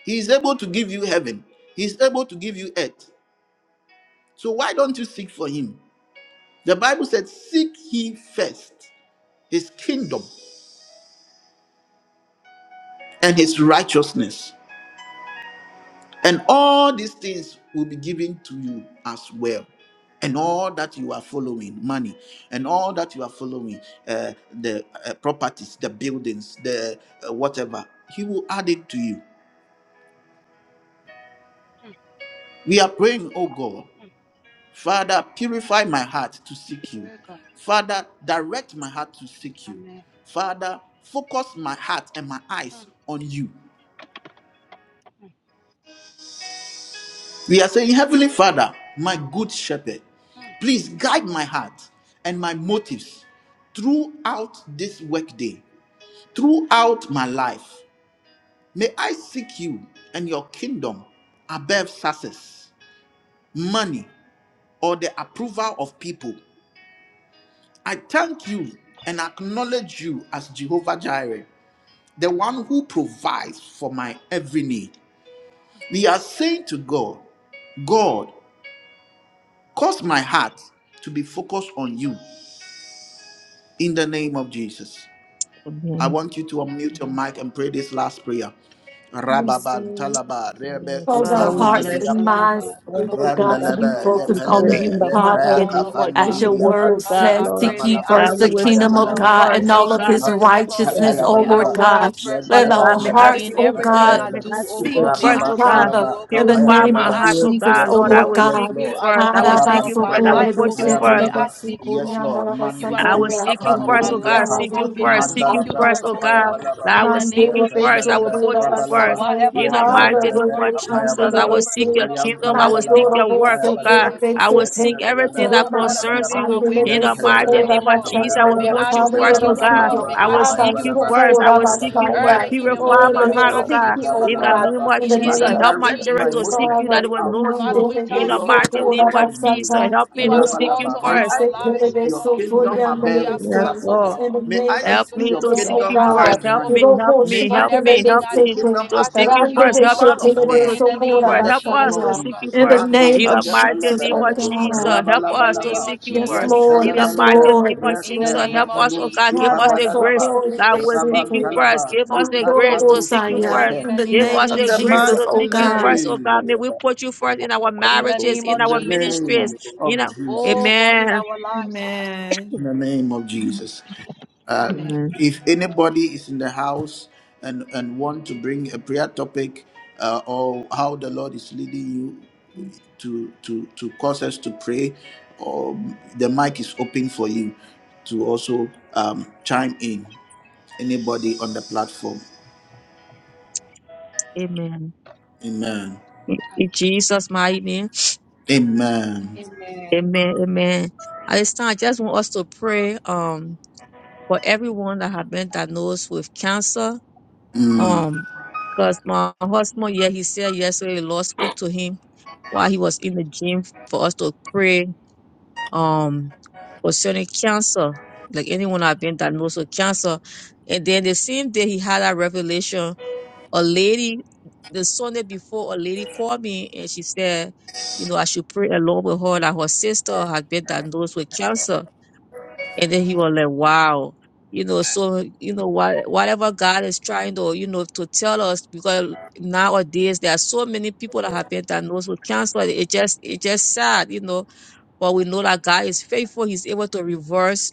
A: He is able to give you heaven. He is able to give you earth. So why don't you seek for him? The Bible said, Seek ye first his kingdom and his righteousness, and all these things will be given to you as well and all that you are following money and all that you are following uh, the uh, properties the buildings the uh, whatever he will add it to you
E: mm,
A: We are praying, oh God,
E: mm.
A: Father, purify my heart to seek you.
E: Dear God.
A: Father, direct my heart to seek you.
E: Amen.
A: Father, focus my heart and my eyes
E: Mm,
A: on you.
E: mm,
A: We are saying, Heavenly Father, my good shepherd,
E: mm.
A: please guide my heart and my motives throughout this workday, throughout my life. May I seek you and your kingdom above success, money, or the approval of people. I thank you and acknowledge you as Jehovah Jireh, the
E: Amen.
A: one who provides for my every need. We are saying to God, God, cause my heart to be focused on you in the name of Jesus.
B: Amen.
A: I want you to unmute your mic and pray this last prayer.
E: Amen.
C: Yes,
A: Rababa,
C: Lord.
A: talaba, rebe,
B: Mm,
E: In
C: Cause
E: the
B: Father,
A: kupa,
E: name
C: our
B: we
E: of
C: hearts
B: bless
E: Jesus,
B: you.
C: and
A: nilibriya,
E: oh
B: We say
C: minds,
E: God.
C: oh
B: thank
E: Father,
B: you,
C: Lord
E: we
B: oh
C: God, to
E: thank
B: God.
E: you,
C: be
A: Randalaba,
E: oh God.
B: We
C: focused on
B: pray in
C: you,
A: Lepelebe,
E: We
B: the
E: give
B: mighty
E: you
C: Father.
E: honor,
A: Lepaka,
B: name
E: oh
B: of
A: Fanny
C: As
E: God.
C: your
B: Jesus,
A: Dibriapa,
B: oh
C: word
E: Father,
B: God,
E: I
C: says,
B: Lord.
E: pray,
C: seek
E: may
C: ye
E: I
A: Rabalaba,
B: God,
C: first
B: we
C: the
E: seek
B: will
E: you,
A: Kapaya
E: oh
C: kingdom
B: speak
C: of
B: you
E: God.
A: Balaba,
E: May
C: God
E: I
C: and
B: first, oh
C: all
E: seek
C: of
E: you
B: God.
C: his
B: I will
E: first, oh
A: Mandalaba,
B: speak
E: God.
B: your
C: righteousness,
A: Kapaya
C: oh
E: May I
B: every
A: Balaba,
C: Lord
E: seek
B: word.
E: you
C: God.
E: first, oh
B: Father
C: Let
E: God.
B: God,
C: our
B: may
A: Yantalabalaba,
B: I
C: hearts,
B: speak
E: In
C: oh
B: you
E: everything
B: first.
C: God,
E: I
B: May
A: Lepalabalaba,
E: do,
B: I
E: oh
B: speak you
E: God,
C: seek
E: may
C: you,
B: first,
E: I
B: oh
A: Rababa,
B: God.
E: seek
C: Father,
A: Kalaba,
E: you, oh
C: in the
E: God.
A: Kapaya
B: Purify
C: name
E: May
B: my
C: of
A: Balaba.
E: I
B: heart, oh
D: Hallelujah.
E: seek you,
C: Jesus,
B: God,
E: oh
C: oh
A: Yes,
B: Lord. I
C: Lord
A: Lord,
E: God.
B: will
A: yes,
B: seek
C: God.
B: you
E: You
A: Lord.
E: are the
B: first. I will
E: author
B: seek
E: of
A: Rabban
B: you
E: my
B: first. I
A: Talabra,
B: will
E: life,
B: put
E: oh
B: you
A: Kapaya
E: God.
B: first.
E: May I
A: Balaba,
E: seek you, oh
A: yes,
E: God.
A: Lord.
E: You
A: Mandi
E: are
B: I
E: the
B: will
A: Dibri,
B: seek
E: creator
B: you
A: Apa,
E: of
B: first,
E: my
B: oh
A: Nidibri,
E: life,
B: God.
A: Apa,
E: oh
B: Seek you
E: God. May I
B: first. Seek
E: seek
B: you
E: you
A: Mandalabra,
B: first,
C: Oh
E: first,
B: oh
E: oh
A: Kapaya
E: God.
B: God.
C: God,
A: Balaba.
B: I
E: In
B: will
E: the
B: seek
E: name
C: Mandele
B: you
E: of
B: first.
C: beso
B: I
A: Yepandalaba,
B: will
E: Jesus, oh
B: put
C: kura
B: you
E: God.
A: Rabalaba,
B: first.
C: basataya
E: Whatever
B: In
E: I
B: the
E: do,
C: prada
B: mighty
E: oh
A: Yentalabalaba,
B: name
E: God,
B: of
E: may
C: robo
E: I
B: Jesus,
E: seek
C: chandele
B: I
E: you
A: Apayabalaba,
B: will seek
E: first, oh
B: your
C: beso
E: God.
B: kingdom. I will
E: In the
B: seek
A: Nayantalabalaba,
C: mandoro
B: your
E: name of
B: work,
C: bose
B: oh God.
A: Apayabalaba,
C: tele
E: Jesus, oh
B: I
C: beso
B: will
E: God.
B: seek
C: te
A: Yentalabalaba,
B: everything that
E: Oh God, I
C: romansi
B: concerns
A: Apayabalaba,
E: commit my
B: you.
E: ways
C: andele
B: In
E: to
B: the
E: you
C: beso
B: mighty
E: tonight,
A: Yentalabalaba,
C: kura
B: name
E: oh
B: of
E: God.
B: Jesus, I will
E: May
C: basataya
A: Apayabalaba,
E: I
B: put you
C: prada
E: seek
B: first, oh
C: little
E: you, oh
G: we
B: God.
E: God.
C: sitio
A: Rabalabalaba,
G: thank
E: May
B: I
G: you
E: I
B: will
E: seek
C: abba
B: seek
E: you
B: you
A: Apayabalaba,
C: so
E: first, oh
B: first. I
C: kura
B: will
E: God.
B: seek you first.
A: Rabalabalaba,
E: Early
C: basaya
E: in the
C: oh
B: Purify my
E: morning, may
C: little
A: Apayabalaba,
B: heart,
E: I
B: oh God.
E: seek
C: sitio
E: you,
C: oh
E: oh
B: In the
E: God.
C: God
B: name
A: Rabalabalaba.
B: of
C: in
E: In
C: the
E: the
B: Jesus,
A: Father,
C: name
E: name
C: of
B: help
E: of
B: my
A: direct
B: children
A: my
B: to
C: Jesus
E: Jesus, oh
B: seek
A: motives
E: God.
B: you that
C: Father
B: they will
A: throughout,
B: know
E: Father,
B: you.
E: we
C: mandele
B: In
A: O
B: the
E: thank you,
A: Lord,
E: oh
C: beso
A: to
B: mighty
E: God.
B: name
C: kura
A: focus
B: of
A: on
B: Jesus,
A: you.
C: basata
B: help
E: You
B: me
E: are
B: to
C: little
E: the
B: seek you
C: beso
E: author
A: Rabalaba, may
E: of
B: first.
A: I
E: our
C: anse tele
A: seek
E: lives, oh
A: your
C: beso
E: God.
A: kingdom
C: kura
E: We
C: mandele
A: above
E: have
C: beso
B: Yes,
E: come, oh
B: Lord.
A: success.
C: in
E: God
C: the
A: May
C: name
A: I
C: of
B: Help
A: seek
E: to
B: me
E: say,
A: your
B: to
C: Jesus
E: Lord,
B: seek
E: may
C: oh
A: kingdom
B: you
E: I
C: God
B: first.
A: above
E: seek you,
B: Help
E: O
A: money.
B: me,
E: God.
B: help
C: Dirobo
A: May
B: me,
A: I
E: In
B: help
C: shandele
B: me,
A: seek
E: everything
B: help
E: I
A: your
B: me
E: do,
C: besete,
E: may
A: kingdom
B: to
E: I
B: seek
A: above
B: you
A: the
E: seek you, O
B: first.
C: randele
B: Help
E: God.
B: the
A: approval of
C: shetele
B: people to
E: In
A: man.
E: the
B: seek you
E: name
C: besokora
G: for
A: In
B: first.
E: of
G: that
A: the
B: Help
A: name
B: us
A: of
B: to
E: Jesus, O
C: basaya.
B: seek
E: God.
B: you
A: Jesus.
C: In the
B: first.
A: Mando
C: name
B: In
C: of
B: the mighty
C: Jesus,
B: name
C: oh
B: of
A: shepelebelebe,
G: grace that we
C: God.
B: Jesus, help
E: In
G: receive
E: the
B: us
G: this
B: to
E: name
A: rabalabalaba,
E: of
B: seek you
G: year.
C: Yes,
B: first.
G: Oh, my
E: Jesus.
G: God,
C: Lord.
B: In the
G: that
C: Yes,
A: yentelebelebe,
B: mighty name
C: Lord.
B: of
C: Yes,
E: In the
B: Jesus, help
E: name
C: Lord.
E: of
B: us,
A: retemendo
B: oh God, give
E: Jesus.
B: us
C: Nada
B: the grace
A: shipabadalaba,
C: sokore
B: that will seek you
C: besete,
B: first.
A: rabantalaba,
B: Give us the
C: mandoro
B: grace
G: you gave
B: to
G: us
B: seek you
G: that
C: bosaya.
B: first.
E: In
A: ikapanushmente.
C: In
E: the
C: the
B: Give
E: name
G: love,
E: of
C: name
B: us
A: In
C: of
B: the
A: the
G: that you
B: grace
E: Jesus.
G: brought
C: Jesus,
B: to
G: us
A: mighty
C: oh
B: seek
G: down,
B: you
G: that you brought us
C: God.
B: first, oh
G: up,
B: God.
G: that
A: name,
B: May
G: you
B: we put you first in our
E: In
G: brought us
E: the
B: marriages,
E: name
B: in
G: to
E: of
A: in
B: our
G: the
A: the
G: very,
E: Jesus, O
G: very,
E: God.
B: ministries,
A: name
G: very, very
B: you
A: of
B: know.
A: Jesus,
E: Oh God, in
B: Amen.
E: our lives, O God.
C: Amen.
A: in the name of Jesus.
E: Amen.
B: Amen.
A: if anybody is in the house and and want to bring a prayer topic uh, or how the lord is leading you to to to cause us to pray um, the mic is open for you to also um, chime in anybody on the platform
B: Amen.
A: amen
B: In in
E: Amen.
B: Jesus' mighty name.
A: amen
E: Amen.
B: Amen. Amen. At this time, I just want us to pray um for everyone that have been diagnosed with cancer.
E: Mm,
B: Um, because my husband, yeah, he said yesterday the Lord spoke to him while he was in the gym for us to pray um concerning cancer. Like anyone that have been diagnosed with cancer. And then the same day he had a revelation a lady the Sunday before a lady called me and she said, you know, I should pray along with her that her sister had been diagnosed with cancer. And then he was like,
E: mm,
B: Wow. You know, so you know what whatever God is trying to, you know, to tell us because nowadays there are so many people that have been diagnosed with cancer. It just it just sad, you know. But we know that God is faithful, He's able to reverse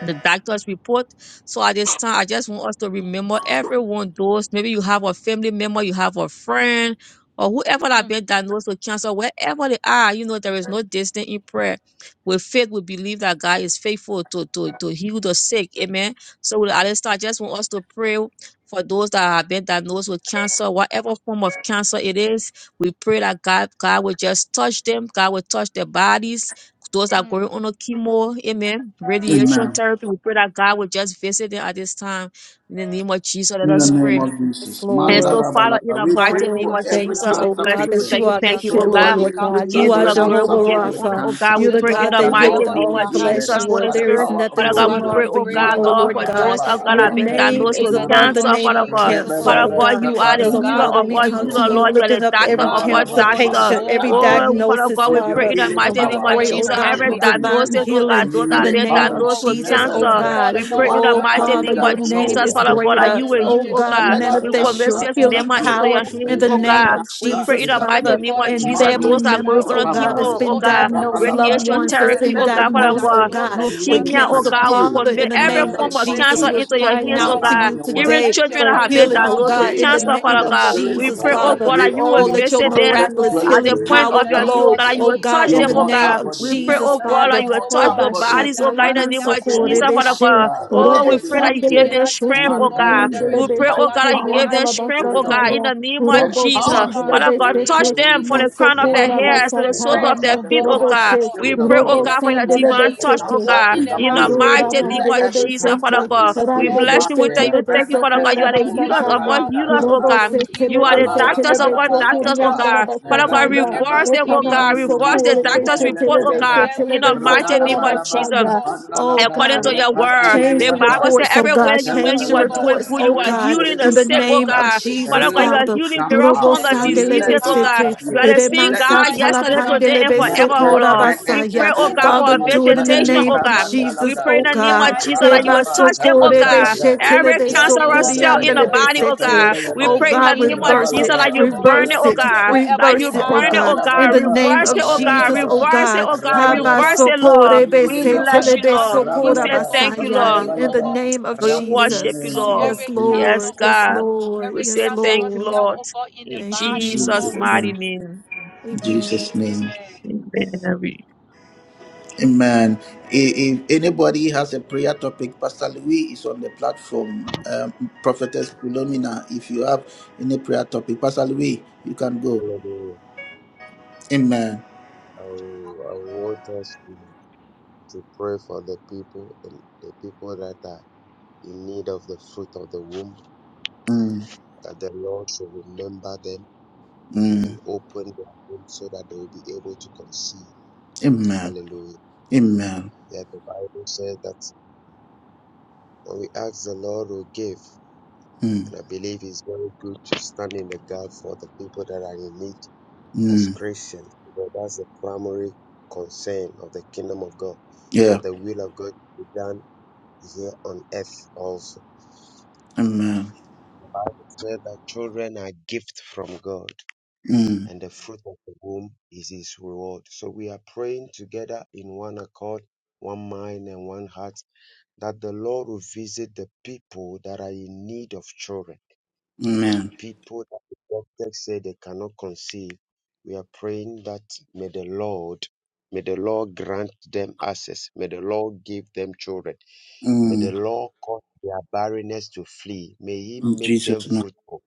B: the doctor's report. So at this time, I just want us to remember everyone, those maybe you have a family member, you have a friend, or whoever that
E: mm.
B: been diagnosed with cancer, wherever they are, you know, there is no distance in prayer. With faith, we believe that God is faithful to, to, to heal the sick. Amen. So with- at this time, I just want us to pray for those that have been diagnosed with cancer, whatever form of cancer it is. We pray that God, God will just touch them, God will touch their bodies those that are
E: mm.
B: going on a chemo, amen, radiation
A: Amen.
B: therapy, we pray that God will just visit them at this time. In the name of Jesus, let
A: In the
B: us pray.
A: name of
C: Amen. Yes,
A: Jesus.
B: And
C: Lord.
B: so,
A: Mandala
B: Father,
A: balala.
B: in the
A: We pray
B: mighty
C: Father,
B: name
A: for
C: we
B: of
E: Father, in
A: every
C: thank
E: the
B: Jesus,
C: you,
B: we
C: oh
E: mighty
A: cancer
B: bless
E: name
C: God,
B: you. We
E: of
C: that
B: tell
C: you
A: patient.
B: you
C: are the
B: thank
E: Jesus,
B: you,
E: oh
B: oh
C: healer,
E: God,
G: first.
B: God.
E: we
A: Anybody
C: Lord
E: come
B: We
E: to
C: God.
E: you
C: You
B: give you
C: are
B: the
A: struggling
E: tonight,
A: or
B: glory.
E: oh
C: Jehovah
B: We
G: Yes,
B: give
E: God.
A: suffering
B: you
A: with
B: honor,
C: Rapha.
B: oh
E: We
B: God.
A: cancer.
B: We
C: You're
E: say,
C: the
B: pray in
C: God
E: Lord,
B: the
A: The
C: that
B: mighty
C: healeth
A: Lord,
E: whoever
A: you
G: Lord,
B: name
A: will
C: all
E: that
B: of
A: heal
E: has
C: flesh,
B: Jesus,
A: them
E: cancer,
B: Holy
C: Lord.
A: by the
C: There
E: oh
C: is
B: Spirit.
E: God,
A: power of the
C: nothing
B: Father God,
C: too
A: Holy
G: pray,
B: we
E: Father,
B: pray,
C: hard
A: Ghost.
E: we
G: Lord,
C: for
B: oh
E: pray
C: you,
B: God,
E: that
C: oh
A: Manda
E: you will
B: Lord,
C: Lord
B: for
G: and
B: those
C: God.
E: reverse it,
G: we
B: of
E: oh
A: rababa.
B: God
G: ask
C: Your
B: that have
E: God.
G: you,
B: been
G: God, for
C: name
A: Nephenis
G: your
B: diagnosed
C: is
E: In
B: with
E: the
G: healing.
C: above
E: name
A: mandi.
C: the
E: of
B: cancer,
C: name
B: Father
C: of
B: God.
E: Jesus, oh
G: In
C: cancer,
G: the
E: God.
B: Father
C: oh
A: Rebebebe.
B: God,
G: name
B: you
C: God.
E: You are
B: are
C: And
B: the
E: the
C: so,
B: healer
E: God
A: tapandalabra,
C: Father,
G: of
B: of
E: that
C: we
B: all
E: heals,
C: come
G: Jesus,
E: oh
C: to
B: healers,
C: you
B: Lord.
E: God.
B: You are
A: tapayabalaba,
C: lifting
B: the
C: up
B: doctor
G: Lord,
C: every
G: we
B: of
E: Father,
G: thank
B: all
E: oh
C: cancer
A: Rabalaba.
G: you,
E: God,
G: we
E: you
G: thank
B: doctors.
A: Father,
C: patient,
G: you,
E: bore
C: every
A: touch
G: we
E: our
G: thank
A: them
G: you.
B: Oh,
E: sins,
B: Father
E: oh
C: diagnosis,
B: God, we
E: God.
A: with your
B: pray
C: Father.
B: in the
G: We
A: healing
G: have
C: And
B: mighty
G: the
C: we
E: Father,
B: name
A: power
E: by
B: of
G: power
C: pray,
E: your
A: in
G: to
C: oh
B: Jesus.
A: the
E: stripes
G: do
C: God,
A: name
B: Every
C: for
A: of
E: we are
G: this,
E: healed,
C: divine
A: Jesus.
G: to do
E: oh
B: diagnosis, oh
G: this,
E: God.
G: to
B: God,
C: healing
B: those
G: do
B: that
C: in
G: that Father,
B: have
C: the
B: been
C: name
E: Oh
C: of
A: Lepados,
E: God,
B: diagnosed
E: we
B: with
E: say
C: Jesus,
G: we
E: we,
C: oh
E: we
B: cancer,
A: nebelebe.
E: call
C: God.
G: thank
B: we
G: you, we
E: upon
B: pray
E: the
B: in
A: Anyone
B: the
G: thank
A: that
C: Oh,
G: you,
E: God
G: we thank
A: have
B: mighty
E: that
G: you.
A: been
C: Father,
B: name
E: heals.
C: your
B: of
E: oh God.
G: We thank you, we thank you, we thank you.
C: name
B: Jesus,
G: Let
A: diagnosed
C: is
G: our
B: Father
A: with
B: God,
G: bodies,
B: that
E: For
C: greater.
B: you
E: your
B: will
A: cancer,
G: we
C: Oh,
E: name
B: heal,
E: is
B: oh
G: thank
C: God,
B: God.
A: let
G: you,
E: Jehovah
G: we
B: We
A: that
G: thank
C: manifest
E: Rohi,
B: convert
C: your
A: cancer
E: oh
G: you.
B: sis
E: God,
C: healing
B: Mema
E: the
B: into
A: disappear.
E: God
B: your
C: power
E: who
C: in
B: hands,
E: heals,
C: the
B: oh
E: oh
A: Let
E: God.
C: name
A: that
B: God.
C: of
B: We
A: cancer
B: pray
C: Jesus,
B: in the
E: We say
B: mighty
E: we
C: Father.
A: disappear.
B: name
E: call
B: of
C: And
E: upon
B: Jesus,
E: your name
C: family
A: Mando
B: those that are going
C: members,
E: tonight,
B: on
E: oh
C: oh
B: a
E: God.
C: God,
B: chemo,
A: cover.
C: that's
B: oh
C: been
E: Whosoever,
B: God,
C: diagnosed,
E: oh
C: loved
A: Rabalaba.
E: God,
B: radiation
A: You
C: ones
E: that
C: that's
E: has
B: therapy,
C: been
B: oh
E: been
A: created the
B: God,
E: to
B: Father
A: body
C: diagnosed, oh
B: God,
E: diagnose
C: God,
E: of
A: and
C: with
A: you
E: cancer,
B: leukemia, oh
E: oh
C: cancer.
A: can
E: God.
B: God, we
A: heal
C: Father, in
B: commit
C: the
A: in
B: every
A: the
E: Father,
C: name of
E: we
B: form
A: name
B: of
E: pray
A: of
E: for
C: Jesus,
B: cancer
E: your
C: we're
B: into
A: Jesus.
B: your
E: healing
C: crying
B: hands,
A: We
B: oh
C: out to
A: stand
E: power.
B: God.
A: on
C: you
A: your
B: Even
A: word.
C: today
E: Let your
B: children
C: for
B: that
A: As
B: have
E: healing
A: your
B: been
C: healing,
A: word
C: oh
E: power
B: diagnosed with
C: God,
E: heal
C: in
A: says
C: the
E: them,
B: cancer,
A: that
E: oh
A: in
C: name
B: Father
A: the
C: of
E: God.
B: God,
A: spirit
B: we
A: of
C: Jesus,
B: pray,
A: he
E: Let your
B: oh
A: that
C: Father.
B: God, that
E: healing
B: you
A: raised
C: Oh,
B: will
E: power
A: me
C: let
E: heal
C: your
B: visit
A: from
E: them,
A: the dead
E: oh
B: them
C: miraculous
E: God.
B: at
A: dwelleth in
B: the
C: healing
A: you
B: point
E: In
C: power
B: of
E: the
B: your
A: without
B: knee,
E: name
B: oh
C: flow,
E: of
B: God, that you
C: oh
B: will
A: picturing
C: God,
E: Jesus,
B: touch
E: oh
C: in
A: your
B: them,
C: the
B: oh
E: God.
C: name
A: mortal
B: God.
C: of
A: body.
B: We pray,
A: Let
C: Jesus,
B: oh God,
E: Whosoever,
B: that
A: every
C: Father.
B: you will
E: oh
C: Oh,
B: touch
A: mortal
B: their
E: God,
A: body
B: bodies, oh
E: that
B: God,
E: has
A: that
B: in the
A: is
B: name of
E: cancer,
A: suffering
E: oh
B: Jesus,
A: with
B: Father
E: God.
C: Bashatalamansokorebeshe,
B: God.
A: cancer,
E: Father,
B: Oh,
A: let
E: there
B: we
C: Robo
A: it
E: is
B: pray that you
E: nothing you
B: give
A: disappear.
B: them
E: cannot
C: Sandelebe
E: do,
B: strength,
C: Sete,
E: oh
B: oh
A: Man, be
E: God.
B: God.
E: There
G: In
B: We
E: is
A: rebel
C: Nandelebe
B: pray,
A: by the
B: oh
G: the
B: God,
E: nobody
B: that
E: you
B: you
A: power
B: give
E: cannot
A: and
B: them
A: the
E: save,
B: strength,
E: oh
B: oh
A: spirit
E: God.
A: of
B: God, in
A: God.
C: Sokoriandalabasataya.
B: the name
A: By
B: of
A: the
C: Robo
E: So,
A: power
G: Thank
B: Jesus.
A: and the
E: Father,
C: shandele
B: Father
E: in
B: God,
E: the
G: you.
A: spirit
E: name
A: of
B: touch
C: besete,
A: the
E: of
B: them
A: Holy
B: from
E: Jesus,
B: the
A: Ghost,
E: we
B: crown
G: Thank
B: of
E: send
B: their
A: man
E: them,
C: masokora
A: Mando
E: we
B: hairs to the
E: send
B: soles
A: Sipa,
C: basataya
B: of
E: prayers,
B: their
A: by
E: oh
A: the
B: feet,
E: God,
B: oh
E: for
A: power and
E: them,
A: the
B: God.
C: mandoroboshe,
E: Lord.
B: We
A: spirit of
B: pray, oh
E: In
C: robo
A: God,
E: the
B: God, for your
E: name of
C: sandele
A: let
B: divine
A: every
B: touch,
E: Jesus,
B: oh
C: besete,
A: cancer
E: go
B: God,
E: in the
B: in the
A: disappear.
E: hospital,
C: ikandora
E: oh
B: mighty name
A: Let
E: God.
B: of
C: mandele
A: every
B: Jesus,
A: cancer
B: Father
C: besete,
B: God. We
A: disappear.
C: rande
E: Lord, we
B: bless you, we
A: Mande,
E: pray,
C: besete
B: thank you,
E: oh
C: le
E: God,
B: thank you,
E: that you
B: Father
E: will
B: God.
A: Rebebe,
B: You
C: besokora
B: are
E: send
B: the
E: your
B: healers
E: healing
B: of
A: Kupanda
B: all
C: basataya,
A: Labra,
E: power
B: healers, oh
A: Apa,
C: robo
B: God.
E: to
C: sete
E: heal,
B: You
C: le
B: are
E: oh
B: the
A: Rababa,
E: God,
C: besete
B: doctors
C: le
E: every
B: of all
A: Calabra,
E: form of
B: doctors, oh
C: besokorianda
E: cancer,
A: Kapa,
C: la
B: God.
E: oh God,
B: Father God,
A: Randa
C: basataya,
A: Laba,
E: every
B: reverse them, oh
C: ekana
E: leukemia
A: Kapa,
B: God. Reverse
A: Lilu,
E: cancer,
B: the
C: masokore
E: oh
B: doctor's
E: God,
A: Shempele,
C: besete
B: report,
C: le
B: oh
A: Belebe,
B: God,
C: besete le
E: every
B: in the mighty
E: bladder
C: besokora
B: name
A: Rabadaba,
B: of
E: cancer,
A: Laba,
E: oh
B: Jesus.
C: basaya.
E: God.
A: Kapanda
C: Oh
A: Labra,
B: According
E: Father,
B: to
C: God.
E: we e-,
B: your
A: Yapa,
B: word,
A: Lilu,
C: Change
E: every
B: the
C: the
B: Bible says,
C: reports, oh
E: esophageal
C: God.
B: everywhere you
E: cancer,
B: when
C: Change
B: you
C: the
E: oh
B: are
E: God.
B: doing
A: Yapa,
C: reports,
B: good,
C: oh
B: you are
A: Every
E: Father,
C: God.
E: we
B: healing
A: spirit
B: the
C: In
A: of
E: say,
C: the
B: sick,
E: heal,
B: oh
E: oh
C: name of
A: cancer.
E: God,
B: God.
E: heal, oh
B: Father
C: Jesus,
B: God,
A: Let
B: you
E: God.
B: are
C: Father.
A: it
B: healing
A: come
B: various
E: We
C: Robo
B: forms
A: out.
E: send
B: of
E: your healing
A: Let
C: sandelebe
B: diseases, oh
A: it
B: God.
C: sete,
E: power.
B: You are the
A: disappear.
B: same
E: We
A: Let it
C: remansa
B: God
G: you.
E: thank you, O
B: yesterday,
A: disappear.
E: God, for
B: today, and
C: talapandelebe
G: Hallelujah.
E: healing
B: forever,
A: Mente
B: oh
E: tonight, O
C: sokora
B: Lord.
A: re
E: God.
B: We
A: epe
B: pray,
C: basaya.
B: oh
E: In the
B: God,
A: kuba
B: for
C: Father,
E: name
B: a
E: of
A: mi
C: do it
A: me
C: in the
E: Jesus.
B: visitation, oh
C: name
A: elubra
C: of
B: God.
A: banda
B: We
C: Jesus,
A: labra.
B: pray
C: oh
B: in the
E: In the
B: name of
C: God.
B: Jesus
E: mighty
A: Naraba
B: that
E: name
B: you
E: of
C: Eba
B: will
A: laba
B: touch
E: Jesus.
B: them, oh
A: tapanda
C: sokorebe
B: God.
A: labra.
B: Every
C: shetelebe
E: In
A: Yem
E: the name of
B: cancerous
A: telebe
B: cell in the
A: lebe
E: Jesus,
C: sokoriandelebe
E: O
B: body,
E: God.
B: oh
A: tepeye
C: sete.
B: God. We
A: belebe.
C: Oh
E: We
B: pray in the
E: stand
C: God,
E: in the
B: name of
E: gap
A: Raba
C: reverse
E: for
B: Jesus
C: it,
A: laba
E: them,
B: that
E: O
B: you
E: God.
B: burn
A: tepeye
B: it,
C: reverse
B: oh
C: it,
A: belebe.
B: God.
E: Wherever
B: That
E: they
B: you
C: reverse it, oh
E: are,
B: burn it,
E: O
A: Raba
B: oh
C: God.
A: laba
E: God.
C: In
B: God.
C: the
A: laba
C: name
B: Reverse
C: of
B: it,
E: In
B: oh
E: the
A: tepeye
B: God.
E: name
C: Jesus,
E: of
A: belebe.
C: oh
B: Reverse it,
C: God.
B: oh
E: Jesus.
B: God.
E: Holy
A: Raba
C: Haba
E: Ghost,
A: laba
B: Reverse it, Lord.
E: we
A: tepeye
C: sokorebe
E: say
B: We
E: you
A: belebe.
E: are
B: bless
E: the
B: you,
C: setelebe
E: God
B: Lord.
E: that
B: We
A: Raba
E: heal,
C: sokora
B: say
A: laba
E: O God.
B: thank
E: We
B: you,
E: say
C: basaya.
A: tepeye
B: Lord.
E: heal,
C: In
E: O
C: the
A: belebe.
E: God.
C: name of
B: We
A: Rab in the
B: worship you,
C: Jesus.
E: From
A: name
B: Lord.
A: of
C: Yes,
E: every
A: Jesus.
E: cancer,
B: Yes,
C: Lord.
E: O
C: Yes,
B: God.
E: God.
C: Lord.
B: We
E: Every
B: say
C: Yes,
B: thank
E: cancerous
B: you,
C: Lord.
E: cell,
B: Lord.
E: O God, in the
B: In
C: Thank you,
E: body, O
B: Jesus'
E: God.
A: Jesus'
C: Jesus.
B: mighty
A: name.
B: name.
C: Amen.
A: Jesus' name.
E: Amen.
B: Amen. Every-
A: Amen. I- If anybody has a prayer topic, Pastor Louis is on the platform. Um, Prophetess Philomena, if you have any prayer topic, Pastor Louis, you can go. Amen.
G: I will, I want us to, to pray for the people and the people that are in need of the fruit of the womb,
A: Mm,
G: that the Lord should remember them and
A: mm,
G: open their womb so that they will be able to conceive.
A: amen.
G: Hallelujah.
A: Amen.
G: Yeah, the Bible says that when we ask the Lord will give,
A: Mm,
G: and I believe it's very good to stand in the gap for the people that are in need as
A: mm,
G: Christians, because that's the primary concern of the kingdom of God,
A: yeah.
G: that the will of God be done here on earth also.
A: Amen.
G: It said that children are gift from God,
A: Mm,
G: and the fruit of the womb is his reward. So we are praying together in one accord, one mind, and one heart that the Lord will visit the people that are in need of children, the
A: amen.
G: people that the doctors say they cannot conceive. We are praying that may the Lord, may the Lord grant them access. May the Lord give them children. May the
A: Mm,
G: Lord cause their barrenness to flee. May He
A: in
G: make them
A: Jesus' name.
G: fruitful.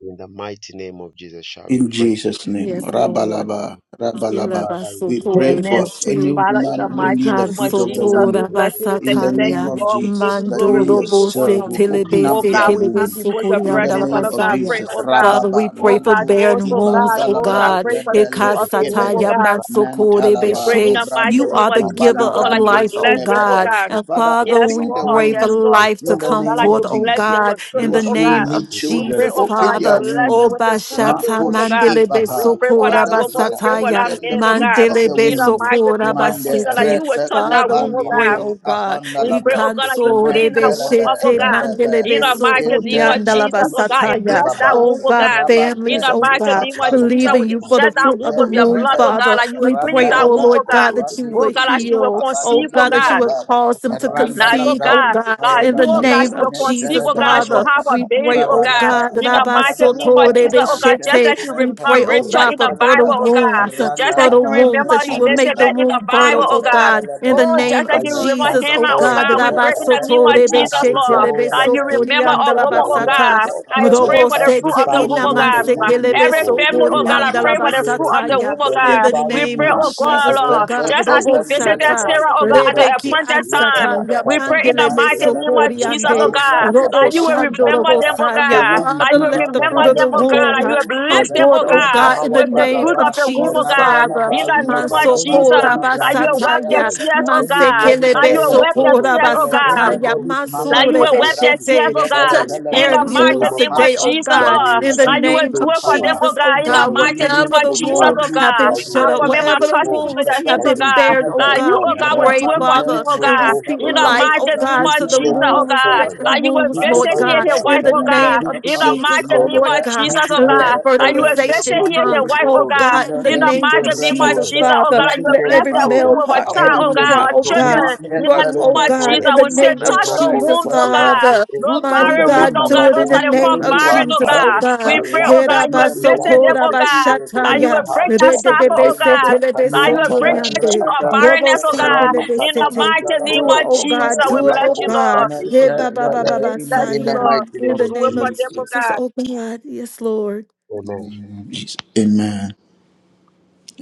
G: In the mighty name of Jesus, shall we
A: In
G: pray?
A: Jesus' name.
C: Yes, Lord.
A: Rabalaba. Rabalaba.
G: Father, in the
A: We
G: name of
A: pray for
B: Amen.
G: Jesus, we
A: any
G: pray.
B: Father, in the
A: woman who
B: mighty
A: need the
B: name
G: Commit
B: of
G: the
A: fruit of the
B: Jesus,
G: Lord,
A: womb.
B: we
C: Ikansotora
G: every
B: bless you. We
G: woman,
A: in
B: thank you.
A: the
B: Thank
A: name
B: you,
C: basataya
A: of
B: Lord. We give
A: Jesus,
B: you
A: that
G: family,
B: glory.
A: you
B: We
C: mandoro
B: give you
C: bose
A: yourself will
B: honor.
A: open
B: Oh
A: up
C: telebese
A: their
G: Thank
B: God, we
C: kelebe
B: come
A: womb.
B: before your
A: In the
C: sukurianda
B: presence,
C: la
A: name
B: Father
A: of
B: God,
C: basaya.
B: praying,
A: Jesus,
B: oh God.
C: Father, we
A: Rababa,
C: pray
B: Oh
C: for
B: God, those,
C: barren
B: oh
A: Nantoshkiba,
C: wombs,
B: God,
C: oh
B: those I
A: Dalabra,
C: God.
B: pray for the fruit of
A: Lebrelus,
B: the womb, oh
A: Kevede,
C: Ikasataya
B: God.
C: mansokore
B: We
A: Mentalaba,
B: pray in
C: beshe.
B: the mighty
C: You
A: Nubrande,
B: name
C: are the
B: of
C: giver
B: Jesus, Lord,
C: of
B: that you will
C: life,
A: Ubalivrandus,
C: oh
B: bless them, oh
A: Nevede.
C: God.
B: God.
C: And
A: Father,
C: Father,
B: Yes,
C: we
A: open the
B: Lord,
C: pray for
B: yes,
A: womb
B: Lord. We
C: life to
B: pray,
A: in the
B: oh
C: come
B: God,
A: name
B: that you
A: of
C: forth, oh
B: bless
A: Jesus.
B: them
C: God,
B: with
C: in
B: children,
C: the
A: Those
B: oh
A: who
C: name
B: God.
A: need
C: of
B: We pray,
A: children,
C: Jesus,
B: oh God,
A: open
B: that you
A: their
C: Father.
B: bless
A: womb
B: them
C: Oh
B: with the fruit of the
C: Bashata
B: womb, oh
A: Makosh
B: God.
C: Mandelebe
B: We
A: Ibaha.
B: pray for
C: Sokora
B: that
A: Father,
B: woman, we
A: grant
B: pray for
A: unto
C: Basataya.
B: that
A: them the
B: man, oh
A: fruit
B: God.
A: of
C: Mandele
A: the
B: In the
C: beso
A: womb.
B: mighty name of
A: Mande
B: Jesus,
G: you.
B: that
C: basete.
B: you will touch
A: repeko
B: that
C: Father,
B: womb,
C: we
B: oh
C: pray,
B: God.
A: pandilibri
C: oh God.
A: apanda
B: We pray,
A: labra.
B: oh God, that you will
C: Ikanso
B: clean
C: rebe
B: that womb
A: Mendelebe
B: up, oh
C: shete
B: God,
C: mandele
A: rebebe
B: in the
C: beso
B: mighty name of
A: nuskente
C: korianda la
B: Jesus, oh
A: medus
B: God,
A: ni
B: and
C: basataya.
B: bless that
A: ibaba.
C: Oh
B: womb, oh
C: God,
B: God,
A: Rabate
B: in
C: families,
B: the
C: oh
B: mighty
C: God,
B: name of Jesus. We
C: believing you for
A: nukapalibranus
C: the
B: inject that
C: fruit
B: womb
C: of
A: nite
C: the
B: with your
C: womb,
B: blood, oh
A: rebe.
G: Thank
C: Father.
B: God, and you will
C: We
B: cleanse
C: pray,
B: that
C: oh
B: womb,
A: Randalaba
B: oh
C: Lord God,
B: God.
C: that you
B: Oh
C: would
B: God,
A: kapandilibri
B: as you will
C: heal. Oh
B: conceive, oh
C: God,
A: upabandilibri
C: that you
B: God.
C: would
A: apa.
C: cause them to
B: Now, oh
C: conceive, oh
A: Randalabra
B: God,
C: God,
B: now
C: in
B: you,
C: the
B: oh God,
C: name
A: kapayabalaba.
B: she
C: of
B: will conceive,
C: Jesus,
B: oh God, and she
C: Father.
B: will
A: Mentelebelebe.
B: have a
C: We
B: baby,
C: pray,
B: oh
C: oh
B: God.
A: Rabadaba,
C: God, that
B: In the mighty name
A: Tapayabalaba,
B: of
C: abasoto
G: you.
B: Jesus,
C: rebe
B: oh God,
A: Nemke,
B: just like
C: shete.
B: you
C: we
A: Reke,
B: remember
C: pray,
G: We
C: oh
G: pray
B: Rachel
G: that
B: in
C: God, for
B: the
G: this week
A: Upandalabra,
B: Bible,
C: fertile
B: oh
G: that are
B: God.
C: wombs
B: Just like
G: alone,
C: fertile
B: you
A: Randalaba,
C: wombs,
G: they will guide you
B: remember
C: that you
G: up
C: will make
A: Mekelubra,
G: for
C: the
B: Elizabeth in
G: your
B: the
C: womb
A: Kapalu,
G: power,
C: fertile,
B: Bible,
G: O
C: oh
B: oh
G: God.
B: God.
C: God,
A: Zendelebe,
C: in
G: We
C: the
B: Oh,
G: ask
B: just
C: name
B: like
G: that
C: of
B: you
G: you
B: remember
G: touch
C: Jesus, oh
A: Repelus,
B: Hannah, oh
G: all of
C: God. that
B: God,
G: them,
B: we
A: Mete,
G: O
B: pray in
G: God.
B: the name
A: Rebe,
B: of
G: We ask,
B: Jesus,
G: O
B: Lord.
G: God,
B: that
G: that
B: you
A: Upalivrandelebe,
G: you
B: remember
G: touch
B: a
G: their
B: woman, oh
G: wombs,
A: Rabalaba,
G: O
C: Rabasotorebeshetelebesokoriandalabasata,
B: God,
G: God.
B: that is
G: Let
B: praying for the
A: Tapayabalaba,
G: every
B: fruit of the
G: body
B: womb, oh
A: Open
G: womb
A: the
B: God.
G: become
A: womb
B: Every
A: of
G: fruitful.
A: any
B: family, oh
G: In
B: God,
A: woman
G: the
B: I
A: who
B: pray for
G: mighty
A: needs
B: the
G: name
A: the
B: fruit
G: of
B: of the
A: fruit
C: roboseteinamansekelebesotoriandalabasataya,
G: Jesus,
A: of
B: womb, oh
A: the
G: let
C: In
G: their
B: God.
A: womb.
C: the
B: We
G: body
C: name
B: pray,
C: of
G: womb
B: oh
A: Manta
B: God,
C: Jesus, oh
B: Lord,
G: become
C: God.
B: just
A: rebeke
B: as
G: fruitful.
B: you
G: In the
B: visited
C: Robosata,
A: pendelebe
B: Sarah,
G: mighty
B: oh God,
G: name
B: at the
G: of
C: Rebeki
A: rebetus
G: Jesus,
B: appointed
G: let the
C: Ansataya,
B: time.
A: medelebe.
B: We
G: Asada
B: pray
G: the
B: in the mighty
G: Asada,
B: name
A: Mantelebe
B: of
G: let
B: Jesus,
G: the
B: oh
C: Mandelebesokoriande,
G: Don
B: God,
G: Sata,
A: upalebrandus
B: that you
G: the
B: will remember
A: mahantelebe
B: them,
G: Asanda,
B: oh
C: Roboshandorobosaya.
G: the way
A: rababa.
B: God,
G: you
B: that
C: Father,
B: you
G: did
B: will
G: it
C: let the
G: for
A: Rante
B: remember
C: fruit of
G: Hannah,
C: the
B: them,
G: O
B: oh God,
C: womb.
B: that
G: God.
B: you will
A: nebentus
G: let
B: bless
C: Come
G: the
B: them,
C: forth,
B: oh
C: oh
G: same
B: God,
A: kevendelebe
C: God, in
G: power,
C: the
B: with
G: oh
B: the
C: name
G: God,
B: fruit
A: impalava.
B: of
C: of
B: the womb,
G: cause
B: oh
C: Jesus,
B: God,
G: every
C: Father.
B: in
A: Randalaba,
B: the
G: barren
B: name
G: woman,
B: of
A: Rabalaba,
B: Jesus,
C: Masokora
G: anybody in
A: Dalabra,
B: that you
G: need
B: will
G: of
B: wipe
A: Kapaya
B: their
C: basataya,
G: children,
B: tears,
A: Deleve,
B: oh God,
A: Yet
G: anybody
B: that
C: masekelebe
B: you will
A: Celebe,
G: praying
B: wipe
G: for
B: their
C: sokora
G: children,
B: tears, oh
A: Nustrele,
B: God,
C: basataya,
G: anybody
A: Kependus,
G: praying
B: like you
C: masure
G: to
B: will wipe their
A: Mavandalabra,
G: conceive,
B: tears,
C: beshete.
B: oh
G: Father,
B: God,
A: Yeven
C: Touch
G: we ask
B: in
A: Celebre,
B: the
C: barren
G: in the name
B: mighty
C: wombs
G: of
B: name of
A: Kepapa,
C: today,
G: Jesus
C: oh
B: Jesus,
A: Vandi,
G: that
C: God,
G: you
B: Lord.
G: will
C: in the
A: Mantele,
B: Like you
G: visit
A: Brus,
B: will
C: name
B: do
G: those
C: of
B: it for them,
G: homes,
A: Kipava,
B: oh
C: Jesus, oh
B: God, in
G: that
B: the
C: God.
G: you will
A: Mendil,
B: mighty
G: visit
B: name
A: Brus,
C: Whatever
B: of
C: the
G: those
B: Jesus,
C: womb
G: homes,
B: oh
A: Kipaldu,
C: have
B: God.
C: been
G: that you
A: Zen,
B: I
G: will
C: shut up,
G: visit
A: Zen,
B: commit my
C: whatever
G: those
C: the
B: cousin into
A: Delikisi,
G: homes,
C: wombs
B: your
C: have
B: hands,
G: that
B: oh
G: you
C: been
A: Pevendus,
G: will
B: God.
C: barren,
G: visit
C: oh
G: those
B: Like
A: Neve,
B: you,
C: God,
B: oh
C: we
G: homes,
B: God, will
C: pray,
B: do it for
A: Rabante,
B: him,
C: Father,
G: visit
B: oh
G: those
C: and
A: Nubra,
C: we
B: God
G: homes,
C: speak
B: in
G: oh
B: the
C: life, oh
B: mighty
A: Kapandalabra,
B: name
G: God
C: God,
B: of
C: to the
B: Jesus,
G: with
B: oh
C: wombs,
B: God,
G: children.
A: Rabandalabra,
B: that
C: barren
B: you will
C: wombs,
A: Kapaya
G: Visit
C: Lord
B: visit
G: them
B: here
G: with
C: God,
B: his
A: Badaba,
C: in
B: wife,
C: the
G: children.
B: oh God,
A: Calabra,
C: name of
G: Visit
B: in
A: Kapa,
B: the
G: them with
C: Jesus,
B: mighty
C: oh
G: children.
B: name of
A: Nete,
C: Lord God.
B: Jesus,
G: Visit
B: oh
A: Nete,
G: them
B: God,
C: Let
G: with
A: Nete,
B: that you
G: children.
B: will
A: Nete,
B: visit
C: fertilization
G: Visit
B: here
C: come.
G: them
B: his
A: Nete,
G: with
B: wife,
A: Nete,
C: Oh
B: oh
G: children.
B: God,
C: God, in the
B: in the
A: Zale,
G: Visit
C: name
G: them
C: of
B: mighty
G: with
B: name of
C: Jesus,
G: children.
B: Jesus,
A: Rebelebe,
B: oh
C: Father.
B: God, that you
G: Visit
B: will
C: Let
G: them
B: bless
G: with
C: every
B: the
A: Repekupa,
G: children.
B: womb
C: male
B: of
A: fruit
B: a
C: part,
A: of the
B: child,
G: Visit
B: oh
C: everyone
G: them
A: womb,
B: God,
C: part,
G: with
B: or
C: oh
G: children.
C: God,
B: children, in the
G: Visit
C: work,
G: them
B: name
C: oh
G: with
B: of
A: Mahetelebe,
C: God,
G: children.
B: Jesus,
C: in the
B: we say,
C: name
A: Dusmande,
C: of
B: touch the
C: Jesus,
G: Makosa
B: wombs, oh
A: Reepete,
G: elade
B: God,
C: Father.
B: no
A: fruit
G: reste.
A: of
C: Mighty
A: the
B: barren wombs,
C: God,
B: oh
A: womb,
C: do
B: God,
C: it
B: those
C: in the
B: that are
A: unto
G: Lekabadosa
C: name
B: called
C: of
G: diva
B: barren,
A: anyone
B: oh
C: Jesus,
A: that
C: oh
G: akade.
B: God,
A: is
B: we
C: God.
B: pray,
A: barren.
B: oh God, that you
A: In
G: Melakosa
B: will
A: the
B: visit
A: name
G: elande
B: them,
C: Yerabasokora
A: of
G: de
B: oh God,
A: Jesus,
G: estete
A: we
B: Lord, you
G: leva
B: will
A: speak
B: break that
G: hasta.
A: fruit of
B: cycle,
A: the
B: oh
A: womb.
B: God. Lord, you will
G: Lekabrakadosa
A: Nente,
B: break that
G: gadiva
B: tree
C: Rededebesetelebesoturiande.
B: of
G: akada.
A: Reepebe,
B: barrenness, oh God.
A: Repelus,
B: In the
G: Rabakadebe
C: Robosandelebesete.
B: mighty name
A: Maandalabra,
C: Do it,
B: of
C: oh
G: estondoko.
B: Jesus,
C: God,
B: we
C: do it,
B: bless
C: oh
A: Sapayabalaba,
B: you,
G: Ilakosa
C: God.
B: Lord.
G: de
C: Yeah,
A: Mente,
C: ba ba ba ba
B: We
A: Lebe,
C: ba
A: in the
B: bless
G: in
B: you,
G: the
C: saya.
G: mighty
B: Lord.
A: name
C: In
G: name
A: of
C: the
B: Do
G: of
B: it
C: name
B: for
C: of
G: Jesus.
B: them,
A: Jesus.
B: oh
C: Jesus,
B: God.
C: oh God, yes, Lord.
G: Amen.
A: Jesus. Amen.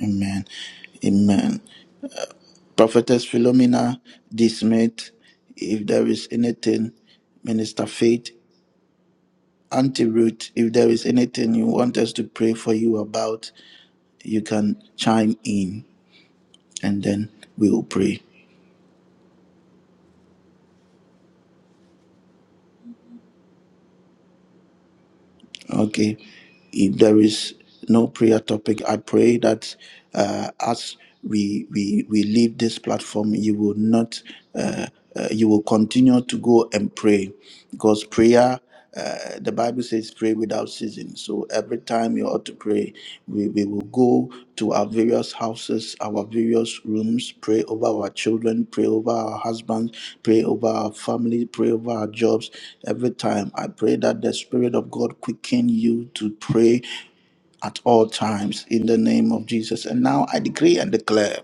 A: Amen. Amen. Prophetess Philomena D. Smith, if there is anything, Minister Faith, Auntie Ruth, if there is anything you want us to pray for you about, you can chime in and then we will pray. Okay. If there is no prayer topic, I pray that uh, as we, we we leave this platform, you will not uh, uh, you will continue to go and pray because prayer uh, the Bible says pray without ceasing. So So every time you ought to pray, we, we will go to our various houses, our various rooms, pray over our children, pray over our husbands, pray over our family, pray over our jobs. Every time I pray that the Spirit of God quicken you to pray at all times in the name of Jesus. And now I decree and declare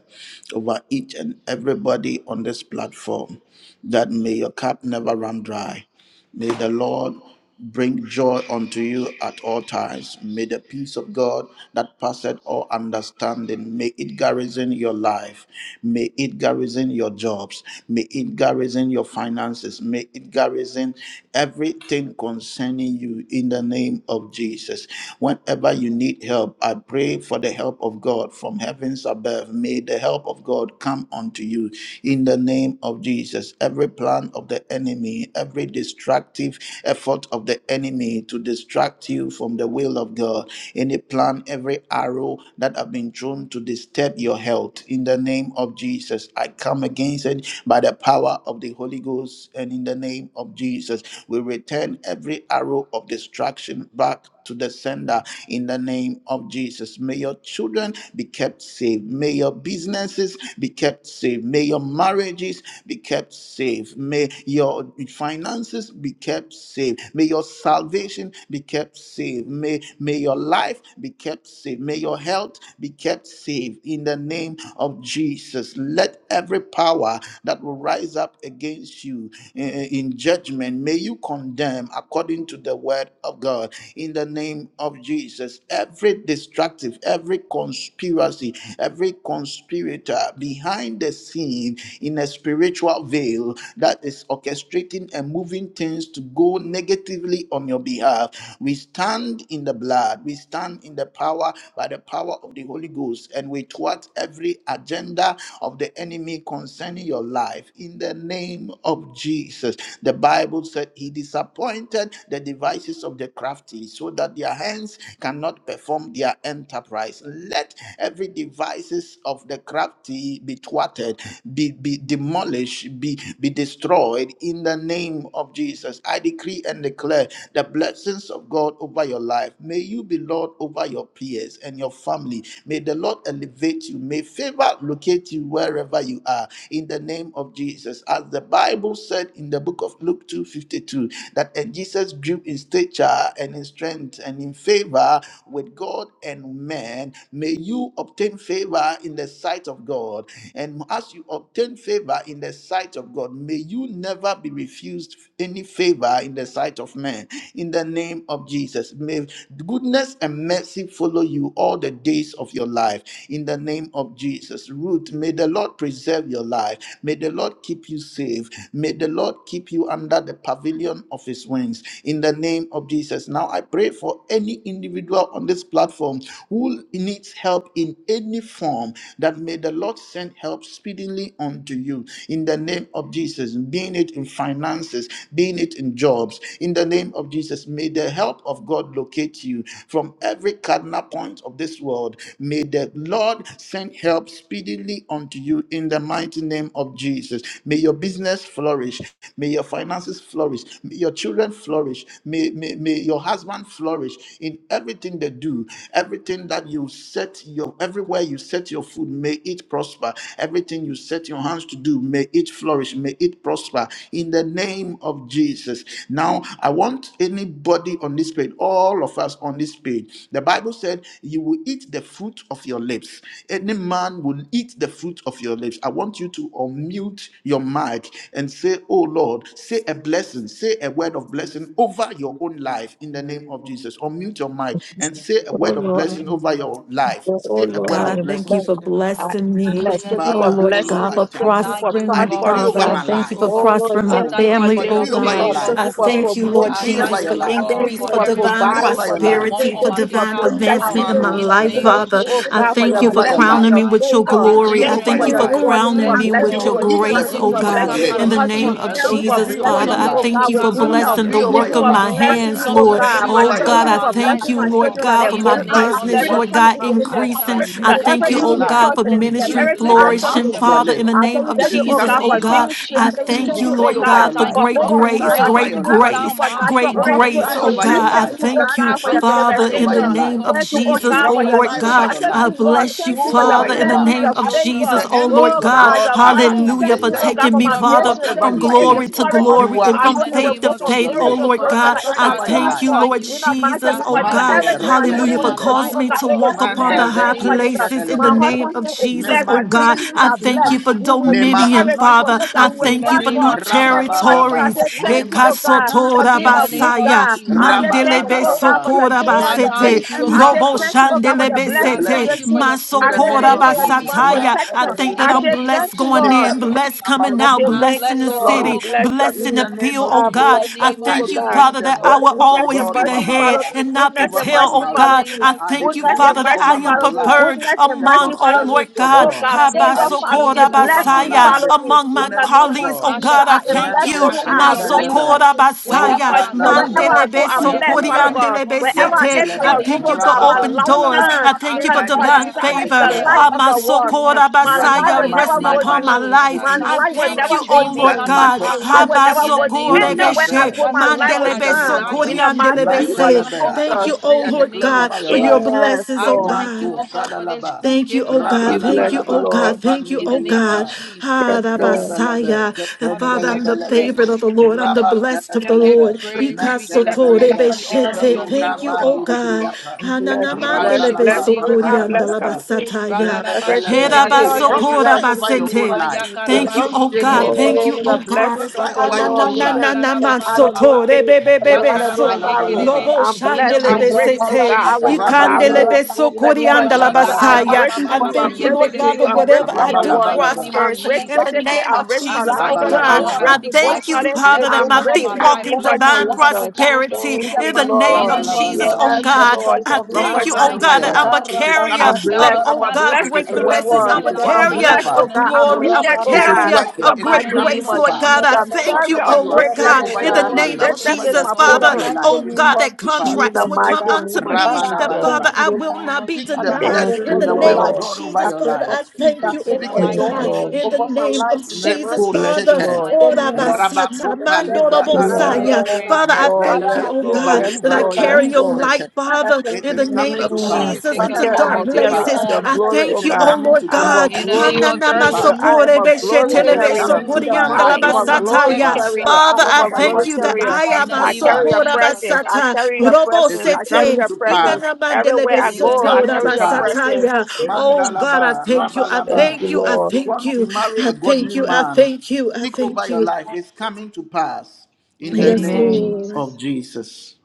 A: over each and everybody on this platform that may your cup never run dry. May the Lord bring joy unto you at all times. May the peace of God that passeth all understanding, may it garrison your life. May it garrison your jobs. May it garrison your finances. May it garrison everything concerning you in the name of Jesus. Whenever you need help, I pray for the help of God from heavens above. May the help of God come unto you in the name of Jesus. Every plan of the enemy, every destructive effort of the enemy to distract you from the will of God. Any plan, every arrow that have been thrown to disturb your health. In the name of Jesus, I come against it by the power of the Holy Ghost. And in the name of Jesus, we return every arrow of destruction back to the sender in the name of Jesus. May your children be kept safe. May your businesses be kept safe. May your marriages be kept safe. May your finances be kept safe. May your salvation be kept safe. May, may your life be kept safe. May your health be kept safe in the name of Jesus. Let every power that will rise up against you eh, eh, in judgment, may you condemn according to the word of God in the name of Jesus. Every destructive, every conspiracy, every conspirator behind the scene in a spiritual veil you that is orchestrating and moving things to go negatively on your behalf. We stand in the blood, we stand in the power by the power of the Holy Ghost, and we thwart every agenda of the enemy concerning your life in the name of Jesus. The Bible said he disappointed the devices of the crafty so that their hands cannot perform their enterprise. Let every devices of the crafty be thwarted, be, be demolished demolish, be, be destroyed in the name of Jesus. I decree and declare the blessings of God over your life. May you be Lord over your peers and your family. May the Lord elevate you. May favor locate you wherever you are in the name of Jesus. As the Bible said in the book of Luke 2:52, that and Jesus grew in stature and in strength and in favor with God and men. May you obtain favor in the sight of God. And as you obtain obtain favor in the sight of God. May you never be refused any favor in the sight of man. In the name of Jesus, may goodness and mercy follow you all the days of your life. In the name of Jesus, Ruth, may the Lord preserve your life. May the Lord keep you safe. May the Lord keep you under the pavilion of his wings. In the name of Jesus. Now I pray for any individual on this platform who needs help in any form that may the Lord send help up speedily unto you in the name of Jesus, being it in finances, being it in jobs. In the name of Jesus, may the help of God locate you from every cardinal point of this world. May the Lord send help speedily unto you in the mighty name of Jesus. May your business flourish. May your finances flourish. May your children flourish. May, may, may your husband flourish in everything they do, everything that you set your everywhere you set your foot, may it it prosper. Everything you set your hands to do, may it flourish, may it prosper in the name of Jesus. Now, I want anybody on this page, all of us on this page, the Bible said, You will eat the fruit of your lips. Any man will eat the fruit of your lips. I want you to unmute your mic and say, Oh Lord, say a blessing, say a word of blessing over your own life in the name of Jesus. Unmute your mic and say a
B: Oh
A: word of
B: Lord.
A: blessing over your life.
B: Oh
A: Say
B: Lord,
A: a
C: Oh
H: You
A: word
C: God, I
B: I
A: of
B: am
C: thank
A: blessing.
C: you
H: the
C: for
B: blessed. I am
C: blessing me.
E: In
B: blessed.
E: the
B: Thank you
C: Oh
B: for
E: name
A: Father,
E: of
C: Lord
A: oh Lord,
B: blessing
C: God,
A: I
B: me.
C: for
E: Jesus, I
B: Thank
A: thank you.
B: you for
E: thank you,
C: prospering
E: O
A: I
C: me,
E: God,
A: decree
E: for
B: transforming
C: Father.
A: over
B: me.
C: I
A: my
C: thank
E: blessings,
C: you
E: O
C: for
A: life.
E: God.
B: Oh,
C: prospering
E: I
C: my
B: thank
A: Oh,
B: you
E: thank
B: for
E: you
C: family,
E: for
C: oh
E: your
A: decree
B: lifting
F: Thank
B: me
A: over
F: you.
A: your
C: God.
E: favor,
B: up. Thank
C: I
E: O
B: you
A: life.
B: for
H: fruit
F: pray
H: of
E: God.
C: thank
F: for
C: you,
H: my
C: Lord
E: I
B: promoting
A: Decree
H: liver,
F: Bentonville.
A: over
C: Jesus,
E: thank
B: me.
H: you
A: your
C: for
E: you,
H: the
E: O
F: I
A: life.
H: fruit
E: God,
F: pray
H: of
B: Thank
C: increase,
B: you
E: for
H: my
F: for
C: for
B: for
E: every
F: me.
H: liver,
C: divine
H: you
A: Decree
H: the
B: providing
E: battle
A: over
B: for
E: you
A: your
H: fruit of
E: have
B: me.
H: my
F: I
A: life.
E: won
F: pray
C: prosperity,
H: liver,
E: on
C: for
F: for
B: Thank
E: my
B: you
H: you the
B: for
H: fruit
C: divine
E: behalf,
H: of
F: Bentonville.
E: O
H: my
F: I
E: God.
C: advancement
H: liver.
B: protecting
F: pray
C: in my
B: me.
A: Mano
E: In the
C: life,
E: name
F: for
A: shalala.
F: the
B: Thank
H: You
E: of
C: Father.
B: you,
F: Lord.
B: oh
H: you
F: I
C: I
B: God,
E: Jesus,
H: fruit
E: O
B: for
F: pray
A: Decree
C: thank
B: your
H: of
C: you
E: God.
F: for
H: the
C: for
A: over
H: liver.
A: your
F: peace.
E: I
B: blessings,
A: life.
C: crowning
B: your
C: me
E: thank
C: with
E: you
C: your
F: I
E: that
B: favor.
E: my
H: Oh,
F: pray
C: glory.
A: Decree
F: for
C: I
H: sure,
B: Thank
E: children,
B: you
A: over
C: thank
B: for
A: your
E: O
C: you
B: your
C: for
E: God, will
A: life.
H: dear,
B: joy.
E: be
B: Thank you
H: where
C: crowning
B: for
E: blessed,
C: me
H: you
E: O
B: blessing
H: are,
A: You
C: with
B: me
E: God.
C: your
A: will
B: with
H: all of
A: eat
H: the
A: the
B: children.
C: grace,
B: Thank
E: Something
B: you
C: oh
H: God
A: fruit
E: good
B: for
H: should
E: will
A: of
C: God.
A: your
H: be
E: come
B: blessing me
E: out of
C: In
B: with
C: the
A: lips.
E: my
H: above, but
B: husband.
C: name
H: I'm
C: of
E: children,
A: And
B: Thank
E: O
H: feeling
B: you
A: so
B: for
H: in
E: God.
C: Jesus,
H: the
A: decree over
H: name
C: Father,
B: blessing
A: your
B: me,
C: I
H: of
E: Something
B: oh
E: good
A: life.
C: thank
E: will
B: God,
C: you
B: with
C: for
E: come
H: Jesus.
E: out
B: good
E: of
H: Ah,
B: health.
E: my
C: blessing
H: yeah,
A: Decree
C: the
A: over
B: Thank you
C: work
H: like
A: your
C: of
E: grandchildren,
B: for
E: O
H: that,
C: my
A: life.
E: God.
H: like
B: blessing me,
C: hands,
H: that,
B: oh
H: for
E: Something
C: Lord.
E: good
H: sure.
E: will
B: God.
A: Decree
B: My
C: Oh
E: come
A: over your
E: out
B: children,
C: God,
E: of
B: thank you
C: I
H: Ah,
A: life.
E: my
B: for
E: life,
C: thank
B: blessing
H: yeah,
C: you,
E: O
B: my
H: like
E: God.
C: Lord
B: children that
C: God,
H: it's,
B: they're
C: for
E: In
H: it's,
C: my
E: the
B: going
H: yeah,
B: out
A: Whatever
E: name
B: is
E: of
A: you
B: blessed,
H: it's
C: business,
B: they're
A: want
C: Lord
H: under,
A: to
B: coming
E: Jesus.
C: God,
B: in
H: ah,
A: come
B: is
E: I
H: yeah,
B: blessed.
H: like
C: increasing.
A: upon
E: thank you.
C: I
E: May
B: That
H: it's,
A: you
E: your
C: thank
A: on
C: you,
A: your
B: everything
E: favor
C: oh
B: they
E: rest
A: life,
C: God,
B: touch,
C: for
B: it
E: upon
B: is
E: me. May
B: blessed.
E: your
C: ministry
A: decree
H: it's.
B: Everything
A: with the
B: I
C: flourishing.
E: blessings
B: touch, it
A: mouth
E: rest
C: And
B: is
A: of your
E: upon
C: Father,
B: blessed.
E: me,
C: in
A: lips.
C: the
E: oh
B: I
E: God,
B: tell
C: name
B: you,
C: of
A: It
B: thank you,
A: is
E: in
B: oh
E: the
C: Jesus,
B: God,
A: coming
C: oh
B: for
A: to
E: name of
C: God,
A: pass.
B: ministry. I
C: I
B: tell
E: Jesus,
B: you,
E: oh
C: thank
B: thank
C: you,
E: God.
B: you,
A: decree
B: oh
C: Lord
A: over
E: I
B: God,
A: your
C: God, for
E: thank
B: for
A: life,
E: you
C: great
E: for good
C: grace,
A: prophesy
B: overflow. I
E: health,
B: tell
A: over
B: you,
C: great
A: your
B: thank you for
A: life,
C: grace,
E: sound mind,
B: supernatural
C: great
E: in the
B: overflow
E: name
C: grace,
B: in
E: of
A: prophesy
B: my
C: oh
A: over your
B: life.
C: God.
E: Jesus,
C: I
B: Thank
E: oh
A: life,
B: you,
E: God.
B: oh
C: thank you,
E: I
B: God, for your
E: thank you for
C: Father,
A: prophesy
C: in
A: over
C: the
B: manifestation.
A: your
E: patience, oh
C: name
A: life,
E: God
C: of
B: Thank you, oh
E: in
C: Jesus,
E: the
B: God,
C: oh
B: for
E: name
B: your
C: Lord
E: of
A: prophesy
B: healing.
A: over
C: God.
A: your
B: Thank
E: Jesus,
C: I
E: oh
B: you,
A: life,
E: God.
B: Lord.
C: bless you,
B: Thank you
A: speak
B: for your
A: over
C: Father,
E: Oh
A: your
C: in the
E: God,
B: blessings,
E: my
A: life.
C: name
B: your
C: of
E: children,
B: favor.
E: my
C: Jesus,
A: The
C: oh
E: ministry
C: Lord
A: angels
B: Oh
E: will
A: of
C: God.
B: God,
A: God
B: your
E: prosper,
A: are
E: oh
B: mercy.
E: God.
C: Hallelujah,
B: Thank
C: for
B: you,
E: I
B: oh
A: activated
B: God,
E: will
C: taking
A: to
B: for
C: me,
B: my
A: do
C: Father,
E: prosper
B: business.
A: whatever
B: Thank
E: and
C: from
B: you
A: you
E: be
B: for it, the
A: say.
C: glory
E: blessed,
C: to
E: oh God.
B: flourishing.
A: You
C: glory
A: are
C: and
B: Our
E: In
C: from
B: God,
E: the
B: it
A: eating the
B: will
C: faith
E: name
C: to
B: go
A: fruit
E: of
B: from
A: of your
C: faith,
B: glory
C: oh
E: Jesus,
B: to
A: lips.
E: oh
C: Lord
B: glory,
E: God.
B: oh
C: God.
B: God. It
A: Prophesy
C: I
B: shall
A: over
E: Father,
A: your
E: I
C: thank
A: life.
C: you,
B: prosper.
E: thank
C: Lord
B: You
E: you.
B: know, my
C: Jesus,
B: name
E: I
C: oh
B: of Jesus.
E: thank
A: Mande
E: you
C: God.
E: for
B: Everything my hands
C: Hallelujah,
E: restoring
C: for
E: my
B: to
A: repedelebe.
B: do,
E: life,
C: causing
B: oh
C: me
E: oh
B: God,
C: to
B: it
E: God.
B: is
C: walk up
B: blessed.
A: Manda
E: In
B: In
E: the
B: the name
E: name
A: leko
B: of
E: of
B: Jesus.
E: Jesus,
B: My
E: oh
A: shedelebe.
E: God.
B: husband
C: of
B: here is
C: Jesus,
A: May
B: blessed.
A: my
B: My children here
A: ministry
B: are blessed.
A: increase.
B: We will
A: May my
B: flourish. We
C: Father.
B: will,
A: anointing
B: oh God, we will
E: In
A: increase.
E: the name
B: prosper.
E: of
B: In the
E: Jesus.
B: name of Jesus, I
A: Rabababa.
B: say thank
A: May
B: you,
A: my
B: oh God, for
A: finances
C: Ekasotora
B: being
E: In
B: a
E: the
B: good
E: name
A: increase.
E: of
C: basaya,
B: God.
E: Jesus,
B: I
E: oh
B: say
E: God.
B: thank you,
C: mandelebe
B: oh God, for
A: Rabababa.
B: the
C: sokora
A: May,
B: joy,
E: I
B: the
A: may
C: basete,
E: thank
B: peace.
E: you, oh
B: I
E: God.
B: say
A: everything
C: robo
B: thank you, oh God,
A: concerning
B: for
A: me
B: your
C: shandelebe
A: be a
E: I
B: blessings in
C: sete,
E: thank
B: this
E: you
A: blessing.
E: for
B: room.
E: your
A: In
B: I
A: the
E: spirit
B: say
E: that
B: thank
C: masokora
A: name
B: you for
A: of
E: liveth
B: your
E: in
A: Jesus.
E: me,
B: divine
E: oh
A: May
C: basataya.
E: God.
C: I
B: protection.
C: think that
E: In
B: I
E: the
C: I'm
B: say
E: name of
B: thank
C: blessed
B: you,
C: going
B: Lord.
E: Jesus,
C: in,
E: oh God.
A: everything
C: blessed
B: And
C: coming
B: I
A: about
B: say,
C: out,
A: me
E: I
B: thank
C: blessed
B: you,
C: in
E: bless
C: the
E: your
B: Lord.
E: name,
B: I
C: city,
E: oh
A: flourish
B: bless
E: God.
B: your
C: blessed
A: in
C: in the
A: the
B: name.
A: name
C: field,
A: of
C: oh
B: I
E: In
A: Jesus.
C: God.
B: bless
E: the
C: I
B: your
E: name
B: name,
E: of
A: I
B: oh
C: thank you,
B: God.
A: decree
E: Jesus,
C: Father,
E: oh
A: the
C: that
E: God.
C: I
B: Oh,
C: will
A: blessings
B: goodness
A: of
B: and
C: always
A: God
C: be
A: over
C: the
B: mercy
A: my
C: head
B: follow
A: life,
B: me.
C: and not the
B: Goodness
A: over
B: and
A: my
C: tail,
B: mercy
C: oh
E: In the
A: marriage.
B: follow
C: God.
E: name
B: me.
C: I
E: of
A: I
C: thank you,
E: Jesus,
B: Goodness
A: decree
B: and
C: Father,
E: oh
C: that
E: God.
B: mercy
C: I
A: over
C: am
A: my
B: follow me.
A: life
C: preferred
B: Goodness and
A: the
C: among,
B: mercy
C: oh
B: follow me.
C: Lord
A: prosperity of
B: Oh
C: God,
A: God.
E: In
B: God,
E: the name
A: I
B: favor
E: of
B: follow me.
A: decree
C: Habasokora
E: Jesus, I
A: over
E: thank
A: my
E: you,
B: Blessings
E: oh
C: basaya,
A: life
E: God.
B: follow
A: the
B: me.
C: among my
B: In the
A: fruitfulness
B: name
A: of
C: colleagues
B: of
C: praise. Oh
A: God.
E: I
B: Jesus,
E: shall
C: God, I
E: be
B: I am
C: thank
E: champion.
B: blessed
A: Mente
C: you.
E: I
B: going
E: shall
B: out.
E: be
B: I'm
E: a
B: blessed
E: window.
B: coming
A: rebelebe,
C: Masokora
B: in. In the
A: no
B: name
E: Wherever
C: Basaya,
B: of
E: I
B: Jesus,
E: go, oh
B: wherever
A: kandalabra,
E: God,
B: I go,
E: your
C: Mandelebe
B: I'm
A: tapaya
E: favor
B: blessed,
E: will
B: Father
A: balaba,
E: rest
B: God.
E: upon
C: Sokoriandelebe
E: me.
B: Wherever
A: yen
B: I
C: Sete.
E: In
B: enter
E: the
C: I
B: a
A: telebe,
B: room,
E: name
C: thank
B: oh
C: you
E: of
C: for
B: God, my
E: Jesus,
A: rababan
C: open
E: oh
B: life
E: God.
C: doors.
B: turns.
A: talaba.
C: I
E: I
B: In the
C: thank you for
B: name
A: I
B: of
A: decree
C: divine
E: declare,
B: Jesus, I
E: I
A: and
B: am
C: favor.
B: the
E: declare
B: life
C: Ah,
A: declare
B: of
E: open
B: the
E: doors, oh
B: world.
E: God.
C: Masokora
B: My
A: that
B: life
C: Basaya,
A: my,
B: will
E: In
A: my,
E: the
B: never
C: resting
A: my
B: go
E: name of
C: upon my
B: dim.
A: finances
E: Jesus,
C: life.
A: will
E: I
B: My
C: I
E: thank
A: increase
B: life
E: you
B: will
E: that
C: thank
E: my
B: never
C: you,
B: go
E: dream
C: oh
E: will
A: that
C: Lord
E: come
B: dim.
A: my
E: to
C: God.
B: My
E: pass.
B: life will never
A: prosperity
E: In
B: go
E: the
B: dim.
E: name
A: will
E: of
A: be
C: Habasokorebe
B: Anywhere
E: Jesus,
B: I
C: She,
B: go,
A: affirmed.
B: my light
E: whatsoever
B: will
E: I
A: In
C: Mandelebe
A: the
B: shine.
A: name of
E: desire,
B: In the
A: Jesus,
B: mighty
C: Sokoriandelebe
E: it
B: name
E: will
B: of
C: Se.
E: come to
A: Matalaba, I
C: Thank
B: Jesus.
C: you,
E: pass.
A: decree
C: oh
E: In
A: and
E: the
C: Lord
A: declare
E: name
C: God,
E: of
A: over your
C: for your
E: Jesus,
A: life.
B: Yes,
C: blessings,
E: I
C: oh
B: Lord.
E: thank
C: God.
E: you,
A: Manto
E: oh God, for this
A: Sadalaba,
E: good
C: Thank you,
E: gift you
C: oh
E: have
B: We
C: God.
E: given me,
C: Thank
B: bless
E: oh
C: you,
B: you,
A: Rabalabalaba,
C: oh
E: God.
C: God.
B: Lord.
C: Thank you,
E: In the
C: oh
E: name of
C: God.
A: Kapamilibriapa,
E: Jesus,
B: Yes,
C: Ah, the
B: Lord.
A: Netalabalaba,
C: Messiah. The
E: Father, we
C: Father, I'm
E: give you
C: the
A: Kapandalabalaba,
C: favorite of
E: praise.
C: the Lord. I'm the blessed of
E: We
C: the
E: give
A: Rabantalabalaba,
E: you
C: Lord.
E: praise. We give you
A: Mantalabalaba,
E: praise. We honor
C: Ikasotorebeshete.
E: your
A: Kapalu
C: Thank
E: name, oh
C: you, oh
E: God.
C: God.
A: Rabamilibriapa,
B: Bless,
E: We
B: bless,
C: Hananamandele
E: worship your
B: bless
A: Randalaba,
E: name, oh
B: going up,
E: God.
C: besokorianda
B: bless
C: la
B: coming
A: Kapayabadaba,
B: in.
C: basataya.
B: Everything
A: Reverendalaba.
B: I
A: Oh,
B: touch is
E: Ra-la-la-ba-shi-ke-de-de-be-be-be.
C: Hananamandelebesokoriandalabasataya.
A: prophesy
B: blessed in
A: over
B: the
A: your
B: name
A: own
C: basete.
B: of
A: life.
E: Maya
B: Jesus.
C: Thank you,
A: Don't
E: karabasi
C: oh
A: stay
E: kerere
C: God.
A: mute.
C: Thank
B: Oh,
C: you,
B: the
C: oh
E: bebebe.
C: God.
B: blessings of
A: Prophesy
B: the
C: Ah,
A: over
C: Na
A: your
E: Rokorobo
B: Lord
C: na
A: own
B: make
C: na
A: life.
B: it
C: na
B: rich
C: na
E: shikaraba
B: and
C: man
E: baba
B: out of no
C: soto
E: baba.
C: re
B: fail,
C: be be be be
B: out of no
E: Yakaraba
C: so
B: sorrow.
A: Rapalabalaba,
E: yekerebe.
C: lobo
B: I'm
E: In the
B: blessed.
C: shandele
B: I'm
C: be
E: mighty
B: rich.
E: name of
B: Oh
C: sete
B: God, I will
E: Jesus, oh
B: not die
E: God.
C: ikandele
A: rabalaba,
B: poor.
C: be so
B: In the name
E: Rokorobo
B: of
C: korianda la
B: Jesus,
A: rabalaba,
B: I'm
E: shikaraba
C: basaya.
B: rich
E: baba
C: I
B: in you.
E: baba
C: thank
B: I'm
C: you,
B: rich
C: Lord
B: in
C: God,
E: yekerebe.
B: you.
E: ya.
C: but
B: I'm rich
C: whatever
B: in
C: I
E: In
B: your
E: the
C: do
B: word.
E: mighty
A: rabalabalaba,
E: name of
C: prospers
B: I'm rich
C: in the
E: Jesus, oh
B: physically.
E: God.
C: name
B: I'm
C: of
B: rich
E: I
C: Jesus, oh
E: thank
B: financially.
E: you, oh
C: God.
B: I'm
E: God. I
B: rich
C: I
A: rabalabalaba,
E: speak
C: thank you,
E: blessings,
B: emotionally.
C: Father, that
E: blessings
B: I'm
C: my
E: over
B: rich
C: feet
E: my
B: in the
E: life,
C: walk
B: name
C: in
B: of
E: blessings
C: divine
B: Jesus.
E: over my children, oh
C: prosperity
B: Thank
E: God.
C: in the
B: you,
C: name
E: In
B: Lord.
C: of
E: the name
C: Jesus,
E: of
C: oh
A: rabalabalaba.
B: Yes,
C: God.
E: Jesus.
B: Lord. In
C: I
B: the name
E: I
C: thank
B: of
C: you,
A: Prophesy
C: oh
E: thank
A: over
C: God,
E: you,
A: your
C: that
B: Jesus.
E: oh
A: life.
C: I'm a
E: God
A: It is
C: carrier
A: coming
B: I'm
A: to
E: that
C: of,
E: I
B: blessed.
E: will
A: pass.
B: I'm
C: oh
B: a
E: not
C: God,
A: It
E: lack,
B: blessing
C: great
A: is
B: to this
E: I will
C: blessings.
A: working.
B: world.
E: not
C: I'm
A: It
C: a
A: is
B: Oh,
E: lack
B: I'm
A: coming to
C: carrier
B: blessed,
E: nothing in
B: oh
A: pass.
C: of
E: the
B: God.
E: name
B: I'm
E: of
C: glory. I'm a
B: needed, oh
A: It
E: Jesus.
A: is
B: God.
C: carrier
B: In
A: working.
B: the
C: of
A: It
E: In
A: is
C: great
E: the
B: mighty name
E: name
A: coming
C: grace,
A: to
E: of
B: of
C: Lord
A: pass.
C: God.
B: Jesus.
C: I
E: Jesus,
B: I'm
E: oh God.
C: thank you,
B: carrier
A: Whatever
C: oh
B: of
A: you are
C: Lord
A: saying
B: greatness,
C: God,
B: oh
A: over
C: in
A: your
C: the
B: God.
E: Oh, I
C: name
A: children,
C: of
E: bless your
B: Greatness
A: whatever you
B: is
E: name, oh
A: are
C: Jesus,
B: my
A: saying
E: God.
C: Father,
A: over
B: portion.
A: your life,
C: oh
A: it's
C: God, that
A: coming to pass.
B: In
C: contracts
B: the
C: will
B: mighty
C: come
B: name
C: unto
B: of
C: me, that
B: Jesus.
C: Father,
A: Rabalabalaba.
C: I
E: In the
C: will
E: name
C: not
E: of
C: be
A: Speak the
E: Jesus.
C: denied.
B: Thank
A: blessing,
C: In
B: you,
C: the
A: the will
C: name
A: of
C: of
B: Lord.
A: God over
C: Jesus,
A: your
C: Father,
A: life.
C: I
A: Speak
C: thank
A: it,
C: you,
E: In
C: oh
E: the
A: speak
B: Thank
C: Lord
A: it.
B: you,
E: mighty
C: God,
E: name of
B: Lord.
C: in the
E: Jesus, oh
C: name
E: God.
C: of Jesus,
B: Bless
C: Father.
B: you,
E: I
A: Neposhete,
B: Lord.
E: thank you, oh God.
C: Masata
A: Rabakopa Livra
B: Yes,
E: I
A: Anda,
E: give
C: mandorobosaya.
E: you praise.
C: Father, I
B: Lord.
C: thank
B: Yes,
C: you, oh
B: Lord.
A: Neprelebekuva
C: God,
B: Yes,
C: that I
A: Livra
B: Lord. Yes,
C: carry your
B: Lord.
A: Alusete.
C: light, Father,
A: It
C: in
A: is
C: the
E: Take
C: name
A: coming
E: your
C: of
A: to
B: Mm,
A: pass.
E: glory,
C: Jesus
A: It
E: take
B: I'm,
E: your
C: into
A: is
B: car- I'm
C: dark
E: glory,
B: a
A: coming to
E: take
B: carrier
E: your
A: pass.
B: of
C: places.
B: your
E: honor.
C: I
B: glory,
A: It
B: oh
C: thank you,
A: is
B: God.
C: oh
A: coming to
C: Lord
B: I'm
A: pass.
B: a
C: God.
E: In
A: It
E: the
A: is
B: glory
E: name of
A: coming to
E: Jesus.
A: pass.
B: carrier. I am a glory
E: Who
A: It
E: is
A: is
E: like
B: carrier.
A: coming
E: you?
A: to pass.
B: I
E: No
A: It
B: am
A: is
E: one
B: a
E: to
A: coming to
B: glory
E: compare to you,
A: pass.
C: Hananamasokorebeshetelebesokoriandalabasataya.
E: oh
B: carrier.
E: God.
B: I
C: Father,
B: am
C: I
B: a
A: Whatever you
C: thank
B: glory
A: are
C: you that
A: saying
B: carrier.
A: is
C: I
E: In
C: am
A: coming
E: the
C: a
A: to
B: I
E: name of
B: carry
A: pass.
B: your
C: sokora
E: Jesus, oh
B: presence.
E: God.
B: I
C: basata.
B: carry your
A: It
B: presence. I
A: is
B: carry
C: Robosete.
A: coming
B: your
A: to
B: presence.
A: pass.
B: Everywhere I
A: It
E: In
A: is
E: the
B: go, I
E: name
A: coming
C: Inanamandelebesokora
E: of
A: to
B: carry your
A: pass.
E: Jesus.
B: presence.
C: basataya. Oh God, I
A: Mandalaba,
C: thank you. I
B: Thank
A: Rabalaba.
C: thank
B: you,
C: you. I
A: If
B: Lord.
A: you
C: thank
A: want to
C: you.
A: marry
C: I
A: a
C: thank
A: godly
C: you. I
A: man,
C: thank you. I
A: Speak
C: thank
A: over your
C: you.
A: life. It's coming to pass
E: In
A: in
E: the
A: the
C: Yes,
E: name of
B: Amen.
A: name
C: Lord.
A: of
E: Jesus.
A: Jesus.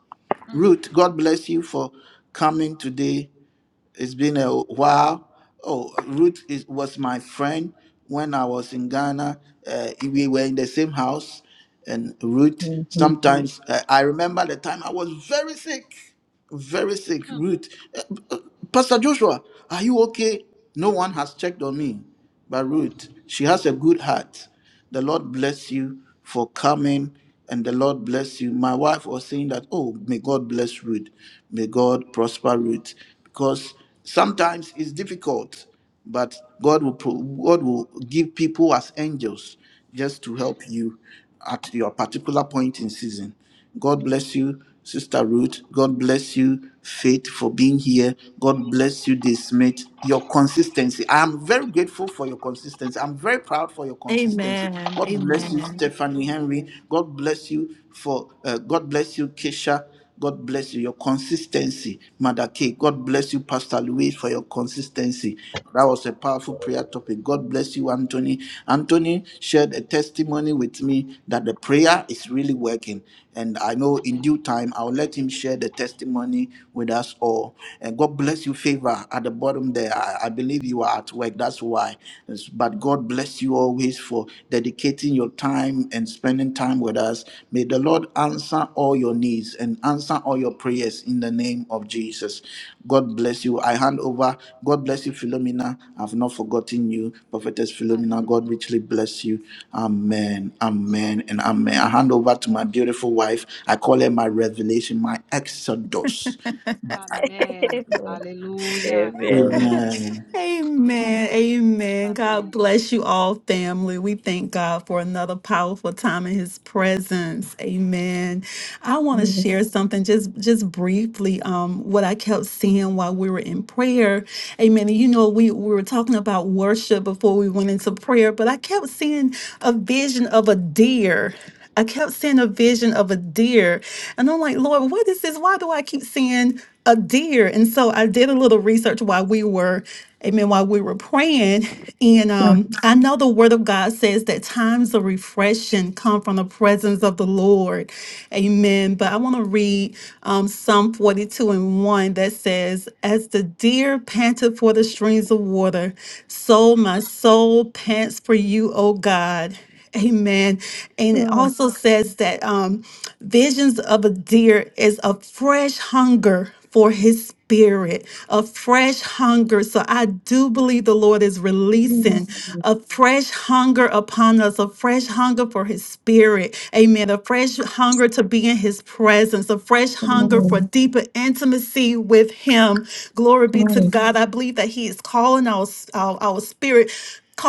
E: Mm,
A: Ruth, God bless you for coming today. It's been a while. Oh, Ruth is, was my friend when I was in Ghana. Uh, we were in the same house. And Ruth,
B: Mhm.
A: sometimes uh, I remember the time I was very sick, very sick.
E: mm,
A: Ruth, uh, uh, Pastor Joshua, are you okay? No one has checked on me. But Ruth, she has a good heart. The Lord bless you for coming and the Lord bless you. My wife was saying that, oh, may God bless Ruth. May God prosper Ruth. Because sometimes it's difficult, but God will, pro- God will give people as angels just to
E: mm.
A: help you at your particular point in season. God bless you. Sister Ruth, God bless you, Faith, for being here. God bless you, this mate. Your consistency. I am very grateful for your consistency. I'm very proud for your
C: Amen.
A: consistency. God bless you, Stephanie Henry. God bless you for uh, God bless you, Keisha. God bless you. Your consistency, Mother K. God bless you, Pastor Louis, for your consistency. That was a powerful prayer topic. God bless you, Anthony. Anthony shared a testimony with me that the prayer is really working. And I know in
E: Amen.
A: due time, I'll let him share the testimony with us all. And God bless you, favor at the bottom there. I, I believe you are at work. That's why. But God bless bless you always for dedicating your time and spending time with us. May the Lord answer all your needs and answer all your prayers in the name of Jesus. God bless you. I hand over. God bless you, Philomena. I've not forgotten you, Prophetess
E: Amen.
A: Philomena. God richly bless you.
E: Amen.
A: Amen.
E: Receive
A: Amen.
E: it.
A: And amen. I hand over to my beautiful wife. I call her my revelation, my exodus.
E: Amen. Amen. Hallelujah.
B: Amen.
E: Amen.
A: Amen.
C: Amen. Amen. God
E: Amen.
C: bless you all, family. We thank God for another powerful time in his presence. Amen. I want to
B: Amen.
C: share something just just briefly um what I kept seeing while we were in prayer. Amen. And you know, we, we were talking about worship before we went into prayer, but I kept seeing a vision of a deer. I kept seeing a vision of a deer. And I'm like, Lord, what is this? Why do I keep seeing a deer? And so I did a little research while we were Amen. While we were praying, and
B: Mm,
C: um, I know the Word of God says that times of refreshing come from the presence of the Lord. Amen. But I want to read um, Psalm 42 and 1 that says, As the deer panteth for the streams of water, so
E: Amen.
C: my soul pants for you, O God. Amen.
B: mm,
C: And it
B: mm,
C: also says that. Um, Visions of a deer is a fresh hunger for his spirit, a fresh hunger. So I do believe the Lord is releasing a fresh hunger upon us, a fresh hunger for his spirit. Amen. A fresh hunger to be in his presence, a fresh hunger for
B: mm,
C: deeper intimacy with him. Glory be to
E: Amen.
C: God. I believe that he is calling our, our, our spirit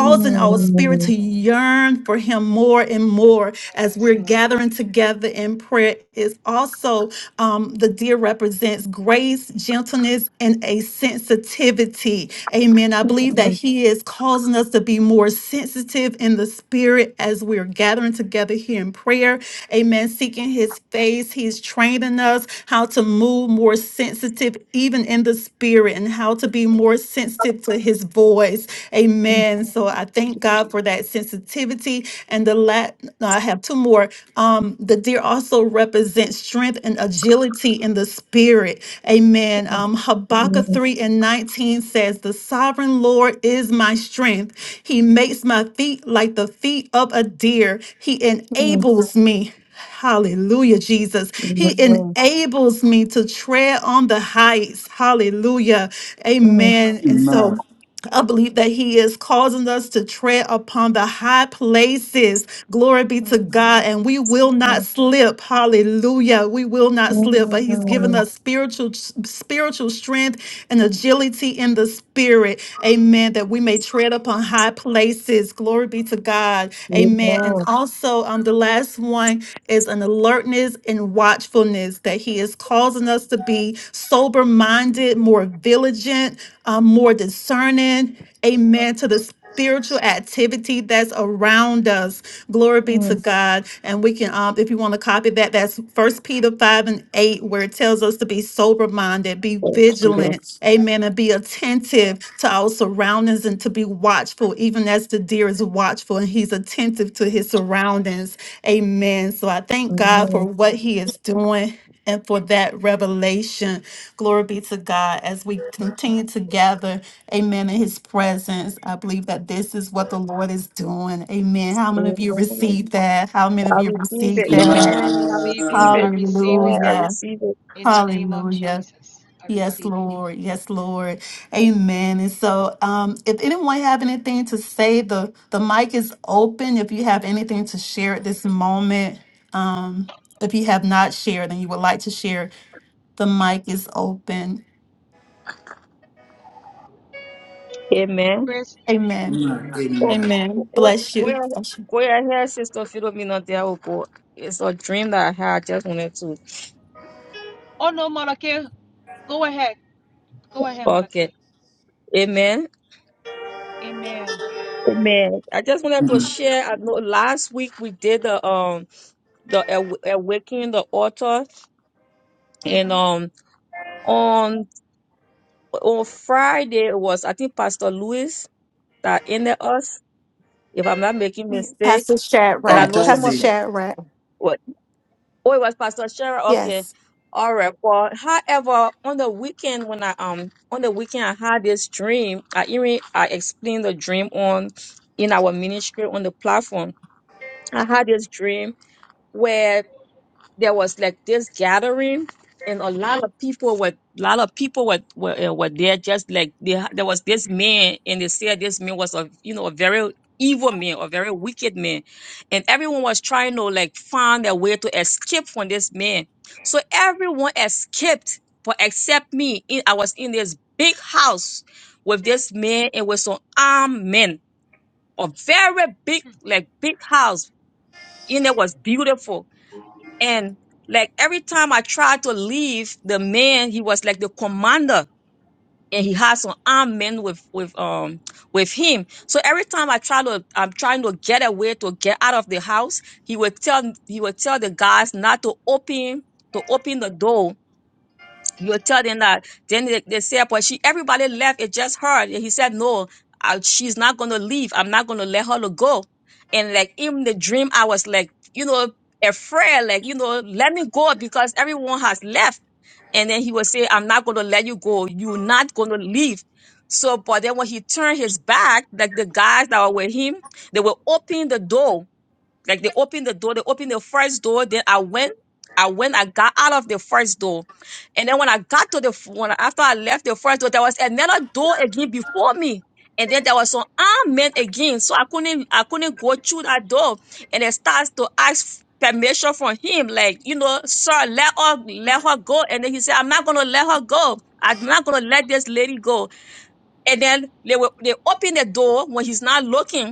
B: mm,
C: our spirit
B: mm,
C: to yearn for him more and more as
E: Yes,
C: we're
E: Lord.
C: gathering together in prayer is also um, the deer represents grace gentleness and a sensitivity amen i
B: mm,
E: Mm.
C: believe that
B: mm.
C: he is causing us to be more sensitive in the spirit as we're gathering together here in prayer amen seeking his face he's training us how to move more sensitive even in the spirit and how to be more sensitive to his voice Amen. So I thank God
E: Amen.
C: for that sensitivity. And the last, I have two more. Um, the deer also represents strength and agility in the spirit. Amen. Um,
B: I receive
C: Habakkuk
B: it.
C: 3 and 19 says, The sovereign Lord is my strength. He makes my feet like the feet of a deer. He
B: Amen.
C: enables me. Hallelujah, Jesus. He enables me to tread on the heights. Hallelujah. Amen. And
A: Amen.
C: so, I believe that He is causing us to tread upon the high places. Glory be to God. And we will not slip. Hallelujah. We will not slip. But He's given us spiritual spiritual strength and agility in the spirit. Amen. That we may tread upon high places. Glory be to God. Amen.
E: Amen.
C: And also on the last one is an alertness and watchfulness that He is causing us to be sober minded, more vigilant, um, more discerning. Amen. To the spiritual activity that's around us. Glory be to God. And we can, um, if you want to copy that, that's First Peter 5 and 8, where it tells us to be sober minded, be vigilant, amen, and be attentive to our surroundings and to be watchful, even as the deer is watchful and he's attentive to his surroundings. Amen. So I thank God for what He is doing and for that revelation. Glory be to God as we continue to gather, amen, in His presence. I believe that this is what the Lord is doing. Amen. How many of you receive that? How many
B: I
C: of you
B: receive
C: receive
B: it.
E: Receive it.
C: that?
E: I
B: Amen. I
E: receive
B: receive
E: it.
A: Amen.
E: I receive it.
C: Hallelujah.
B: it.
E: In the name of
C: Hallelujah.
E: Jesus. I
C: Yes,
E: receive it.
C: Lord. Yes, Lord. Amen. And so, um, if anyone have anything to say, the the mic is open. If you have anything to share at this moment, um, if you have not shared and you would like to share, the mic is open.
B: Amen.
E: Praise.
C: Amen.
A: Amen.
B: Go,
A: Amen.
B: go,
C: Amen.
B: go
C: Bless
B: go-
C: you.
B: ahead, go ahead, Sister Philomena. There will go. It's a dream that I had. I just wanted to.
E: Oh no, Malake. Go ahead. Go ahead,
B: Okay.
E: Malake.
B: Amen.
E: Amen.
B: Amen. I just wanted to share. I know last week we did the um the aw- awakening the altar And
E: hmm
B: um on on Friday it was I think Pastor Lewis that ended us, if I'm not making mistake. And I
A: On
B: know some of
A: Thursday.
B: the what oh it was Pastor Sharon. Okay. All right. Well, however, on the weekend when I um on the weekend I had this dream. I even I explained the dream on in our ministry on the platform. I had this dream where there was like this gathering and a lot of people were A lot of people were were, uh, were there just like they, ha- there was this man and they said this man was a you know a very evil man a very wicked man and everyone was trying to like find a way to escape from this man so everyone escaped but except me in, i was in this big house with this man and with some armed men a very big like big house and it was beautiful and like every time I tried to leave, the man he was like the commander, and he had some armed men with with um with him. So every time I try to I'm trying to get away to get out of the house, he would tell he would tell the guys not to open to open the door you are telling that then they, they said but she everybody left it just her and he said no I, she's not gonna leave i'm not gonna let her to go and like in the dream i was like you know afraid like you know let me go because everyone has left and then he would say i'm not gonna let you go you're not gonna leave so but then when he turned his back like the guys that were with him they were opening the door like they opened the door, they opened the first door. Then I went, I went, I got out of the first door. And then when I got to the f- when after I left the first door, there was another door again before me. And then there was some armed men again. So I couldn't I couldn't go through that door. And it starts to ask permission from him, like, you know, sir, let her let her go. And then he said, I'm not gonna let her go. I'm not gonna let this lady go. And then they were they opened the door when he's not looking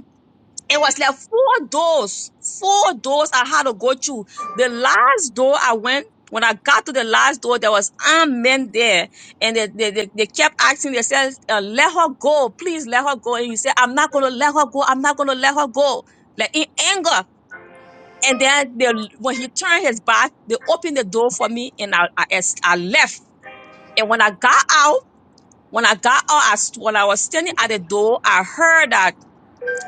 B: it was like four doors, four doors I had to go through. The last door I went, when I got to the last door, there was armed men there, and they they, they, they kept asking. They said, uh, "Let her go, please, let her go." And he said, "I'm not gonna let her go. I'm not gonna let her go." Like in anger. And then they, when he turned his back, they opened the door for me, and I I, es- I left. And when I got out, when I got out, I, st- when I was standing at the door, I heard that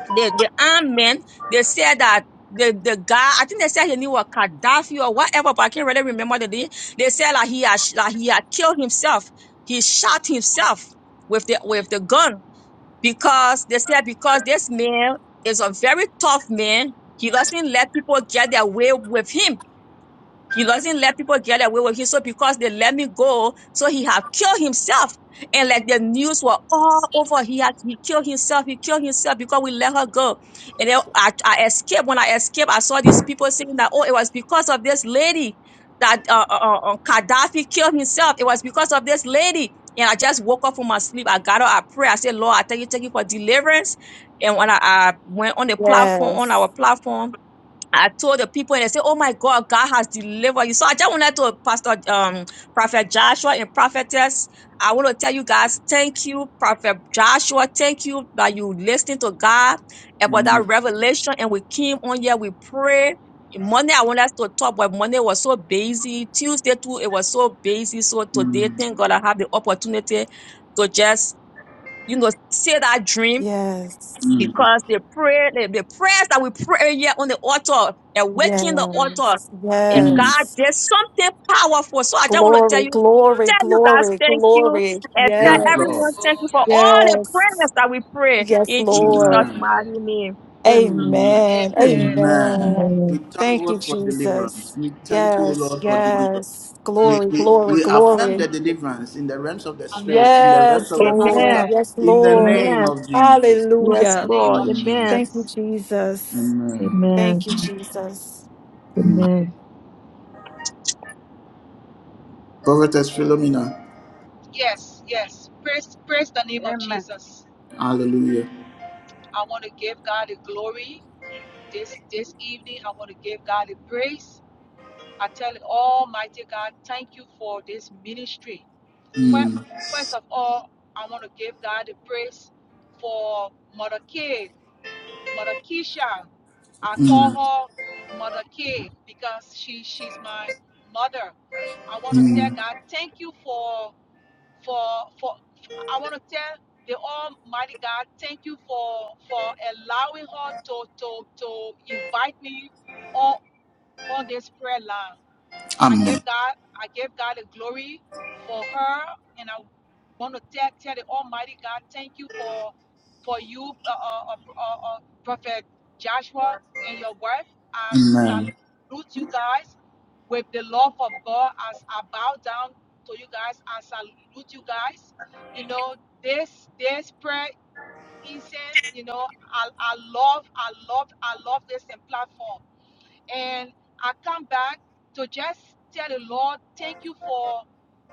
B: the, the armed men, they said that the, the guy, I think they said he knew a Gaddafi or whatever, but I can't really remember the name. They said like he had, sh- like he had killed himself. He shot himself with the, with the gun because they said because this man is a very tough man. He doesn't let people get their way with him he doesn't let people get away with it. So because they let me go, so he have killed himself. And like the news were all over. He had he killed himself. He killed himself because we let her go. And then I, I escaped. When I escaped, I saw these people saying that, oh, it was because of this lady that uh, uh, uh, uh, Gaddafi killed himself. It was because of this lady. And I just woke up from my sleep. I got up, I pray. I said, Lord, I thank you, thank you for deliverance. And when I, I went on the platform, on our
C: Yes,
B: platform, I told the people and they said, Oh my God, God has delivered you. So I just wanted to Pastor um Prophet Joshua and Prophetess. I want to tell you guys, thank you, Prophet Joshua. Thank you that you listening to God about that revelation. And we came on here, we pray. Monday, I want us to talk, but Monday was so busy. Tuesday too, it was so busy. So today,
A: Mm.
B: thank God I have the opportunity to just, you know, say that dream
C: yes,
B: because the prayer, the, the prayers that we pray here on the altar, awaken the altar.
C: yes,
B: And
A: mm.
B: God
C: yes.
B: did something powerful. So I just want to tell
C: Glory,
B: you,
C: glory,
B: tell you guys
C: glory,
B: thank you,
C: glory.
B: and tell
A: Yes,
B: everyone
A: Lord.
C: Yes,
B: thank you
E: Hallelujah.
B: for all the
C: yes,
B: prayers that we pray
C: yes,
B: in Jesus'
C: Lord.
A: Amen.
B: mighty
E: Hallelujah.
B: name.
A: Amen.
C: Amen.
E: Amen. Amen.
A: Amen.
C: Amen.
A: We
B: Amen.
A: thank
C: Thank you,
A: God for deliverance.
C: Jesus.
A: We thank you,
C: Yes,
A: Lord, for deliverance.
C: yes.
A: We,
E: Mm.
C: Glory,
A: we,
C: glory,
A: we affirm the
C: glory.
A: deliverance in the realms of the spirit,
E: Amen.
A: in the realms
C: Yes,
A: of the
C: Lord.
B: Amen.
A: physical,
E: Amen.
C: Yes,
A: in the
C: Lord.
A: name
B: Amen.
A: of Jesus.
E: In
B: Yes,
E: the
C: Hallelujah.
E: name
B: Lord.
E: of
B: Amen.
C: Thank you,
E: Jesus.
C: Jesus.
B: Amen.
C: Thank you, Jesus.
E: Amen.
B: Amen.
A: Prophetess Philomena.
E: Yes, yes. Praise, praise the name of
I: Amen.
E: Jesus.
A: Hallelujah.
E: I want to give God the glory this this evening. I want to give God the praise. I tell you, Almighty God, thank you for this ministry. First of all, I want to give God the praise for Mother K, Mother Keisha. I call her Mother K because she she's my mother. I want to tell God, thank you for for for I want to tell the Almighty God, thank you for for allowing her to to to invite me on on this prayer line. I
A: Amen.
E: give God, I give God the glory for her, and I want to tell, tell the Almighty God, thank you for for you, uh, uh, uh, uh, uh, Prophet Joshua and your wife. I
A: Amen.
E: salute you guys with the love of God as I bow down to you guys. I salute you guys. You know this this prayer incense. You know I, I love I love I love this platform and I come back to just tell the Lord, thank you for,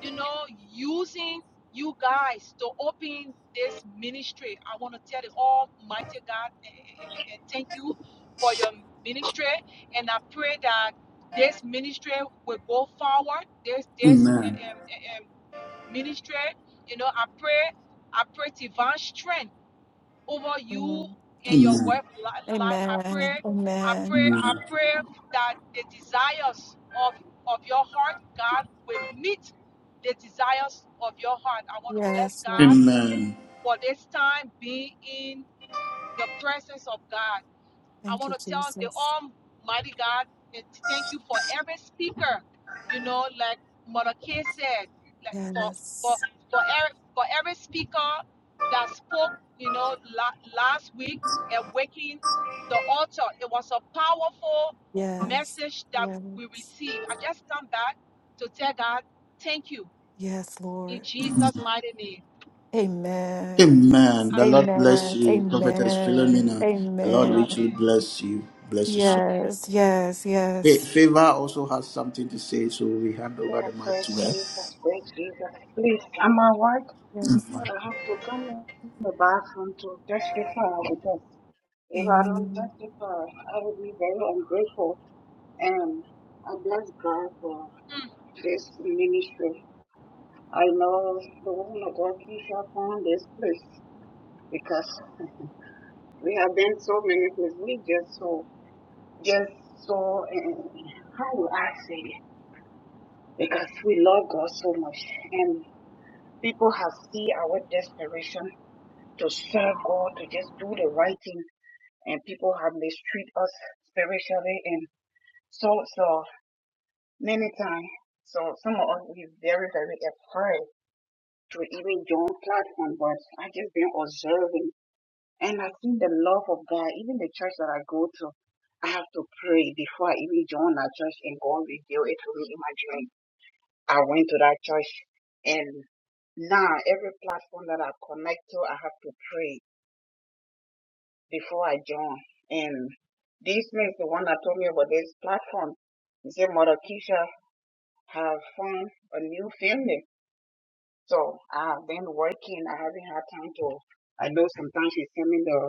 E: you know, using you guys to open this ministry. I want to tell the Almighty God eh, eh, eh, eh, eh, thank you for your ministry, and I pray that this ministry will go forward. This this eh,
A: Amen.
E: eh, eh, eh, ministry, you know, I pray, I pray divine strength over you
C: Amen.
E: and your
A: Amen.
E: wife li- life. I
C: Amen.
E: pray, I
C: Amen.
E: pray, I
A: Amen.
E: pray that the desires of of your heart, God will meet the desires of your heart. I want to bless
C: Yes,
E: God
C: Lord.
E: for this time being in the presence of God. I
C: Thank
E: want
C: you,
E: to tell the
C: Jesus.
E: Almighty God and to thank you for every speaker. You know, like Mother Kay said, like for for
C: Yes.
E: for every, for every speaker that spoke, you know, la- last week and waking the altar. It was a powerful
C: Yes.
E: message that we
C: Yes.
E: received. I just come back to tell God, thank you
C: Yes,
E: in
C: Lord.
E: Jesus' mighty name.
C: Amen.
A: Amen. The Lord
E: Amen.
A: bless
C: Amen.
A: you, Prophetess
C: Amen.
A: Philomena. The Lord
C: Amen.
A: richly
E: Amen.
A: bless you. Bless you so
C: Yes,
E: Amen.
C: yes,
A: Fa-
C: yes.
A: Favor also has something to say, so we hand over
I: Yeah,
A: the mic to
I: praise
A: her.
I: Jesus, praise Jesus. Please, I'm at work,
C: yes.
I: but I have to come in the bathroom to testify because if I don't
C: Amen.
I: testify, I will be very ungrateful. And I bless God for this ministry. I know the woman of God Keisha found this place because we have been so many places. We just so, just so, uh, how will I say it? Because we love God so much. and. People have seen our desperation to serve God, to just do the right thing, and people have mistreated us spiritually and so so many times. So some of us we very, very afraid to even join platform, but I just been observing and I see the love of God, even the church that I go to, I have to pray before I even join that church and God reveal it to me in my dream. I went to that church and now every platform that I connect to, I have to pray before I join. And this means the one that told me about this platform, he said, Mother Keisha, have found a new family. So I've been working. I haven't had time to. I know sometimes you send me the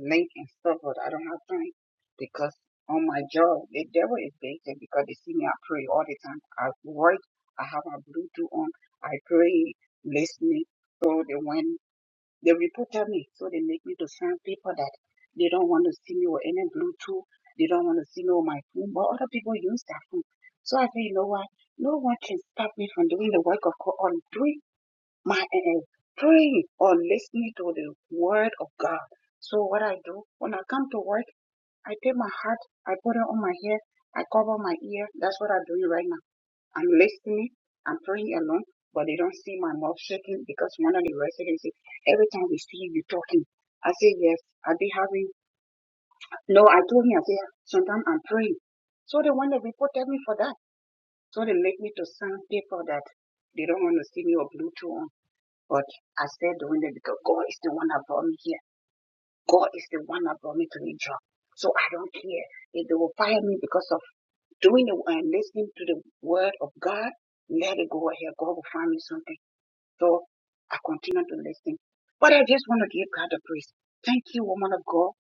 I: link and stuff, but I don't have time because on my job, the devil is busy because they see me. I pray all the time. I work. I have my Bluetooth on. I pray, listening. So they when they reported me, so they make me to sign people that they don't want to see me with any Bluetooth. They don't want to see me with my phone, but other people use that phone. So I say, you know what? No one can stop me from doing the work of God. I'm doing my uh, praying or listening to the word of God. So what I do when I come to work, I take my hat, I put it on my head, I cover my ear. That's what I'm doing right now. I'm listening, I'm praying alone, but they don't see my mouth shaking because one of the residents said, every time we see you talking, I say yes, I be having no, I told him I say sometimes I'm praying. So they want to report me for that. So they make me to send paper that they don't want to see me or Bluetooth on. But I said doing it because God is the one that brought me here. God is the one that brought me to this job. So I don't care if they will fire me because of doing it and listening to the word of God. Let it go ahead. God will find me something. So I continue to listen. But I just want to give God the praise. Thank you, woman of God,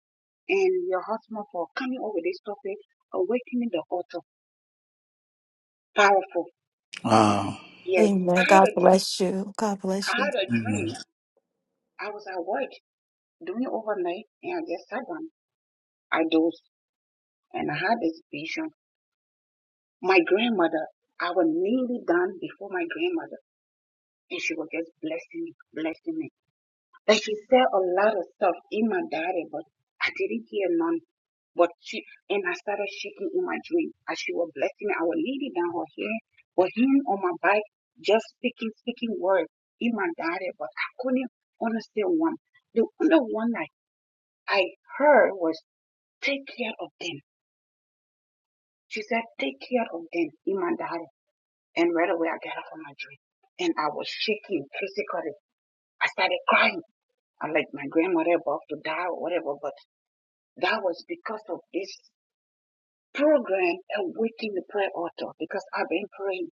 I: and your husband for coming over this topic, awakening the altar. Powerful.
A: Ah,
I: Yes, I
C: Amen.
I: had
C: God
I: a dream.
C: bless you. God bless
I: I
C: you.
I: had a
A: amen.
I: dream. I was at work doing overnight, and I just sat down. I dozed. And I had this vision. My grandmother, I was nearly done before my grandmother, and she was just blessing me, blessing me. But she said a lot of stuff in my diary, but I didn't hear none. But she and I started shaking in my dream as she was blessing me. I was nearly down her here, but him on my bike, just speaking, speaking words in my diary, but I couldn't understand one. The only one I, I heard was take care of them. She said, take care of them in my diary. And right away, I got up from my dream and I was shaking physically. I started crying. I'm like, my grandmother about to die or whatever. But that was because of this program, Awaken the Prayer Altar, because I've been praying.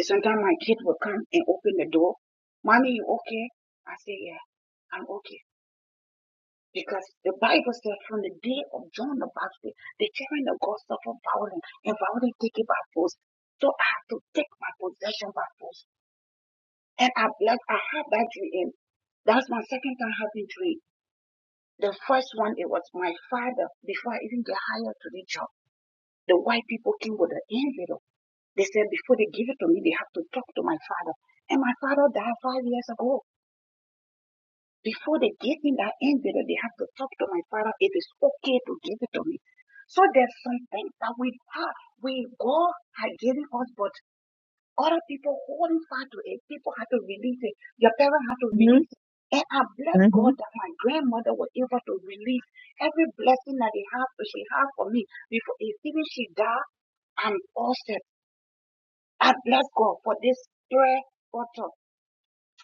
I: And sometimes my kid will come and open the door. Mommy, you okay? I say, yeah, I'm okay. Because the Bible says from the day of John the Baptist, the children of God suffer violence and violence taken by force. So I have to take my possession by force. And I like I had that dream. That's my second time having dream. The first one it was my father before I even get hired to the job. The white people came with an envelope. They said before they give it to me, they have to talk to my father. And my father died five years ago. Before they give me that envelope, they have to talk to my father. It is okay to give it to me. So there's something that we have. We God had given us, but Other people holding fast to it. People had to release it. Your parents had to release it. And I bless
B: hmm
I: God that my grandmother was able to release every blessing that they have, she had for me before even she died. I'm awesome. I bless God for this prayer altar.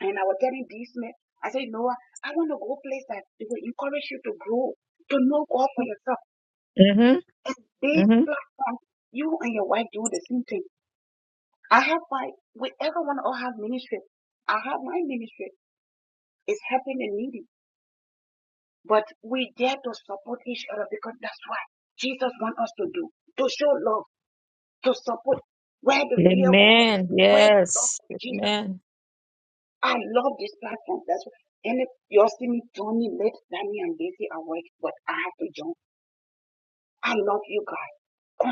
I: And I was telling this man, I said, Noah, I want to go place that it will encourage you to grow, to know God
B: hmm
I: for yourself.
B: hmm
I: And this
B: hmm
I: platform, you and your wife do the same thing. I have like with everyone who have ministry. I have my ministry. It's helping the needy. But we dare to support each other because that's what Jesus wants us to do. To show love, to support where the real God is,
B: Amen.
I: where the love
B: Yes.
I: of Jesus. is.
B: Amen.
I: I love this platform. That's why and if you all see me joining late, Danny and Daisy are working, but I have to join. I love you guys.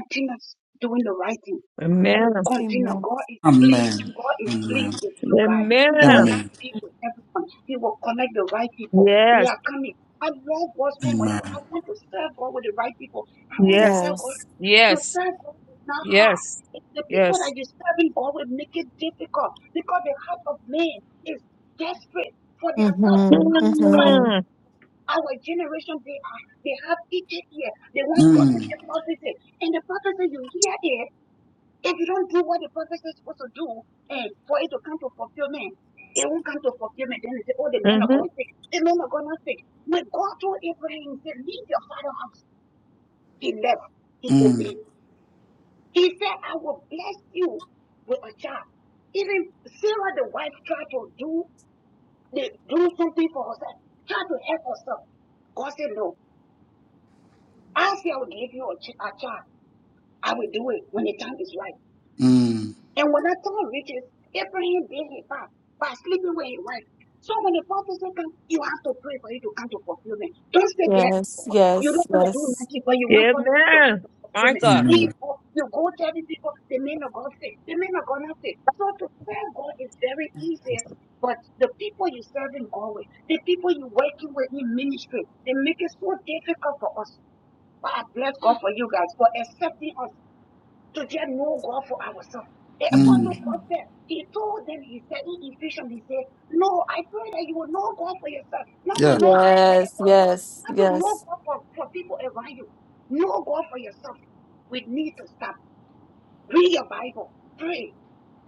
I: Continue doing the right thing
B: Amen.
I: Continue.
C: Amen.
I: God is pleased.
A: Amen.
I: God is
A: Amen.
I: pleased with you guys.
B: Amen.
I: God is
A: Amen.
I: pleased with everyone. He will connect the right people. We
B: Yes,
I: are coming. I love God so much, but I
A: Amen.
I: want to serve God with the right people. I always
B: yes,
I: tell God
C: Yes.
I: to
B: yes,
I: serve God is not hard.
B: yes,
I: It's the people that
B: yes.
I: you're serving God will make it difficult because the heart of man is desperate for their self,
C: Mm-hmm.
I: not for Christ.
C: Mm-hmm.
B: Mm-hmm.
I: Our generation, they are they have each ear. They want prophecy,
A: Mm,
I: prophecy. And the prophecy you hear if you don't do what the prophet is supposed to do eh, for it to come to fulfillment, it won't come to fulfillment. Then they say, oh, the men of
B: Mm-hmm.
I: God sick. The men of God not sick. When God told Abraham, he said, leave your father house. He left. He
A: mm,
I: obeyed. He said, I will bless you with a child. Even Sarah, the wife, tried to do, they, do something for herself, tried to help herself. God said, no. I say I will give you a, ch- a child. I will do it when the time is right.
A: mm,
I: And when that time reaches, Abraham did his part by sleeping with his wife. So when the prophecy comes, you have to pray for it to come to fulfillment. Don't sit there.
C: Yes,
I: "Oh, You
C: yes,
I: don't want to do
C: yes.
I: nothing, but you want prophecy to come
B: Amen.
I: to fulfillment.
B: Micah.
I: Then you go, you go telling people the men of God say, the men of God not say. So to serve God is very easy. But the people you serving God with, the people you working with in ministry, they make it so difficult for us. But I bless
E: Mm, mm.
I: God for you guys for accepting us to just know God for ourselves. The apostle
A: mm.
I: Paul
C: Amen.
I: said, he told them, he said in Ephesians, he said, No, I pray that you will know God for yourself, not to
A: Yeah.
I: know God for the
C: Yes,
I: apostle,
C: yes,
I: not to know
C: yes.
I: God for, for people around you. Know God for yourself. We need to stop. Read your Bible. Pray.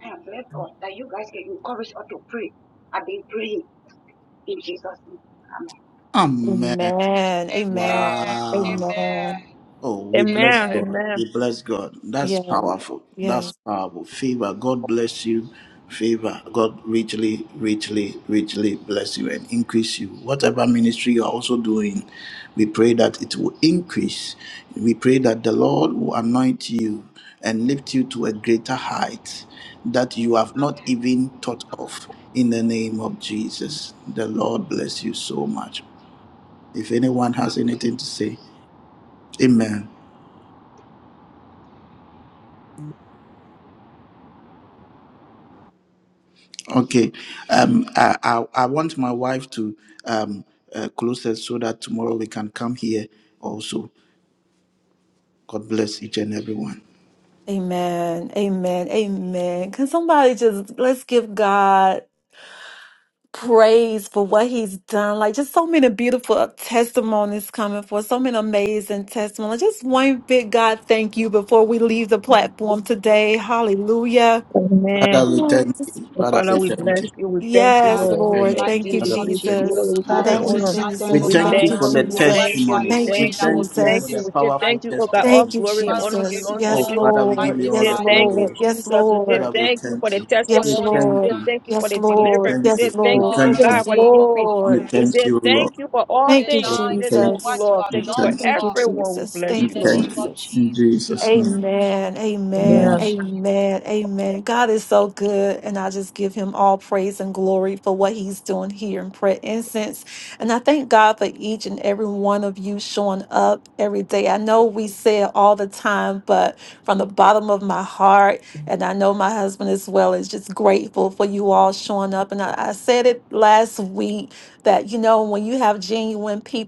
I: And bless God that you guys can encourage us to pray. I've been praying in Jesus' name.
A: Amen.
C: Amen. Amen.
E: Amen.
A: Wow.
C: Amen.
E: Amen.
A: Oh, we bless
E: Amen.
B: Amen.
A: God.
B: Amen.
A: We bless God. That's
C: Yes,
A: powerful. That's
C: yes.
A: powerful. Favor. God bless you. Favor. God richly, richly, richly bless you and increase you. Whatever ministry you are also doing, we pray that it will increase. We pray that the Lord will anoint you and lift you to a greater height that you have not
E: Amen.
A: even thought of. In the name of Jesus, the Lord bless you so much. If anyone has
E: Amen.
A: anything to say, amen. Okay. Um, I, I, I want my wife to um, uh, close us so that tomorrow we can come here also. God bless each and everyone.
C: Amen. Amen. Amen. Can somebody just let's give God praise for what he's done. Like just so many beautiful testimonies coming forth. so many amazing testimonies. Like, Just one big God thank you before we leave the platform today. Hallelujah.
B: Amen.
A: Father,
C: Come
A: we
C: on,
A: thank
C: just-
A: you.
B: And
A: Father, we
B: Father, we
A: thank
B: bless
A: you.
B: you. We thank you,
A: Father,
C: Yes,
E: Father,
A: we
E: in
B: Lord. We
E: the
C: Lord.
A: thank
B: thank
A: you.
C: Thank
E: mighty
B: you.
C: you,
B: We
E: name
A: Father,
E: of
A: we
B: give you
A: thank you.
B: glory.
E: Jesus,
C: Jesus.
E: oh
B: We give
E: God,
B: you
F: Father,
E: we
C: Thank
A: Thank
F: we
C: you,
E: say
A: you.
B: honor.
F: say
E: thank you,
A: We
E: oh
F: thank
C: Jesus.
B: We
F: you,
A: thank
F: Lord
E: God,
C: Thank
A: you
B: thank
C: you,
A: for
F: God.
A: the
B: you.
F: We
B: We
E: for
F: give
E: what
B: thank
C: Jesus.
E: you
B: you.
E: are
B: We
A: testimonies.
C: Thank
E: doing
C: you,
A: We
B: thank
E: in
B: you.
E: our
B: We
A: thank you
B: thank
A: for
C: Jesus.
A: the
B: you. We
E: midst
B: say
A: powerful
B: thank
E: tonight,
B: you,
E: oh
B: oh
E: God.
B: God. All
C: Thank you,
A: testimonies.
B: glory and
E: Father, we
B: honor
E: give
C: Jesus.
E: you
B: belongs to
A: Oh,
C: Yes,
E: honor,
B: you.
E: we
A: Father, we give
C: Lord.
B: We
A: you all
B: say
C: Yes,
A: the
E: magnify your
B: thank you,
E: name.
C: Lord.
A: glory.
E: oh God.
C: Yes,
B: Jesus. We say
A: Father,
C: Lord.
A: we
B: thank you
E: We
B: for
A: thank
E: say
B: the
A: you.
E: we
A: We
C: Yes,
E: worship
B: testimonies.
E: you,
B: We
E: oh
A: thank
B: say
C: Lord.
A: you.
E: God.
B: thank you for
C: Yes,
B: the
A: We
C: Lord.
B: deliverance. We
A: thank
B: say
A: you.
C: Yes,
E: We
B: thank
A: We
C: Lord.
B: you, oh
E: honor
A: thank
E: your
A: you.
B: God,
C: Yes,
B: for the
E: name, oh
B: increase.
E: God.
A: We
C: Lord.
B: We
A: thank
B: say
A: you,
B: thank
A: Lord.
B: you for
E: We
B: all
E: say
C: Thank you,
A: Father,
B: things. We
A: we
E: thank
B: say
E: you
A: thank
E: for
B: thank you,
A: you.
C: Jesus.
E: what you
B: Lord.
E: have
B: Thank
A: We
B: you
A: thank
E: done,
B: for
A: you.
E: oh
C: Thank you,
E: God.
B: everyone. We
C: Jesus.
B: bless
A: We
E: In
B: you,
C: Thank you,
E: the
B: Lord.
E: name
A: thank you.
E: of
C: Jesus.
A: In
E: Jesus, oh
A: Jesus'
E: God,
A: name.
C: Amen.
E: we
C: Amen.
B: Amen.
A: Amen.
E: worship you.
C: Amen. Amen. God is so good. And I just give him all praise and glory for what he's doing here in prayer incense. And I thank God for each and every one of you showing up every day. I know we say it all the time, but from the bottom of my heart, and I know my husband as well is just grateful for you all showing up. And I, I said it last week that you know when you have GPOs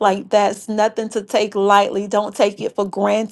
C: like that's nothing to take lightly don't take it for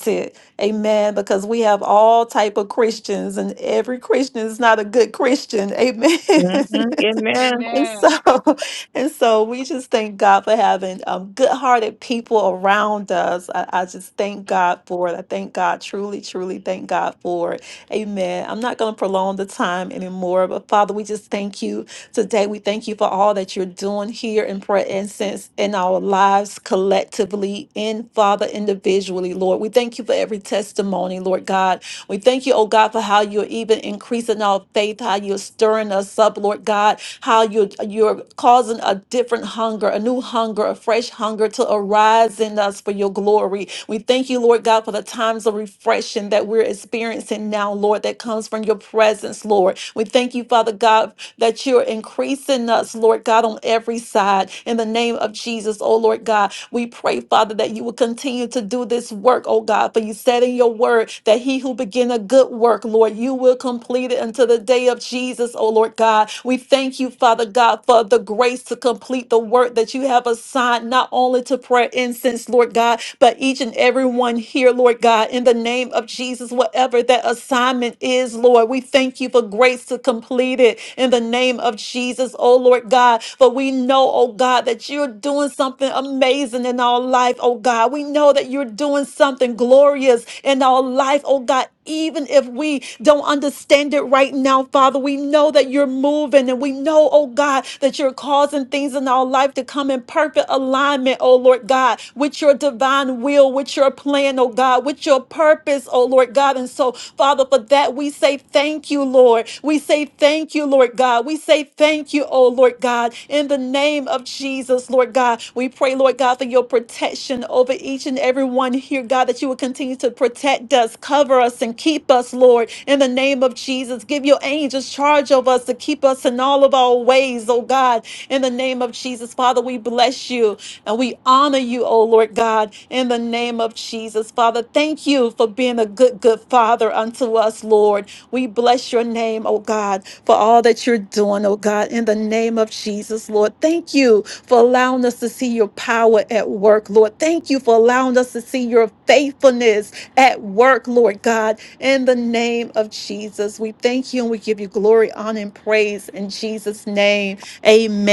C: good amen because we have all type of christians and every christian is not a good christian amen
B: Mhm. Amen.
C: And so,
E: Amen.
C: and so we just thank God for having um, good-hearted people around us. I, I just thank God for it. I thank God, truly, truly thank God for it. Amen. I'm not going to prolong the time anymore, but Father, we just thank you today. We thank you for all that you're doing here in prayer incense in our lives collectively, in Father, individually, Lord. We thank you for every testimony, Lord God. We thank you, oh God, for how you're even increasing our faith, how you're stirring us up, Lord God how you're, you're causing a different hunger, a new hunger, a fresh hunger to arise in us for your glory. We thank you, Lord God, for the times of refreshing that we're experiencing now, Lord, that comes from your presence, Lord. We thank you, Father God that you're increasing us, Lord God, on every side. In the name of Jesus, oh Lord God, we pray, Father, that you will continue to do this work, oh God. For you said in your word that he who began a good work, Lord, you will complete it until the day of Jesus, oh Lord God. We thank you, Father God, for the grace to complete the work that you have assigned, not only to prayer incense, Lord God, but each and every one here, Lord God, in the name of Jesus, whatever that assignment is, Lord. We thank you for grace to complete it in the name of Jesus, oh Lord God. For we know, oh God, that you're doing something amazing in our life, oh God. We know that you're doing something glorious in our life, oh God. Even if we don't understand it right now, Father, we know that you're moving and we know, oh God, that you're causing things in our life to come in perfect alignment, oh Lord God, with your with your divine will, with your plan, oh God, with your purpose, oh Lord God. And so, Father, for that we say thank you, Lord. We say thank you, Lord God. We say thank you, oh Lord God, in the name of Jesus, Lord God. We pray, Lord God, for your protection over each and every one here, God, that you will continue to protect us, cover us, and keep us, Lord, in the name of Jesus. Give your angels charge of us to keep us in all of our ways, oh God, in the name of Jesus. Father, we bless you. And we honor you, oh Lord God, in the name of Jesus. Father, thank you for being a good, good Father unto us, Lord. We bless your name, oh God, for all that you're doing, oh God, in the name of Jesus, Lord. Thank you for allowing us to see your power at work, Lord. Thank you for allowing us to see your faithfulness at work, Lord God, in the name of Jesus. We thank you and we give you glory, honor, and praise in Jesus' name.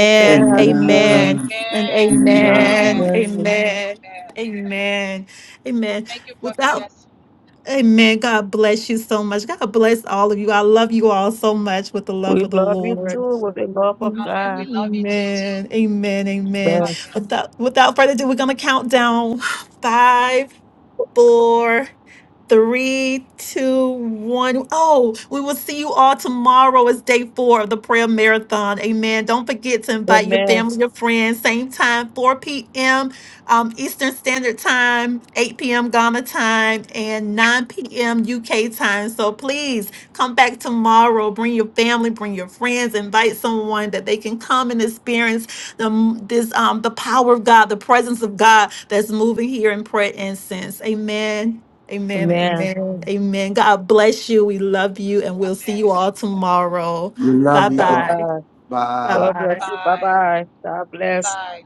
B: Amen. Amen.
C: Amen. And
E: Amen.
C: amen.
E: Amen.
B: Amen. Amen.
C: Amen.
E: Amen.
C: Amen. Amen.
E: Thank you,
C: Without
E: prophetess.
C: Amen. God bless you so much. God bless all of you. I love you all so much with the love
B: We
C: of the
B: love you
C: Lord.
B: too with the love of
E: Amen. We
B: God.
E: love you too.
C: Amen. Amen. Amen.
B: Amen.
E: Amen.
C: Without without further ado, we're gonna count down five, four, Three, two, one. Oh, we will see you all tomorrow. It's day four of the prayer marathon. Amen. Don't forget to invite your
B: Amen.
C: family, your friends. Same time, 4 p.m. Um, Eastern Standard Time, 8 p.m. Ghana time, and 9 p.m. UK time. So please come back tomorrow. Bring your family, bring your friends, invite someone that they can come and experience the m- this um the power of God, the presence of God that's moving here in prayer incense. Amen. Amen.
B: Amen.
E: Amen.
C: Amen. Amen. God bless you. We love you. And we'll see
E: Amen.
C: you all tomorrow.
A: We
C: Bye
A: love you
B: Bye
C: bye.
A: all.
E: Amen.
B: bye.
A: Bye.
B: Love you too. Bye
E: Bye.
B: bye. God bless.
E: Bye.